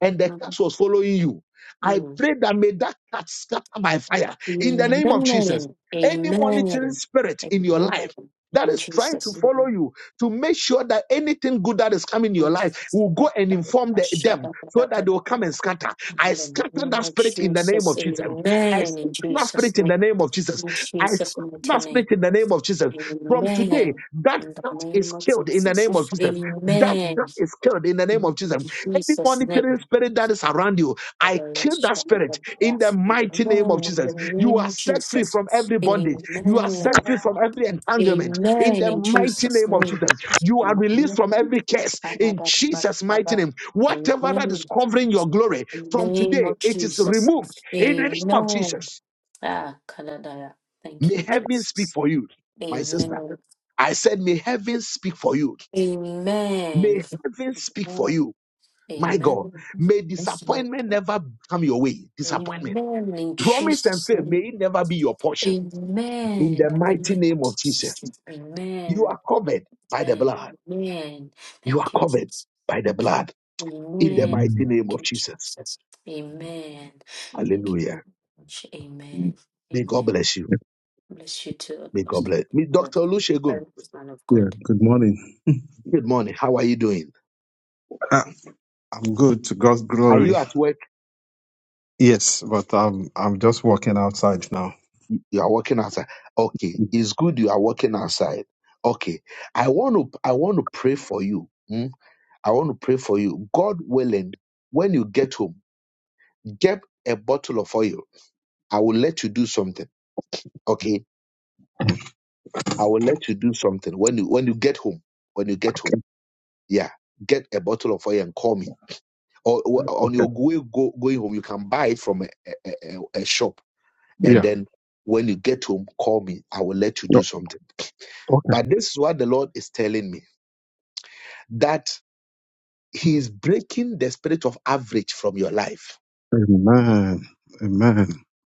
[SPEAKER 1] and the cat
[SPEAKER 7] Mm.
[SPEAKER 1] was following you. I
[SPEAKER 7] Mm.
[SPEAKER 1] pray that may that cat scatter by fire in the name of Jesus.
[SPEAKER 7] Amen.
[SPEAKER 1] Any
[SPEAKER 7] Amen.
[SPEAKER 1] monitoring spirit in your
[SPEAKER 7] Amen.
[SPEAKER 1] life that
[SPEAKER 7] In
[SPEAKER 1] is trying to
[SPEAKER 7] Jesus.
[SPEAKER 1] follow
[SPEAKER 7] name.
[SPEAKER 1] you to make sure that anything good that is coming in your
[SPEAKER 7] Lord
[SPEAKER 1] life will go and inform the- them so that they will come and scatter. I scatter that spirit in the name
[SPEAKER 7] Jesus,
[SPEAKER 1] of Jesus. I
[SPEAKER 7] amen. In
[SPEAKER 1] scatter that
[SPEAKER 7] Jesus'
[SPEAKER 1] spirit in
[SPEAKER 7] name,
[SPEAKER 1] the name of Jesus.
[SPEAKER 7] in
[SPEAKER 1] I
[SPEAKER 7] Jesus'
[SPEAKER 1] scrap
[SPEAKER 7] mighty
[SPEAKER 1] that spirit
[SPEAKER 7] name,
[SPEAKER 1] in the name of Jesus. From today,
[SPEAKER 7] amen.
[SPEAKER 1] that
[SPEAKER 7] In the
[SPEAKER 1] cat is
[SPEAKER 7] name of
[SPEAKER 1] killed in the name of
[SPEAKER 7] Jesus,
[SPEAKER 1] Jesus. That
[SPEAKER 7] amen.
[SPEAKER 1] cat is killed in the name of
[SPEAKER 7] In
[SPEAKER 1] Jesus. Any
[SPEAKER 7] Jesus'
[SPEAKER 1] monitoring
[SPEAKER 7] name.
[SPEAKER 1] spirit that is around you, I
[SPEAKER 7] Amen.
[SPEAKER 1] kill that spirit in the
[SPEAKER 7] In
[SPEAKER 1] mighty name of Jesus.
[SPEAKER 7] the
[SPEAKER 1] You
[SPEAKER 7] name
[SPEAKER 1] are
[SPEAKER 7] of
[SPEAKER 1] set free
[SPEAKER 7] Jesus,
[SPEAKER 1] from every bondage. You are
[SPEAKER 7] amen.
[SPEAKER 1] set free from every entanglement in
[SPEAKER 7] Amen.
[SPEAKER 1] the
[SPEAKER 7] In
[SPEAKER 1] mighty
[SPEAKER 7] Jesus'
[SPEAKER 1] name of
[SPEAKER 7] name,
[SPEAKER 1] Jesus. You are released from every curse in Jesus'
[SPEAKER 7] amen.
[SPEAKER 1] mighty name. Whatever that
[SPEAKER 7] Amen.
[SPEAKER 1] is covering your glory
[SPEAKER 7] In the
[SPEAKER 1] from
[SPEAKER 7] name
[SPEAKER 1] today,
[SPEAKER 7] of
[SPEAKER 1] it is
[SPEAKER 7] Jesus.
[SPEAKER 1] removed in the name of
[SPEAKER 7] Amen.
[SPEAKER 1] Jesus.
[SPEAKER 7] Ah, Kanadaya. Thank
[SPEAKER 1] May
[SPEAKER 7] you,
[SPEAKER 1] heaven speak
[SPEAKER 7] Jesus.
[SPEAKER 1] for you, my sister.
[SPEAKER 7] Amen.
[SPEAKER 1] I said, May heaven speak for you.
[SPEAKER 7] Amen.
[SPEAKER 1] May heaven speak for you, my
[SPEAKER 7] Amen.
[SPEAKER 1] God. May
[SPEAKER 7] Yes, Lord.
[SPEAKER 1] disappointment never come your way. Disappointment.
[SPEAKER 7] Amen. In
[SPEAKER 1] Promise and
[SPEAKER 7] Jesus'
[SPEAKER 1] faith, may
[SPEAKER 7] name.
[SPEAKER 1] it never be your portion. In
[SPEAKER 7] Amen. In
[SPEAKER 1] the
[SPEAKER 7] the
[SPEAKER 1] mighty
[SPEAKER 7] name of
[SPEAKER 1] name of Jesus,
[SPEAKER 7] Jesus.
[SPEAKER 1] you
[SPEAKER 7] Amen.
[SPEAKER 1] are covered by the
[SPEAKER 7] Amen.
[SPEAKER 1] blood.
[SPEAKER 7] Amen.
[SPEAKER 1] You are
[SPEAKER 7] Thank you,
[SPEAKER 1] covered
[SPEAKER 7] Jesus.
[SPEAKER 1] by the blood. In the
[SPEAKER 7] Amen.
[SPEAKER 1] mighty name
[SPEAKER 7] Thank
[SPEAKER 1] of
[SPEAKER 7] you,
[SPEAKER 1] Jesus.
[SPEAKER 7] Jesus. Amen. Thank you.
[SPEAKER 1] Hallelujah.
[SPEAKER 7] very much. Amen.
[SPEAKER 1] May
[SPEAKER 7] Amen.
[SPEAKER 1] God bless you.
[SPEAKER 7] Bless you too,
[SPEAKER 1] May God
[SPEAKER 7] Apostle.
[SPEAKER 1] bless. Dr.
[SPEAKER 7] Thank you
[SPEAKER 1] Olusegun,
[SPEAKER 7] very much, man of God.
[SPEAKER 10] Yeah, good morning.
[SPEAKER 1] good morning. How are you doing?
[SPEAKER 10] Ah, I'm good to God's
[SPEAKER 1] Are you
[SPEAKER 10] glory.
[SPEAKER 1] at work?
[SPEAKER 10] Yes, but I'm I'm just walking outside now.
[SPEAKER 1] You are working outside. Okay, it's good you are working outside. Okay, I want to I want to pray for you. mm. I want to pray for you. God willing, when you get home, get a bottle of oil. I will let you do something. Okay, I will let you do something when you when you get home. When you get home,
[SPEAKER 10] Okay.
[SPEAKER 1] yeah, get a bottle of oil and call me. Or, or on your way go, going home, you can buy it from a, a, a a shop, and
[SPEAKER 10] Yeah.
[SPEAKER 1] then when you get home, call me. I will let you do something. But this is what the Lord is telling me. that he is breaking the spirit of average from your life.
[SPEAKER 10] Amen. Amen.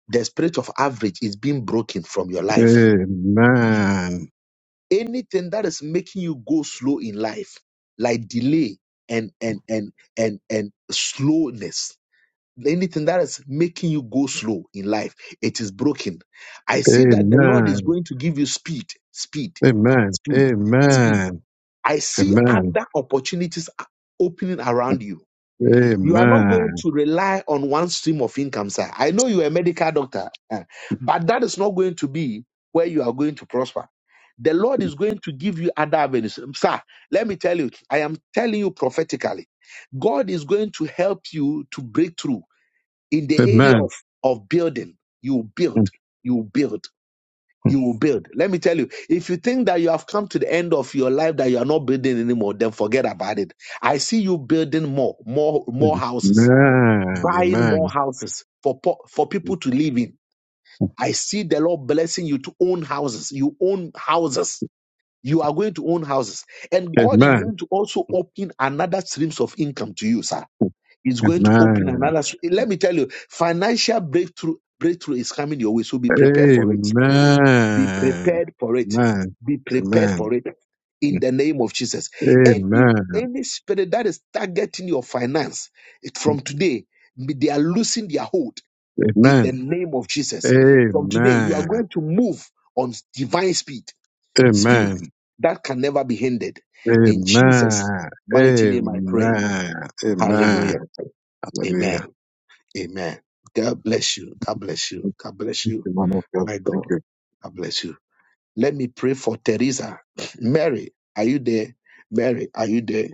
[SPEAKER 1] The spirit of average is being broken from your life.
[SPEAKER 10] Amen.
[SPEAKER 1] Anything that is making you go slow in life, like delay and and and and and slowness, anything that is making you go slow in life, it is broken. I see that the Lord is
[SPEAKER 10] Amen.
[SPEAKER 1] going to give you speed, speed,
[SPEAKER 10] Amen.
[SPEAKER 1] speed, speed.
[SPEAKER 10] Amen.
[SPEAKER 1] I see
[SPEAKER 10] Amen. Amen.
[SPEAKER 1] other opportunities opening around you. You are not going to rely on one stream of income, sir. I know you're a medical doctor, eh, but that is not going to be where you are going to prosper. The Lord is going to give you other avenues. Sir, let me tell you, I am telling you prophetically, God is going to help you to break through in
[SPEAKER 10] Amen. Amen.
[SPEAKER 1] the area of, of building. You build, you build, you build. Let me tell you, if you think that you have come to the end of your life that you are not building anymore, then forget about it. I see you building more, more, more
[SPEAKER 10] Amen.
[SPEAKER 1] houses
[SPEAKER 10] Amen.
[SPEAKER 1] buying
[SPEAKER 10] Amen.
[SPEAKER 1] more houses for po- for people to live in. I see the Lord blessing you to own houses. You own houses. You are going to own houses, and God is
[SPEAKER 10] Amen.
[SPEAKER 1] going to also open another streams of income to you, sir. He's going to open
[SPEAKER 10] Amen.
[SPEAKER 1] another. Let me tell you, financial breakthrough breakthrough is coming your way. So be prepared for it. Be prepared for it. Be prepared for it. In the name of Jesus, any
[SPEAKER 10] Amen.
[SPEAKER 1] any spirit that is targeting your finance it- from today, they are losing their hold in
[SPEAKER 10] Amen. Amen.
[SPEAKER 1] the name of Jesus. From today, you are
[SPEAKER 10] Amen.
[SPEAKER 1] going to move on divine speed, speed
[SPEAKER 10] Amen.
[SPEAKER 1] that can never be hindered. In Jesus'
[SPEAKER 10] Amen.
[SPEAKER 1] mighty name, I pray.
[SPEAKER 10] Amen. Amen.
[SPEAKER 1] Hallelujah.
[SPEAKER 10] Hallelujah.
[SPEAKER 1] Amen. Amen. God bless you. God bless you. God bless
[SPEAKER 10] Thank
[SPEAKER 1] you.
[SPEAKER 10] you, man of God.
[SPEAKER 1] My
[SPEAKER 10] Thank you.
[SPEAKER 1] God. God bless you. Let me pray for Teresa. Mary, are you there? Mary, are you there?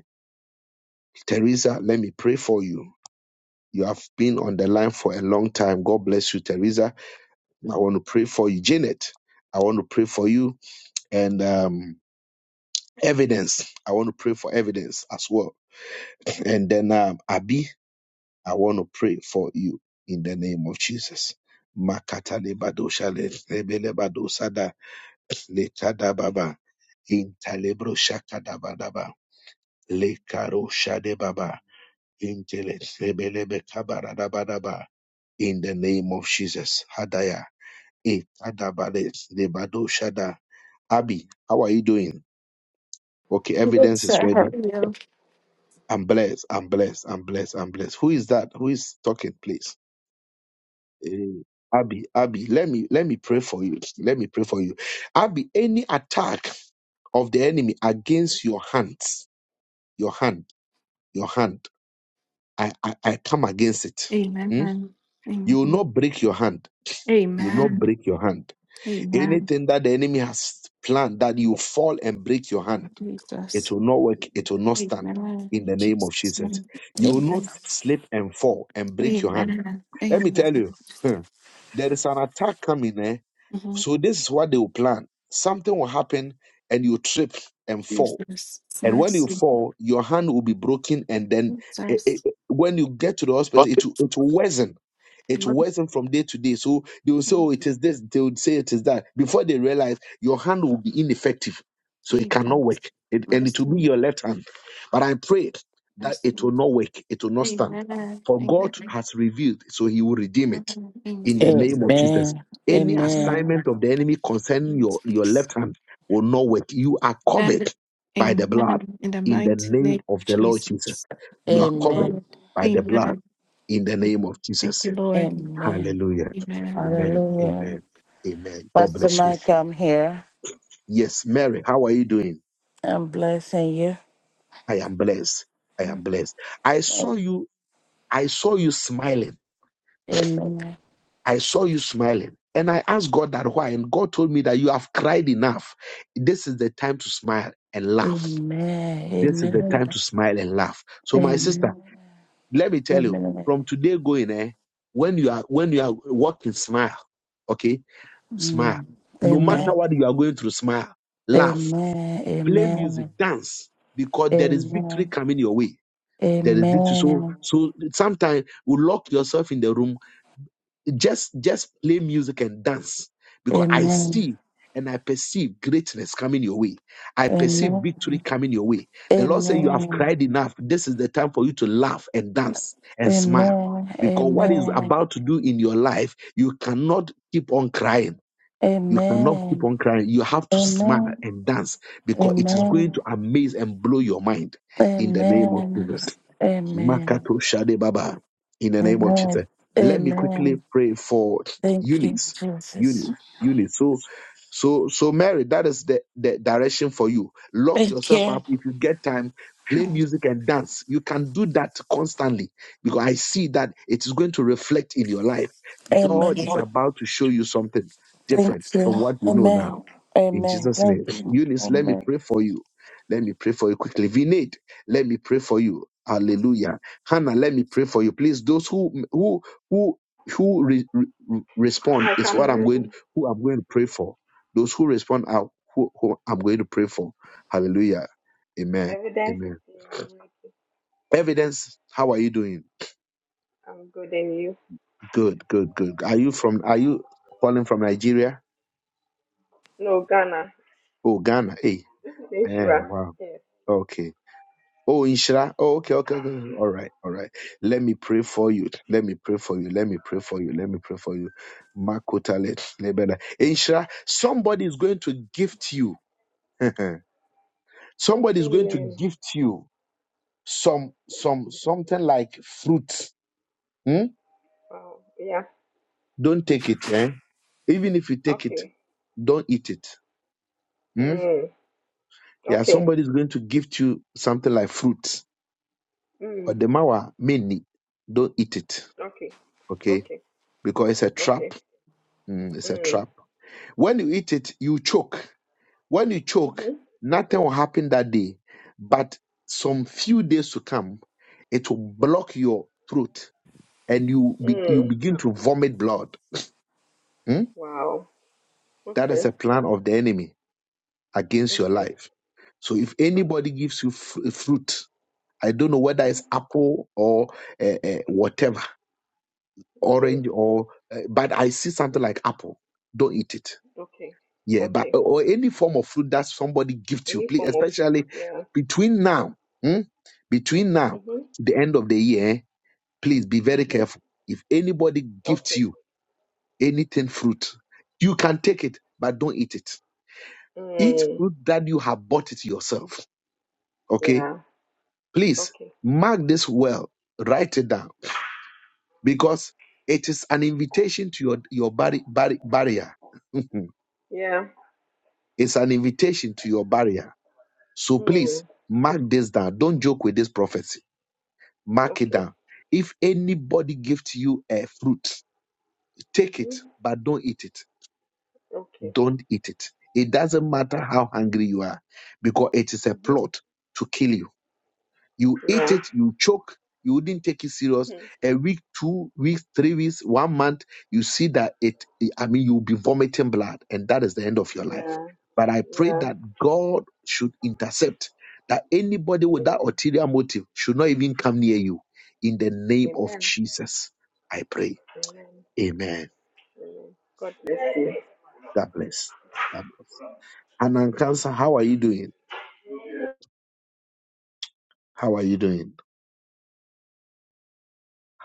[SPEAKER 1] Teresa, let me pray for you. You have been on the line for a long time. God bless you, Teresa. I want to pray for you, Janet. I want to pray for you and um, evidence. I want to pray for evidence as well. [CLEARS THROAT] And then um, Abi, I want to pray for you in the name of Jesus. Makata lebadosha le- lebelebadosha da lekada baba intalebro shakada badaba lekaro shade baba intele lebelebe kabara daba in the name of Jesus. Hadaya. Ekadabale lebadosha da Abby, how are you doing? Okay, evidence
[SPEAKER 11] This
[SPEAKER 1] is
[SPEAKER 11] I
[SPEAKER 1] ready.
[SPEAKER 11] hurt you.
[SPEAKER 1] I'm blessed. I'm blessed. I'm blessed. I'm blessed. Who is that? Who is talking, please? Eh, Abby, Abby, let me let me pray for you. Let me pray for you. Abby, any attack of the enemy against your hands, your hand, your hand, I I, I come against it.
[SPEAKER 11] Amen.
[SPEAKER 1] Hmm? You will
[SPEAKER 11] Amen.
[SPEAKER 1] not break your hand. You will not
[SPEAKER 11] Amen.
[SPEAKER 1] break your hand.
[SPEAKER 11] Amen.
[SPEAKER 1] Anything that the enemy has planned that you fall and break your hand. It
[SPEAKER 11] Jesus.
[SPEAKER 1] will not work. It will not stand
[SPEAKER 11] Amen.
[SPEAKER 1] in
[SPEAKER 11] In
[SPEAKER 1] the name of
[SPEAKER 11] Jesus'
[SPEAKER 1] Jesus.
[SPEAKER 11] name.
[SPEAKER 1] You will
[SPEAKER 12] Amen.
[SPEAKER 1] not
[SPEAKER 11] Amen.
[SPEAKER 1] slip and fall and break your hand.
[SPEAKER 11] Amen.
[SPEAKER 1] Let me
[SPEAKER 11] Amen.
[SPEAKER 1] tell you, hmm, there is an attack coming. Eh?
[SPEAKER 11] Mhm.
[SPEAKER 1] So this is what they will plan. Something will happen and you trip and fall
[SPEAKER 11] Jesus.
[SPEAKER 1] and when you
[SPEAKER 11] Mercy.
[SPEAKER 1] fall, your hand will be broken, and then eh, eh,
[SPEAKER 11] Jesus.
[SPEAKER 1] when you get to the hospital, it will, it will worsen. It will
[SPEAKER 11] Mercy.
[SPEAKER 1] worsen from day to day. So they will say, "Oh, it is this." They would say, "It is that." Before they realize, your hand will be ineffective, so it cannot
[SPEAKER 11] Jesus.
[SPEAKER 1] work, it, and it will be
[SPEAKER 11] Mercy.
[SPEAKER 1] your left hand. But I pray that it
[SPEAKER 11] Mercy.
[SPEAKER 1] will not work. It will not stand.
[SPEAKER 11] Amen.
[SPEAKER 1] For
[SPEAKER 11] Amen.
[SPEAKER 1] God has revealed, so He will redeem it
[SPEAKER 11] Amen. In
[SPEAKER 1] in the
[SPEAKER 11] Jesus'
[SPEAKER 1] name of
[SPEAKER 11] name.
[SPEAKER 1] Jesus. Any
[SPEAKER 11] Amen.
[SPEAKER 12] Amen.
[SPEAKER 1] assignment of the enemy concerning your, your
[SPEAKER 11] Jesus.
[SPEAKER 1] left hand will not work. You are
[SPEAKER 11] And
[SPEAKER 1] covered by the blood
[SPEAKER 11] amen. In the
[SPEAKER 1] in
[SPEAKER 11] mighty
[SPEAKER 1] the name
[SPEAKER 11] name
[SPEAKER 1] of
[SPEAKER 11] of
[SPEAKER 1] the Lord
[SPEAKER 11] Jesus.
[SPEAKER 1] Jesus. You are
[SPEAKER 11] Thank you,
[SPEAKER 1] covered
[SPEAKER 12] Amen.
[SPEAKER 11] Lord.
[SPEAKER 1] by the blood
[SPEAKER 11] Amen.
[SPEAKER 1] in the name of
[SPEAKER 11] Thank
[SPEAKER 1] Jesus.
[SPEAKER 11] you, Lord.
[SPEAKER 12] Amen.
[SPEAKER 1] Hallelujah.
[SPEAKER 11] Amen.
[SPEAKER 1] Amen.
[SPEAKER 12] Hallelujah.
[SPEAKER 1] Amen. Amen. God
[SPEAKER 12] Pastor
[SPEAKER 1] bless you.
[SPEAKER 12] Mike, I'm here.
[SPEAKER 1] Yes, Mary, how are you doing?
[SPEAKER 12] I'm blessing you.
[SPEAKER 1] I am blessed. I
[SPEAKER 12] Amen.
[SPEAKER 1] am blessed. I saw you, I saw you smiling.
[SPEAKER 12] Amen.
[SPEAKER 1] I saw you smiling. And I asked God that why, and God told me that you have cried enough. This is the time to smile and laugh. This is the time
[SPEAKER 12] Amen.
[SPEAKER 1] to smile and laugh. So, my sister,
[SPEAKER 12] Amen.
[SPEAKER 1] let me tell you,
[SPEAKER 12] Amen.
[SPEAKER 1] from today going, eh, when you are when you are walking, smile. Okay, smile.
[SPEAKER 12] Mm.
[SPEAKER 1] No matter
[SPEAKER 12] Amen.
[SPEAKER 1] what you are going through, smile, laugh,
[SPEAKER 12] Amen.
[SPEAKER 1] play music, dance, because there is victory
[SPEAKER 12] Amen. Amen.
[SPEAKER 1] coming your way.
[SPEAKER 12] Amen.
[SPEAKER 1] There is victory. So
[SPEAKER 12] Amen.
[SPEAKER 1] so sometimes you lock yourself in the room just just play music and dance because i
[SPEAKER 12] Amen.
[SPEAKER 1] see and i perceive greatness coming your way i perceive victory coming your way the lord said you have cried enough this is the time for you to laugh and dance and
[SPEAKER 12] Amen. Amen.
[SPEAKER 1] smile because what is
[SPEAKER 12] Amen.
[SPEAKER 1] about to do in your life you cannot keep on crying you cannot keep
[SPEAKER 12] Amen.
[SPEAKER 1] on crying you have to smile
[SPEAKER 12] Amen.
[SPEAKER 1] and dance because it is going
[SPEAKER 12] Amen.
[SPEAKER 1] to amaze and blow your mind in the name of
[SPEAKER 12] Amen.
[SPEAKER 1] jesus
[SPEAKER 12] Amen.
[SPEAKER 1] Makato Shade Baba. In the name of
[SPEAKER 12] Amen.
[SPEAKER 1] Jesus. Let me quickly
[SPEAKER 12] Amen.
[SPEAKER 1] pray for
[SPEAKER 12] Thank you,
[SPEAKER 1] Eunice.
[SPEAKER 12] Jesus.
[SPEAKER 1] Eunice. Eunice. So so so Mary, that is the, the direction for you. Lock
[SPEAKER 12] Thank
[SPEAKER 1] yourself
[SPEAKER 12] you.
[SPEAKER 1] up. If you get time, play music and dance. You can do that constantly because I see that it is going to reflect in your life. God is
[SPEAKER 12] Amen.
[SPEAKER 1] about to show you something
[SPEAKER 12] Thank
[SPEAKER 1] different from
[SPEAKER 12] you.
[SPEAKER 1] what you know
[SPEAKER 12] Amen.
[SPEAKER 1] now. In
[SPEAKER 12] Amen.
[SPEAKER 1] Jesus' name.
[SPEAKER 12] Thank you.
[SPEAKER 1] Eunice, let me
[SPEAKER 12] Amen.
[SPEAKER 1] pray for you. Let me pray for you quickly. Vinay, let me pray for you Hallelujah. Hannah, let me pray for you. Please, those who who who who re- re- respond
[SPEAKER 13] Like
[SPEAKER 1] is what
[SPEAKER 13] I'm
[SPEAKER 1] I'm going
[SPEAKER 13] ready.
[SPEAKER 1] who I'm going to pray for. Those who respond are who, who I'm going to pray for. Hallelujah. Amen.
[SPEAKER 13] Evidence is
[SPEAKER 1] Amen.
[SPEAKER 13] here. I'm ready.
[SPEAKER 1] Evidence, how are you doing?
[SPEAKER 13] I'm good and you.
[SPEAKER 1] Good, good, good. Are you from are you calling from Nigeria?
[SPEAKER 13] No, Ghana.
[SPEAKER 1] Oh, Ghana. Hey.
[SPEAKER 13] This is
[SPEAKER 1] Man,
[SPEAKER 13] Ishra.
[SPEAKER 1] wow.
[SPEAKER 13] Yes.
[SPEAKER 1] Okay. Oh, Inshra. Oh, okay, okay, okay. okay. All right, all right. Let me pray for you. Let me pray for you. Let me pray for you. Let me pray for you. Makotale lebeda. Inshra, somebody is going to gift you. [LAUGHS] somebody is going to
[SPEAKER 13] Amen.
[SPEAKER 1] gift you some some something like fruit. Hmm?
[SPEAKER 13] Wow. Yeah.
[SPEAKER 1] Don't take it, eh? Even if you take it,
[SPEAKER 13] Okay.
[SPEAKER 1] don't eat it. Hmm?
[SPEAKER 13] Mm.
[SPEAKER 1] Yeah,
[SPEAKER 13] Okay.
[SPEAKER 1] somebody is going to gift you something like fruit. Or
[SPEAKER 13] Mm.
[SPEAKER 1] the mawa mini. Don't eat it.
[SPEAKER 13] Okay.
[SPEAKER 1] Okay?
[SPEAKER 13] Okay.
[SPEAKER 1] Because it's a trap
[SPEAKER 13] Okay.
[SPEAKER 1] Mm, it's a
[SPEAKER 13] Mm.
[SPEAKER 1] trap. When you eat it, you choke. When you choke,
[SPEAKER 13] Mm-hmm.
[SPEAKER 1] nothing will happen that day. But some few days to come, it will block your throat and you be, you
[SPEAKER 13] Mm.
[SPEAKER 1] begin to vomit blood. Mm?
[SPEAKER 13] Wow.
[SPEAKER 1] That is
[SPEAKER 13] Okay.
[SPEAKER 1] a plan of the enemy against your
[SPEAKER 13] Okay.
[SPEAKER 1] life. So if
[SPEAKER 13] Okay.
[SPEAKER 1] anybody gives you fr- fruit, I don't know whether
[SPEAKER 13] Mm-hmm.
[SPEAKER 1] it's apple or uh, uh, whatever,
[SPEAKER 13] Mm.
[SPEAKER 1] orange or, uh, but I see something like apple. Don't eat it
[SPEAKER 13] Okay.
[SPEAKER 1] yeah, but uh,
[SPEAKER 13] Okay.
[SPEAKER 1] or any form of fruit that somebody gives to you,
[SPEAKER 13] Any
[SPEAKER 1] please,
[SPEAKER 13] form of food.
[SPEAKER 1] especially
[SPEAKER 13] Yeah.
[SPEAKER 1] between now, hmm, between now
[SPEAKER 13] Mm-hmm.
[SPEAKER 1] to the end of the year, eh, please be very
[SPEAKER 13] Mm-hmm.
[SPEAKER 1] careful. If anybody gives
[SPEAKER 13] Okay.
[SPEAKER 1] you anything fruit, you can take it, but don't eat it. Eat
[SPEAKER 13] Mm.
[SPEAKER 1] fruit that you have bought it yourself. Okay,
[SPEAKER 13] Yeah.
[SPEAKER 1] please
[SPEAKER 13] Okay.
[SPEAKER 1] mark this well, write it down because it is an invitation to your your barri- barri- barrier. [LAUGHS]
[SPEAKER 13] Yeah.
[SPEAKER 1] it's an invitation to your barrier So please
[SPEAKER 13] Mm.
[SPEAKER 1] mark this down. Don't joke with this prophecy. Mark it
[SPEAKER 13] Okay.
[SPEAKER 1] down. If anybody gives you a fruit, take it,
[SPEAKER 13] Mhm.
[SPEAKER 1] but don't eat it.
[SPEAKER 13] Okay.
[SPEAKER 1] Don't eat it. It doesn't matter
[SPEAKER 13] Okay.
[SPEAKER 1] how hungry you are, because it is a
[SPEAKER 13] Mhm.
[SPEAKER 1] plot to kill you you ate
[SPEAKER 13] Yeah.
[SPEAKER 1] it, you choke, you wouldn't take it serious.
[SPEAKER 13] Hmm.
[SPEAKER 1] A week, two weeks, three weeks, one month, you see that it, I mean, you'll be vomiting blood, and that is the end of your life.
[SPEAKER 13] Yeah.
[SPEAKER 1] But I pray
[SPEAKER 13] Yeah.
[SPEAKER 1] that God should intercept, that anybody with that
[SPEAKER 13] Amen.
[SPEAKER 1] ulterior motive should not even come near you. In the name of
[SPEAKER 13] Amen.
[SPEAKER 1] Jesus, I pray.
[SPEAKER 13] Amen.
[SPEAKER 1] Amen.
[SPEAKER 13] Amen. God bless you.
[SPEAKER 1] God bless. God bless. Hanan Cancer, how are you doing? How are you doing?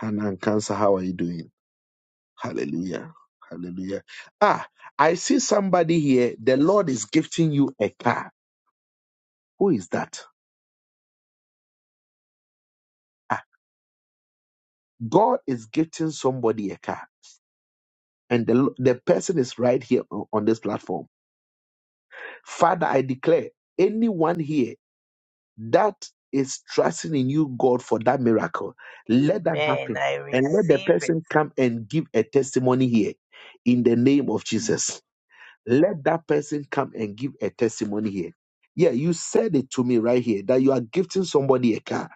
[SPEAKER 1] Hanan Cancer, how are you doing? Hallelujah. Hallelujah. Ah, I see somebody here. The Lord is gifting you a car. Who is that? Ah, God is gifting somebody a car. And the, the person is right here on, on this platform. Father, I declare anyone here that is trusting in you, God, for that miracle, let that
[SPEAKER 4] Amen.
[SPEAKER 1] happen.
[SPEAKER 4] I
[SPEAKER 1] And let the
[SPEAKER 4] receive it.
[SPEAKER 1] person come and give a testimony here in the name of Jesus. Let that person come and give a testimony here. Yeah, you said it to me right here that you are gifting somebody a car.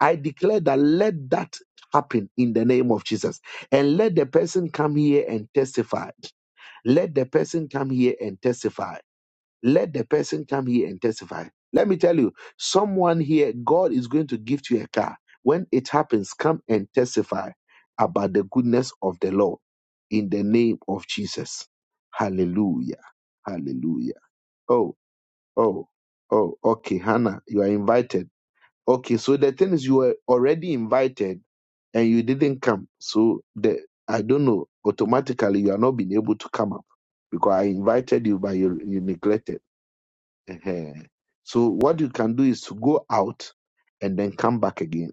[SPEAKER 1] I declare that let that happen in the name of Jesus. And let the person come here and testify. Let the person come here and testify let the person come here and testify. Let me tell you, someone here, God is going to gift you a car. When it happens, come and testify about the goodness of the Lord in the name of Jesus. Hallelujah. Hallelujah. Oh, oh, oh, okay, Hannah, you are invited. Okay, so the thing is, you were already invited and you didn't come. So the I don't know, automatically you are not being able to come up because I invited you, but you, you neglected. Uh-huh. So what you can do is to go out and then come back again.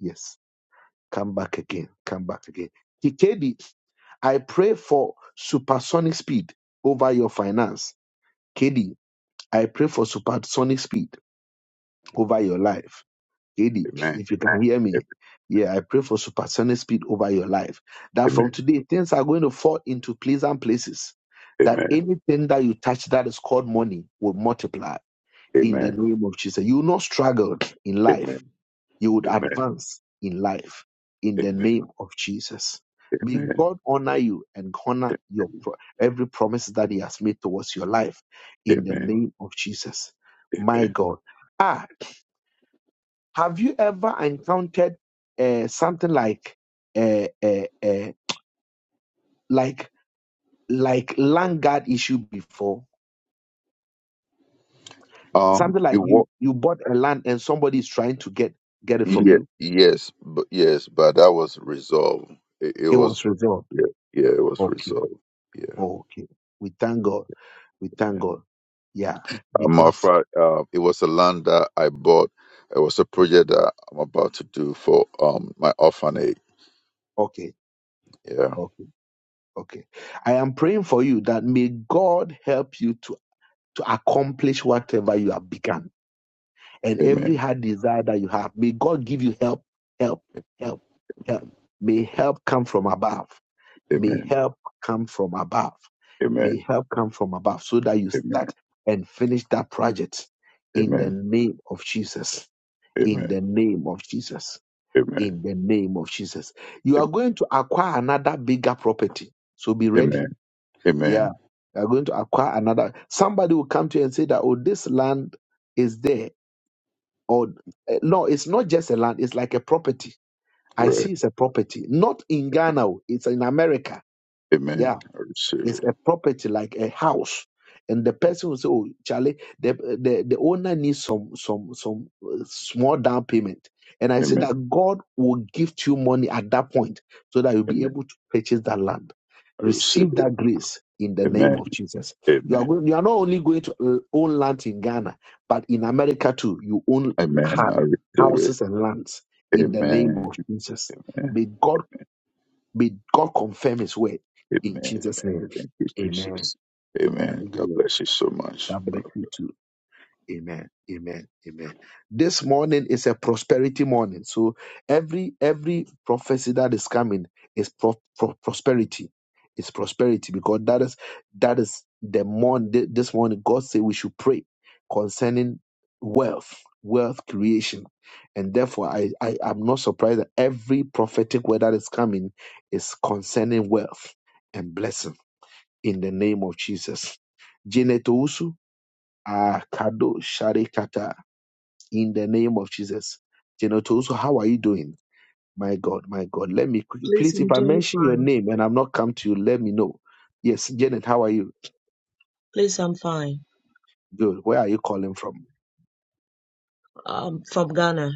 [SPEAKER 1] Yes, come back again, come back again. KD, I pray for supersonic speed over your finance. KD, I pray for supersonic speed over your life. KD,
[SPEAKER 8] Amen.
[SPEAKER 1] if you can hear me,
[SPEAKER 8] Amen.
[SPEAKER 1] yeah, I pray for supersonic speed over your life. That from
[SPEAKER 8] Amen.
[SPEAKER 1] today, things are going to fall into pleasant places. That
[SPEAKER 8] Amen.
[SPEAKER 1] anything that you touch that is called money will multiply in the
[SPEAKER 8] Amen.
[SPEAKER 1] name of Jesus. You will not struggle in
[SPEAKER 8] Amen.
[SPEAKER 1] life. You would
[SPEAKER 8] Amen.
[SPEAKER 1] advance in life in the name of Jesus. May
[SPEAKER 8] Amen.
[SPEAKER 1] God honor you and honor your pro- every promise that He has made towards your life in the
[SPEAKER 8] Amen.
[SPEAKER 1] name of Jesus. My
[SPEAKER 8] Amen.
[SPEAKER 1] God. Ah, have you ever encountered uh, something like uh, uh, uh, like like land guard issue before?
[SPEAKER 8] Um,
[SPEAKER 1] Something
[SPEAKER 8] it
[SPEAKER 1] like you
[SPEAKER 8] was
[SPEAKER 1] you bought a land and somebody is trying to get get it from
[SPEAKER 8] yeah,
[SPEAKER 1] you.
[SPEAKER 8] yes, but yes, but that was resolved. It, it
[SPEAKER 1] It was
[SPEAKER 8] was
[SPEAKER 1] resolved
[SPEAKER 8] yeah, yeah, it was
[SPEAKER 1] Okay.
[SPEAKER 8] resolved. Yeah.
[SPEAKER 1] Okay. We thank God. We thank God. Yeah.
[SPEAKER 8] Um, my
[SPEAKER 1] Because,
[SPEAKER 8] fri- uh, it was a land that I bought. It was a project that I'm about to do for um my orphanage.
[SPEAKER 1] okay.
[SPEAKER 8] Yeah.
[SPEAKER 1] Okay. Okay. I am praying for you that may God help you to, to accomplish whatever you have begun and every
[SPEAKER 8] Amen.
[SPEAKER 1] hard desire that you have. May God give you help, help, help, help. May help come from above. May
[SPEAKER 8] Amen.
[SPEAKER 1] help come from above. May
[SPEAKER 8] Amen.
[SPEAKER 1] help come from above so that you
[SPEAKER 8] Amen.
[SPEAKER 1] start and finish that project in the
[SPEAKER 8] Amen.
[SPEAKER 1] name of Jesus. In
[SPEAKER 8] Amen.
[SPEAKER 1] the name of Jesus
[SPEAKER 8] Amen.
[SPEAKER 1] in the name of Jesus. You are going to acquire another bigger property. So be
[SPEAKER 8] Amen.
[SPEAKER 1] ready. Yeah.
[SPEAKER 8] Amen.
[SPEAKER 1] You are going to acquire another. Somebody will come to you and say that, oh, this land is there. Or eh, no, it's not just a land, it's like a property. I
[SPEAKER 8] Right.
[SPEAKER 1] see it's a property. Not in Ghana, oh, it's in America.
[SPEAKER 8] Amen.
[SPEAKER 1] Yeah.
[SPEAKER 8] I receive
[SPEAKER 1] It's
[SPEAKER 8] it.
[SPEAKER 1] a property like a house. And the person will say, "Oh, Charlie, the the, the owner needs some some some uh, small down payment." And I say
[SPEAKER 8] Amen.
[SPEAKER 1] that God will give to you money at that point, so that you'll be
[SPEAKER 8] Amen.
[SPEAKER 1] able to purchase that land.
[SPEAKER 8] I receive
[SPEAKER 1] Receive
[SPEAKER 8] it.
[SPEAKER 1] that grace in the name
[SPEAKER 8] Amen.
[SPEAKER 1] of Jesus. You are
[SPEAKER 8] Amen.
[SPEAKER 1] going, you are not only going to uh, own land in Ghana, but in America too. You own
[SPEAKER 8] Amen.
[SPEAKER 1] ha-
[SPEAKER 8] I receive it.
[SPEAKER 1] houses and lands in the name
[SPEAKER 8] Amen.
[SPEAKER 1] of Jesus.
[SPEAKER 8] Amen.
[SPEAKER 1] May God May God confirm His word in
[SPEAKER 8] Amen.
[SPEAKER 1] Jesus' name.
[SPEAKER 8] Thank you,
[SPEAKER 1] Amen.
[SPEAKER 8] Jesus. Amen. God
[SPEAKER 1] Hallelujah.
[SPEAKER 8] bless you so much.
[SPEAKER 1] God bless you too. Amen. Amen. Amen. This morning is a prosperity morning. So every every prophecy that is coming is pro- pro- prosperity. It's prosperity because that is that is the morning this morning God said we should pray concerning wealth, wealth creation. And therefore I, I am not surprised that every prophetic word that is coming is concerning wealth and blessing in the name of Jesus. Janet Owusu, Ah, Kado Sharikata, in the name of Jesus. Genotoso, how are you doing? My God, my God. Let me quickly,
[SPEAKER 14] Please,
[SPEAKER 1] please,
[SPEAKER 14] I'm
[SPEAKER 1] if I
[SPEAKER 14] doing
[SPEAKER 1] mention your
[SPEAKER 14] fine.
[SPEAKER 1] name and I'm not come to you, let me know. Yes, Janet, how are you?
[SPEAKER 14] Please, I'm fine.
[SPEAKER 1] Good. Where are you calling from?
[SPEAKER 14] Um, from Ghana.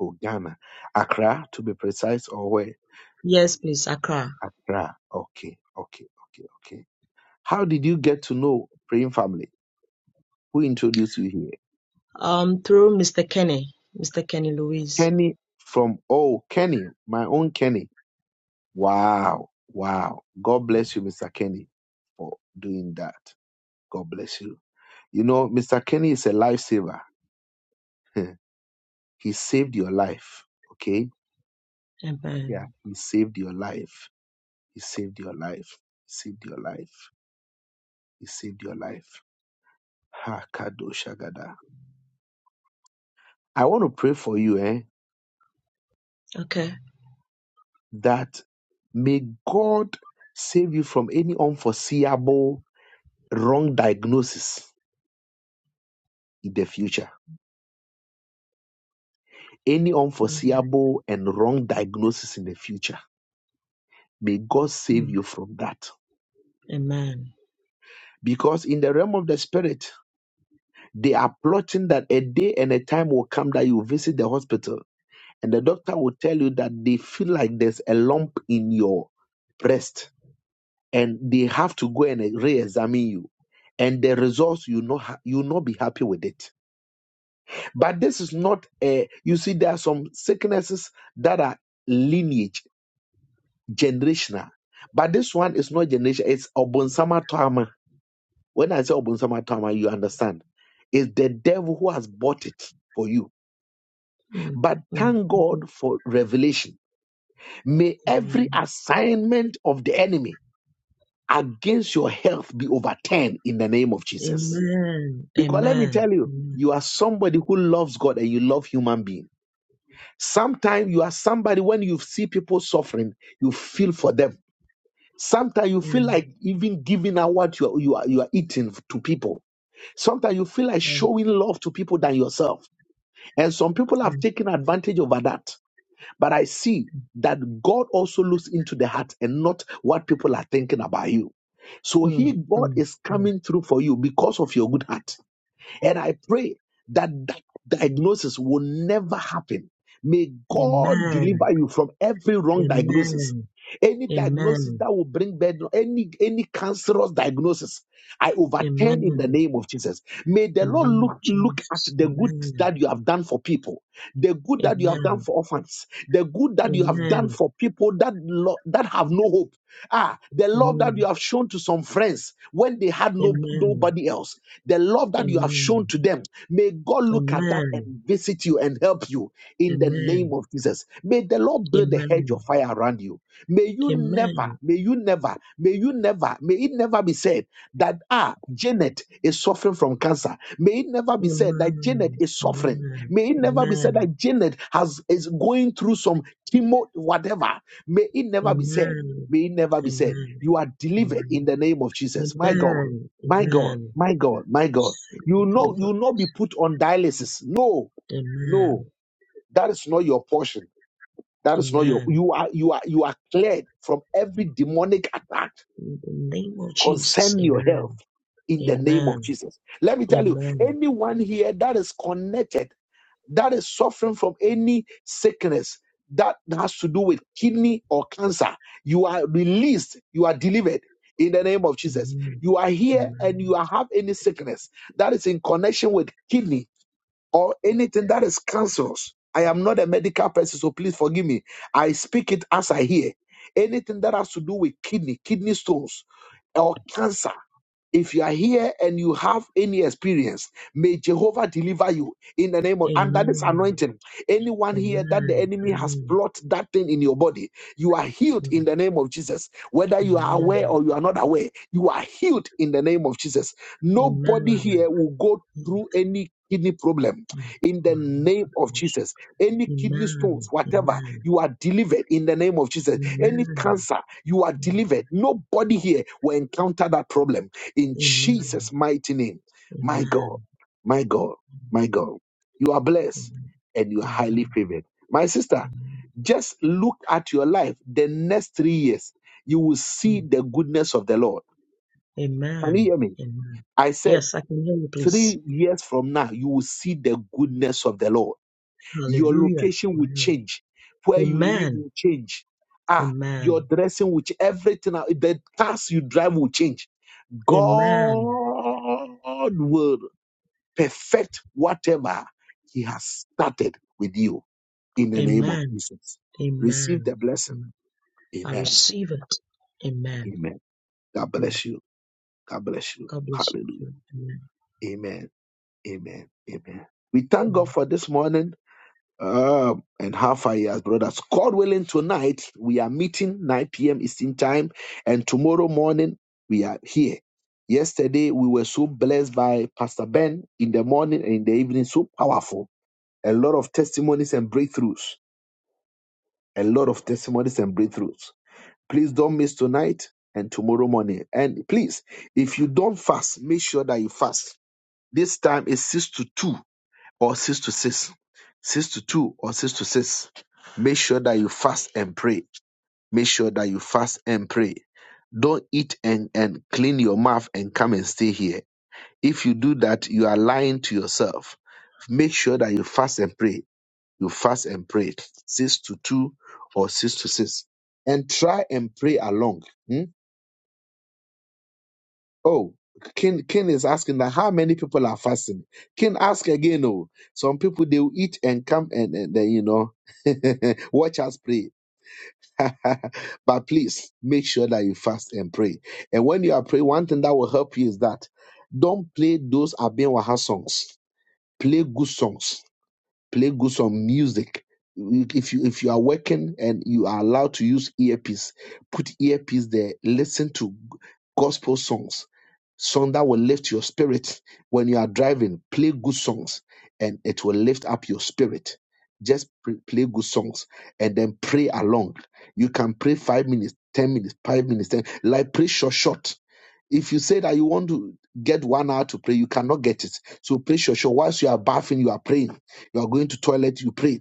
[SPEAKER 1] Oh, Ghana. Accra, to be precise, or where?
[SPEAKER 14] Yes, please, Accra.
[SPEAKER 1] Accra. Okay, okay, okay, okay. How did you get to know Praying Family? Who introduced you here?
[SPEAKER 14] Um, through Mr. Kenny, Mr. Kenny Louise.
[SPEAKER 1] Kenny from, oh, Kenny, my own Kenny. Wow. Wow. God bless you, Mr. Kenny, for doing that. God bless you. You know, Mr. Kenny is a lifesaver. [LAUGHS] he saved your life. Okay? Yeah.
[SPEAKER 14] Amen.
[SPEAKER 1] He saved your life. He saved your life. He saved your life. He saved your life. Ha kadoshagada. I want to pray for you, eh?
[SPEAKER 14] Okay.
[SPEAKER 1] That may God save you from any unforeseeable wrong diagnosis in the future any
[SPEAKER 14] Mm,
[SPEAKER 1] unforeseeable and wrong diagnosis in the future. May God save
[SPEAKER 14] mm,
[SPEAKER 1] you from that.
[SPEAKER 14] amen.
[SPEAKER 1] Because in the realm of the spirit, they are plotting that a day and a time will come that you visit the hospital and the doctor will tell you that they feel like there's a lump in your breast and they have to go and re-examine you. And the results you know ha- you not be happy with it. But this is not a you see there are some sicknesses that are lineage generational. But this one is not generation, it's Obonsama Tama. When I say Obonsama Tama, you understand. It's the devil who has bought it for you.
[SPEAKER 14] Mm,
[SPEAKER 1] But
[SPEAKER 14] mm,
[SPEAKER 1] thank
[SPEAKER 14] okay.
[SPEAKER 1] God for revelation. May every
[SPEAKER 14] Amen.
[SPEAKER 1] assignment of the enemy against your health be overturned in the name of Jesus.
[SPEAKER 14] Amen.
[SPEAKER 1] Because let me
[SPEAKER 14] Amen.
[SPEAKER 1] tell you,
[SPEAKER 14] Amen.
[SPEAKER 1] you are somebody who loves God and you love human being. Sometimes you are somebody when you see people suffering, you feel for them Sometimes you
[SPEAKER 14] Yeah,
[SPEAKER 1] feel like even giving out what you are, you are you are eating to people. Sometimes you feel like
[SPEAKER 14] yeah,
[SPEAKER 1] showing love to people than yourself. And some people
[SPEAKER 14] yeah.
[SPEAKER 1] have taken advantage over that. But I see that God also looks into the heart and not what people are thinking about you. So
[SPEAKER 14] Mm,
[SPEAKER 1] he God
[SPEAKER 14] mm,
[SPEAKER 1] is
[SPEAKER 14] mm.
[SPEAKER 1] coming through for you because of your good heart. And I pray that that diagnosis will never happen. May God
[SPEAKER 14] Amen.
[SPEAKER 1] deliver you from every wrong diagnosis.
[SPEAKER 14] Amen.
[SPEAKER 1] Any diagnosis
[SPEAKER 14] Amen.
[SPEAKER 1] that will bring bad, any any cancerous diagnosis I overturn in
[SPEAKER 14] Amen.
[SPEAKER 1] the name of Jesus. May
[SPEAKER 14] In
[SPEAKER 1] the
[SPEAKER 14] the
[SPEAKER 1] Lord
[SPEAKER 14] name of
[SPEAKER 1] look, look at
[SPEAKER 14] Jesus.
[SPEAKER 1] the good
[SPEAKER 14] Amen.
[SPEAKER 1] that you have done for people, the good that you have done
[SPEAKER 14] Amen.
[SPEAKER 1] for orphans, the good that you have done
[SPEAKER 14] Amen.
[SPEAKER 1] for people that, lo- that have no hope. Ah, the love
[SPEAKER 14] Amen.
[SPEAKER 1] that you have shown to some friends when they had no
[SPEAKER 14] Amen.
[SPEAKER 1] nobody else, the love that you have shown
[SPEAKER 14] Amen.
[SPEAKER 1] to them. May God look at that and
[SPEAKER 14] Amen.
[SPEAKER 1] visit you and help you in the
[SPEAKER 14] Amen.
[SPEAKER 1] name of Jesus. May the Lord
[SPEAKER 14] Amen.
[SPEAKER 1] build a hedge of
[SPEAKER 14] Amen.
[SPEAKER 1] fire around you. May you never,
[SPEAKER 14] Amen.
[SPEAKER 1] may you never, may you never, may it never be said that ah janet is suffering from cancer may it never be said that janet
[SPEAKER 14] Amen.
[SPEAKER 1] is suffering may it never be said that janet has is going through some chemo whatever may it
[SPEAKER 14] Amen.
[SPEAKER 1] never be said
[SPEAKER 14] Amen.
[SPEAKER 1] may it never be said
[SPEAKER 14] Amen.
[SPEAKER 1] you are delivered in
[SPEAKER 14] Amen.
[SPEAKER 1] the name of jesus my god
[SPEAKER 14] Amen.
[SPEAKER 1] my god
[SPEAKER 14] Amen.
[SPEAKER 1] my god my god you
[SPEAKER 14] Sweet
[SPEAKER 1] know you
[SPEAKER 14] believer.
[SPEAKER 1] will not be put on dialysis no
[SPEAKER 14] Amen.
[SPEAKER 1] no that is not your portion that is not your
[SPEAKER 14] Amen.
[SPEAKER 1] you are you are you are cleared from every demonic attack
[SPEAKER 14] In the name of Jesus.
[SPEAKER 1] concern your health
[SPEAKER 14] Amen.
[SPEAKER 1] in the name of
[SPEAKER 14] Amen.
[SPEAKER 1] Jesus. Let me tell you,
[SPEAKER 14] Amen.
[SPEAKER 1] anyone here that is connected, that is suffering from any sickness that has to do with kidney or cancer, you are released, you are delivered. In the name of Jesus,
[SPEAKER 14] Amen.
[SPEAKER 1] you are here and
[SPEAKER 14] Amen.
[SPEAKER 1] you are- have any sickness that is in connection with kidney or anything that is cancerous. I am not a medical person, so please forgive me. I speak it as I hear. Anything that has to do with kidney, kidney stones, or cancer if you are here and you have any experience, may Jehovah deliver you in the name of under this
[SPEAKER 14] Amen.
[SPEAKER 1] anointing. Anyone here that the enemy has
[SPEAKER 14] Amen.
[SPEAKER 1] plotted that thing in your body, you are healed in the name of Jesus. Whether you are
[SPEAKER 14] Amen.
[SPEAKER 1] aware or you are not aware, you are healed in the name of Jesus.
[SPEAKER 14] Amen.
[SPEAKER 1] Nobody
[SPEAKER 14] Amen.
[SPEAKER 1] here will go
[SPEAKER 14] Amen.
[SPEAKER 1] through any kidney problem
[SPEAKER 14] Amen.
[SPEAKER 1] in the name of Jesus. Any kidney stones,
[SPEAKER 14] Amen.
[SPEAKER 1] whatever,
[SPEAKER 14] Amen.
[SPEAKER 1] you are delivered in the name of Jesus. Any
[SPEAKER 14] Amen.
[SPEAKER 1] cancer, you are delivered. Nobody here will encounter that problem in Jesus' mighty name. My God, my God, my God. You are blessed and you are
[SPEAKER 14] Amen.
[SPEAKER 1] highly favored. My sister, just look at your life the next three years. You will see
[SPEAKER 14] Amen.
[SPEAKER 1] the goodness of the Lord.
[SPEAKER 14] Amen.
[SPEAKER 1] Can you hear me?
[SPEAKER 14] Amen.
[SPEAKER 1] I said,
[SPEAKER 14] Yes, I can hear you, please.
[SPEAKER 1] three years from now, you will see the goodness of the Lord. Your
[SPEAKER 14] Hallelujah.
[SPEAKER 1] location will change. Where you live
[SPEAKER 14] Amen. Amen.
[SPEAKER 1] will change. Ah,
[SPEAKER 14] Amen.
[SPEAKER 1] your dressing will change. Everything, the cars you drive will change. God
[SPEAKER 14] Amen.
[SPEAKER 1] will perfect whatever he has started with you in the name of
[SPEAKER 14] Amen. Amen.
[SPEAKER 1] Jesus.
[SPEAKER 14] Amen.
[SPEAKER 1] Receive the blessing.
[SPEAKER 14] I
[SPEAKER 1] Amen.
[SPEAKER 14] receive it. Amen.
[SPEAKER 1] Amen. God
[SPEAKER 14] Amen.
[SPEAKER 1] bless you. God bless you.
[SPEAKER 14] God bless you.
[SPEAKER 1] Hallelujah.
[SPEAKER 14] Amen.
[SPEAKER 1] Amen. Amen. Amen. We thank
[SPEAKER 14] Amen.
[SPEAKER 1] God for this morning um, and how far he has brought us. God willing, tonight we are meeting 9 p.m. Eastern time, and tomorrow morning we are here. Yesterday we were so blessed by Pastor Ben in the morning and in the evening, so powerful. a lot of testimonies and breakthroughs. A lot of testimonies and breakthroughs. Please don't miss tonight and tomorrow morning. And please, if you don't fast, make sure that you fast. This time is 6 to 2 or 6 to 6. 6 to 2 or 6 to 6. Make sure that you fast and pray. Make sure that you fast and pray. Don't eat and, and clean your mouth and come and stay here. If you do that, you are lying to yourself. Make sure that you fast and pray you fast and pray six to two or six to six, and try and pray along. hmm? Oh, King King is asking that how many people are fasting. King ask again. Oh, some people they will eat and come and, and then you know [LAUGHS] watch us pray. [LAUGHS] but please make sure that you fast and pray. And when you are praying, one thing that will help you is that don't play those Abin Waha songs. Play good songs play good some music. If you if you are working and you are allowed to use earpiece, put earpiece there. Listen to gospel songs, song that will lift your spirit. When you are driving, play good songs, and it will lift up your spirit. Just pr- play good songs and then pray along. You can pray five minutes, ten minutes, five minutes, ten. Like pray short, short. If you say that you want to get one hour to pray, you cannot get it. So pray short, short. Whilst you are bathing, you are praying you are going to toilet, you pray.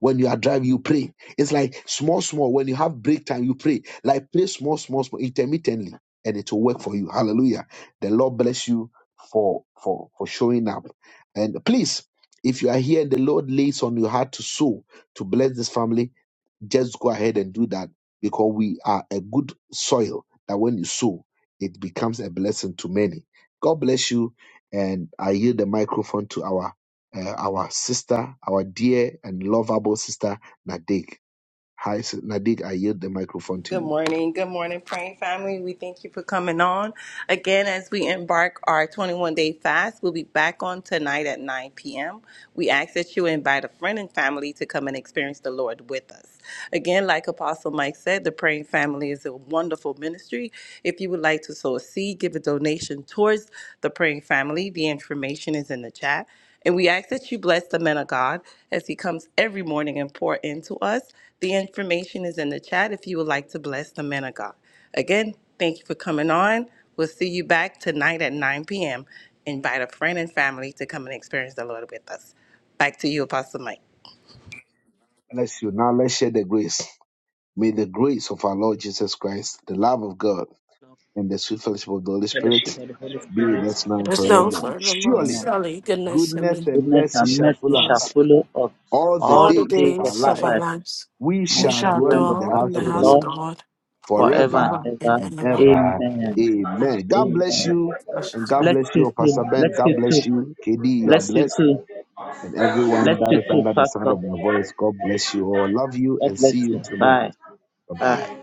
[SPEAKER 1] When you are driving, you pray. It's like small, small. When you have break time, you pray. Like pray small, small, small, intermittently, and it will work for you. Hallelujah. The Lord bless you for for for showing up. And please, if you are here and the Lord lays on your heart to sow to bless this family, just go ahead and do that because we are a good soil that when you sow, it becomes a blessing to many. God bless you, and I yield the microphone to our uh, our sister, our dear and lovable sister Nadik. Hi, sis- Nadik. I yield the microphone to
[SPEAKER 15] Good
[SPEAKER 1] you.
[SPEAKER 15] morning. Good morning, praying family. We thank you for coming on. Again, as we embark our 21 day fast, we'll be back on tonight at 9 p.m. We ask that you invite a friend and family to come and experience the Lord with us. Again, like Apostle Mike said, the praying family is a wonderful ministry. If you would like to sow a seed, give a donation towards the praying family, the information is in the chat. And we ask that you bless the man of God as he comes every morning and pour into us. The information is in the chat if you would like to bless the man of God. Again, thank you for coming on. We'll see you back tonight at 9 p.m. Invite a friend and family to come and experience the Lord with us. Back to you, Apostle Mike.
[SPEAKER 1] Bless you. Now let's share the grace. May the grace of our Lord Jesus Christ, the love of God, and the sweet fellowship of the Holy Spirit
[SPEAKER 2] Fellowship of the Holy
[SPEAKER 1] be with
[SPEAKER 2] Spirit
[SPEAKER 1] us now
[SPEAKER 9] It
[SPEAKER 1] and
[SPEAKER 9] is
[SPEAKER 2] is
[SPEAKER 9] now
[SPEAKER 2] of
[SPEAKER 1] forevermore.
[SPEAKER 9] for
[SPEAKER 2] us
[SPEAKER 9] the forevermore.
[SPEAKER 1] Surely
[SPEAKER 2] now.
[SPEAKER 9] Surely goodness and
[SPEAKER 1] goodness
[SPEAKER 9] mercy
[SPEAKER 1] and
[SPEAKER 2] Goodness
[SPEAKER 1] mercy
[SPEAKER 2] and
[SPEAKER 1] shall
[SPEAKER 2] mercy
[SPEAKER 1] follow
[SPEAKER 2] shall
[SPEAKER 9] follow
[SPEAKER 1] us
[SPEAKER 2] follow us
[SPEAKER 1] all the
[SPEAKER 2] all
[SPEAKER 9] all
[SPEAKER 2] the
[SPEAKER 9] the
[SPEAKER 1] days of
[SPEAKER 2] days of
[SPEAKER 1] our
[SPEAKER 9] days
[SPEAKER 2] our
[SPEAKER 9] of
[SPEAKER 1] life,
[SPEAKER 9] our
[SPEAKER 2] life,
[SPEAKER 9] lives.
[SPEAKER 1] we
[SPEAKER 2] and we
[SPEAKER 9] We
[SPEAKER 1] shall
[SPEAKER 2] shall
[SPEAKER 9] shall
[SPEAKER 1] dwell
[SPEAKER 2] dwell in
[SPEAKER 1] in
[SPEAKER 2] the
[SPEAKER 1] the
[SPEAKER 9] dwell
[SPEAKER 2] house
[SPEAKER 9] in
[SPEAKER 1] house
[SPEAKER 9] the
[SPEAKER 2] of
[SPEAKER 1] of
[SPEAKER 2] the
[SPEAKER 1] the
[SPEAKER 9] house of
[SPEAKER 1] Lord
[SPEAKER 2] Lord
[SPEAKER 9] the Lord
[SPEAKER 2] forever
[SPEAKER 1] forever
[SPEAKER 9] forever
[SPEAKER 2] and ever.
[SPEAKER 9] and
[SPEAKER 1] and ever.
[SPEAKER 2] Amen.
[SPEAKER 9] ever.
[SPEAKER 1] Amen. God bless
[SPEAKER 2] Amen.
[SPEAKER 1] you. And God
[SPEAKER 2] Bless
[SPEAKER 1] bless
[SPEAKER 2] you
[SPEAKER 1] you,
[SPEAKER 2] too.
[SPEAKER 1] Pastor Ben.
[SPEAKER 2] Bless
[SPEAKER 1] God
[SPEAKER 2] you too.
[SPEAKER 1] bless you. KD, you are
[SPEAKER 2] Bless you
[SPEAKER 1] blessed.
[SPEAKER 2] too.
[SPEAKER 1] And everyone
[SPEAKER 2] Bless
[SPEAKER 1] that
[SPEAKER 2] you
[SPEAKER 1] is
[SPEAKER 2] too,
[SPEAKER 1] under the sound
[SPEAKER 2] Pastor.
[SPEAKER 1] of my voice, God bless you all. Love you
[SPEAKER 2] God
[SPEAKER 1] and
[SPEAKER 2] bless
[SPEAKER 1] see you
[SPEAKER 2] you.
[SPEAKER 1] tonight.
[SPEAKER 2] Bye.
[SPEAKER 1] Bye bye.
[SPEAKER 2] Bye.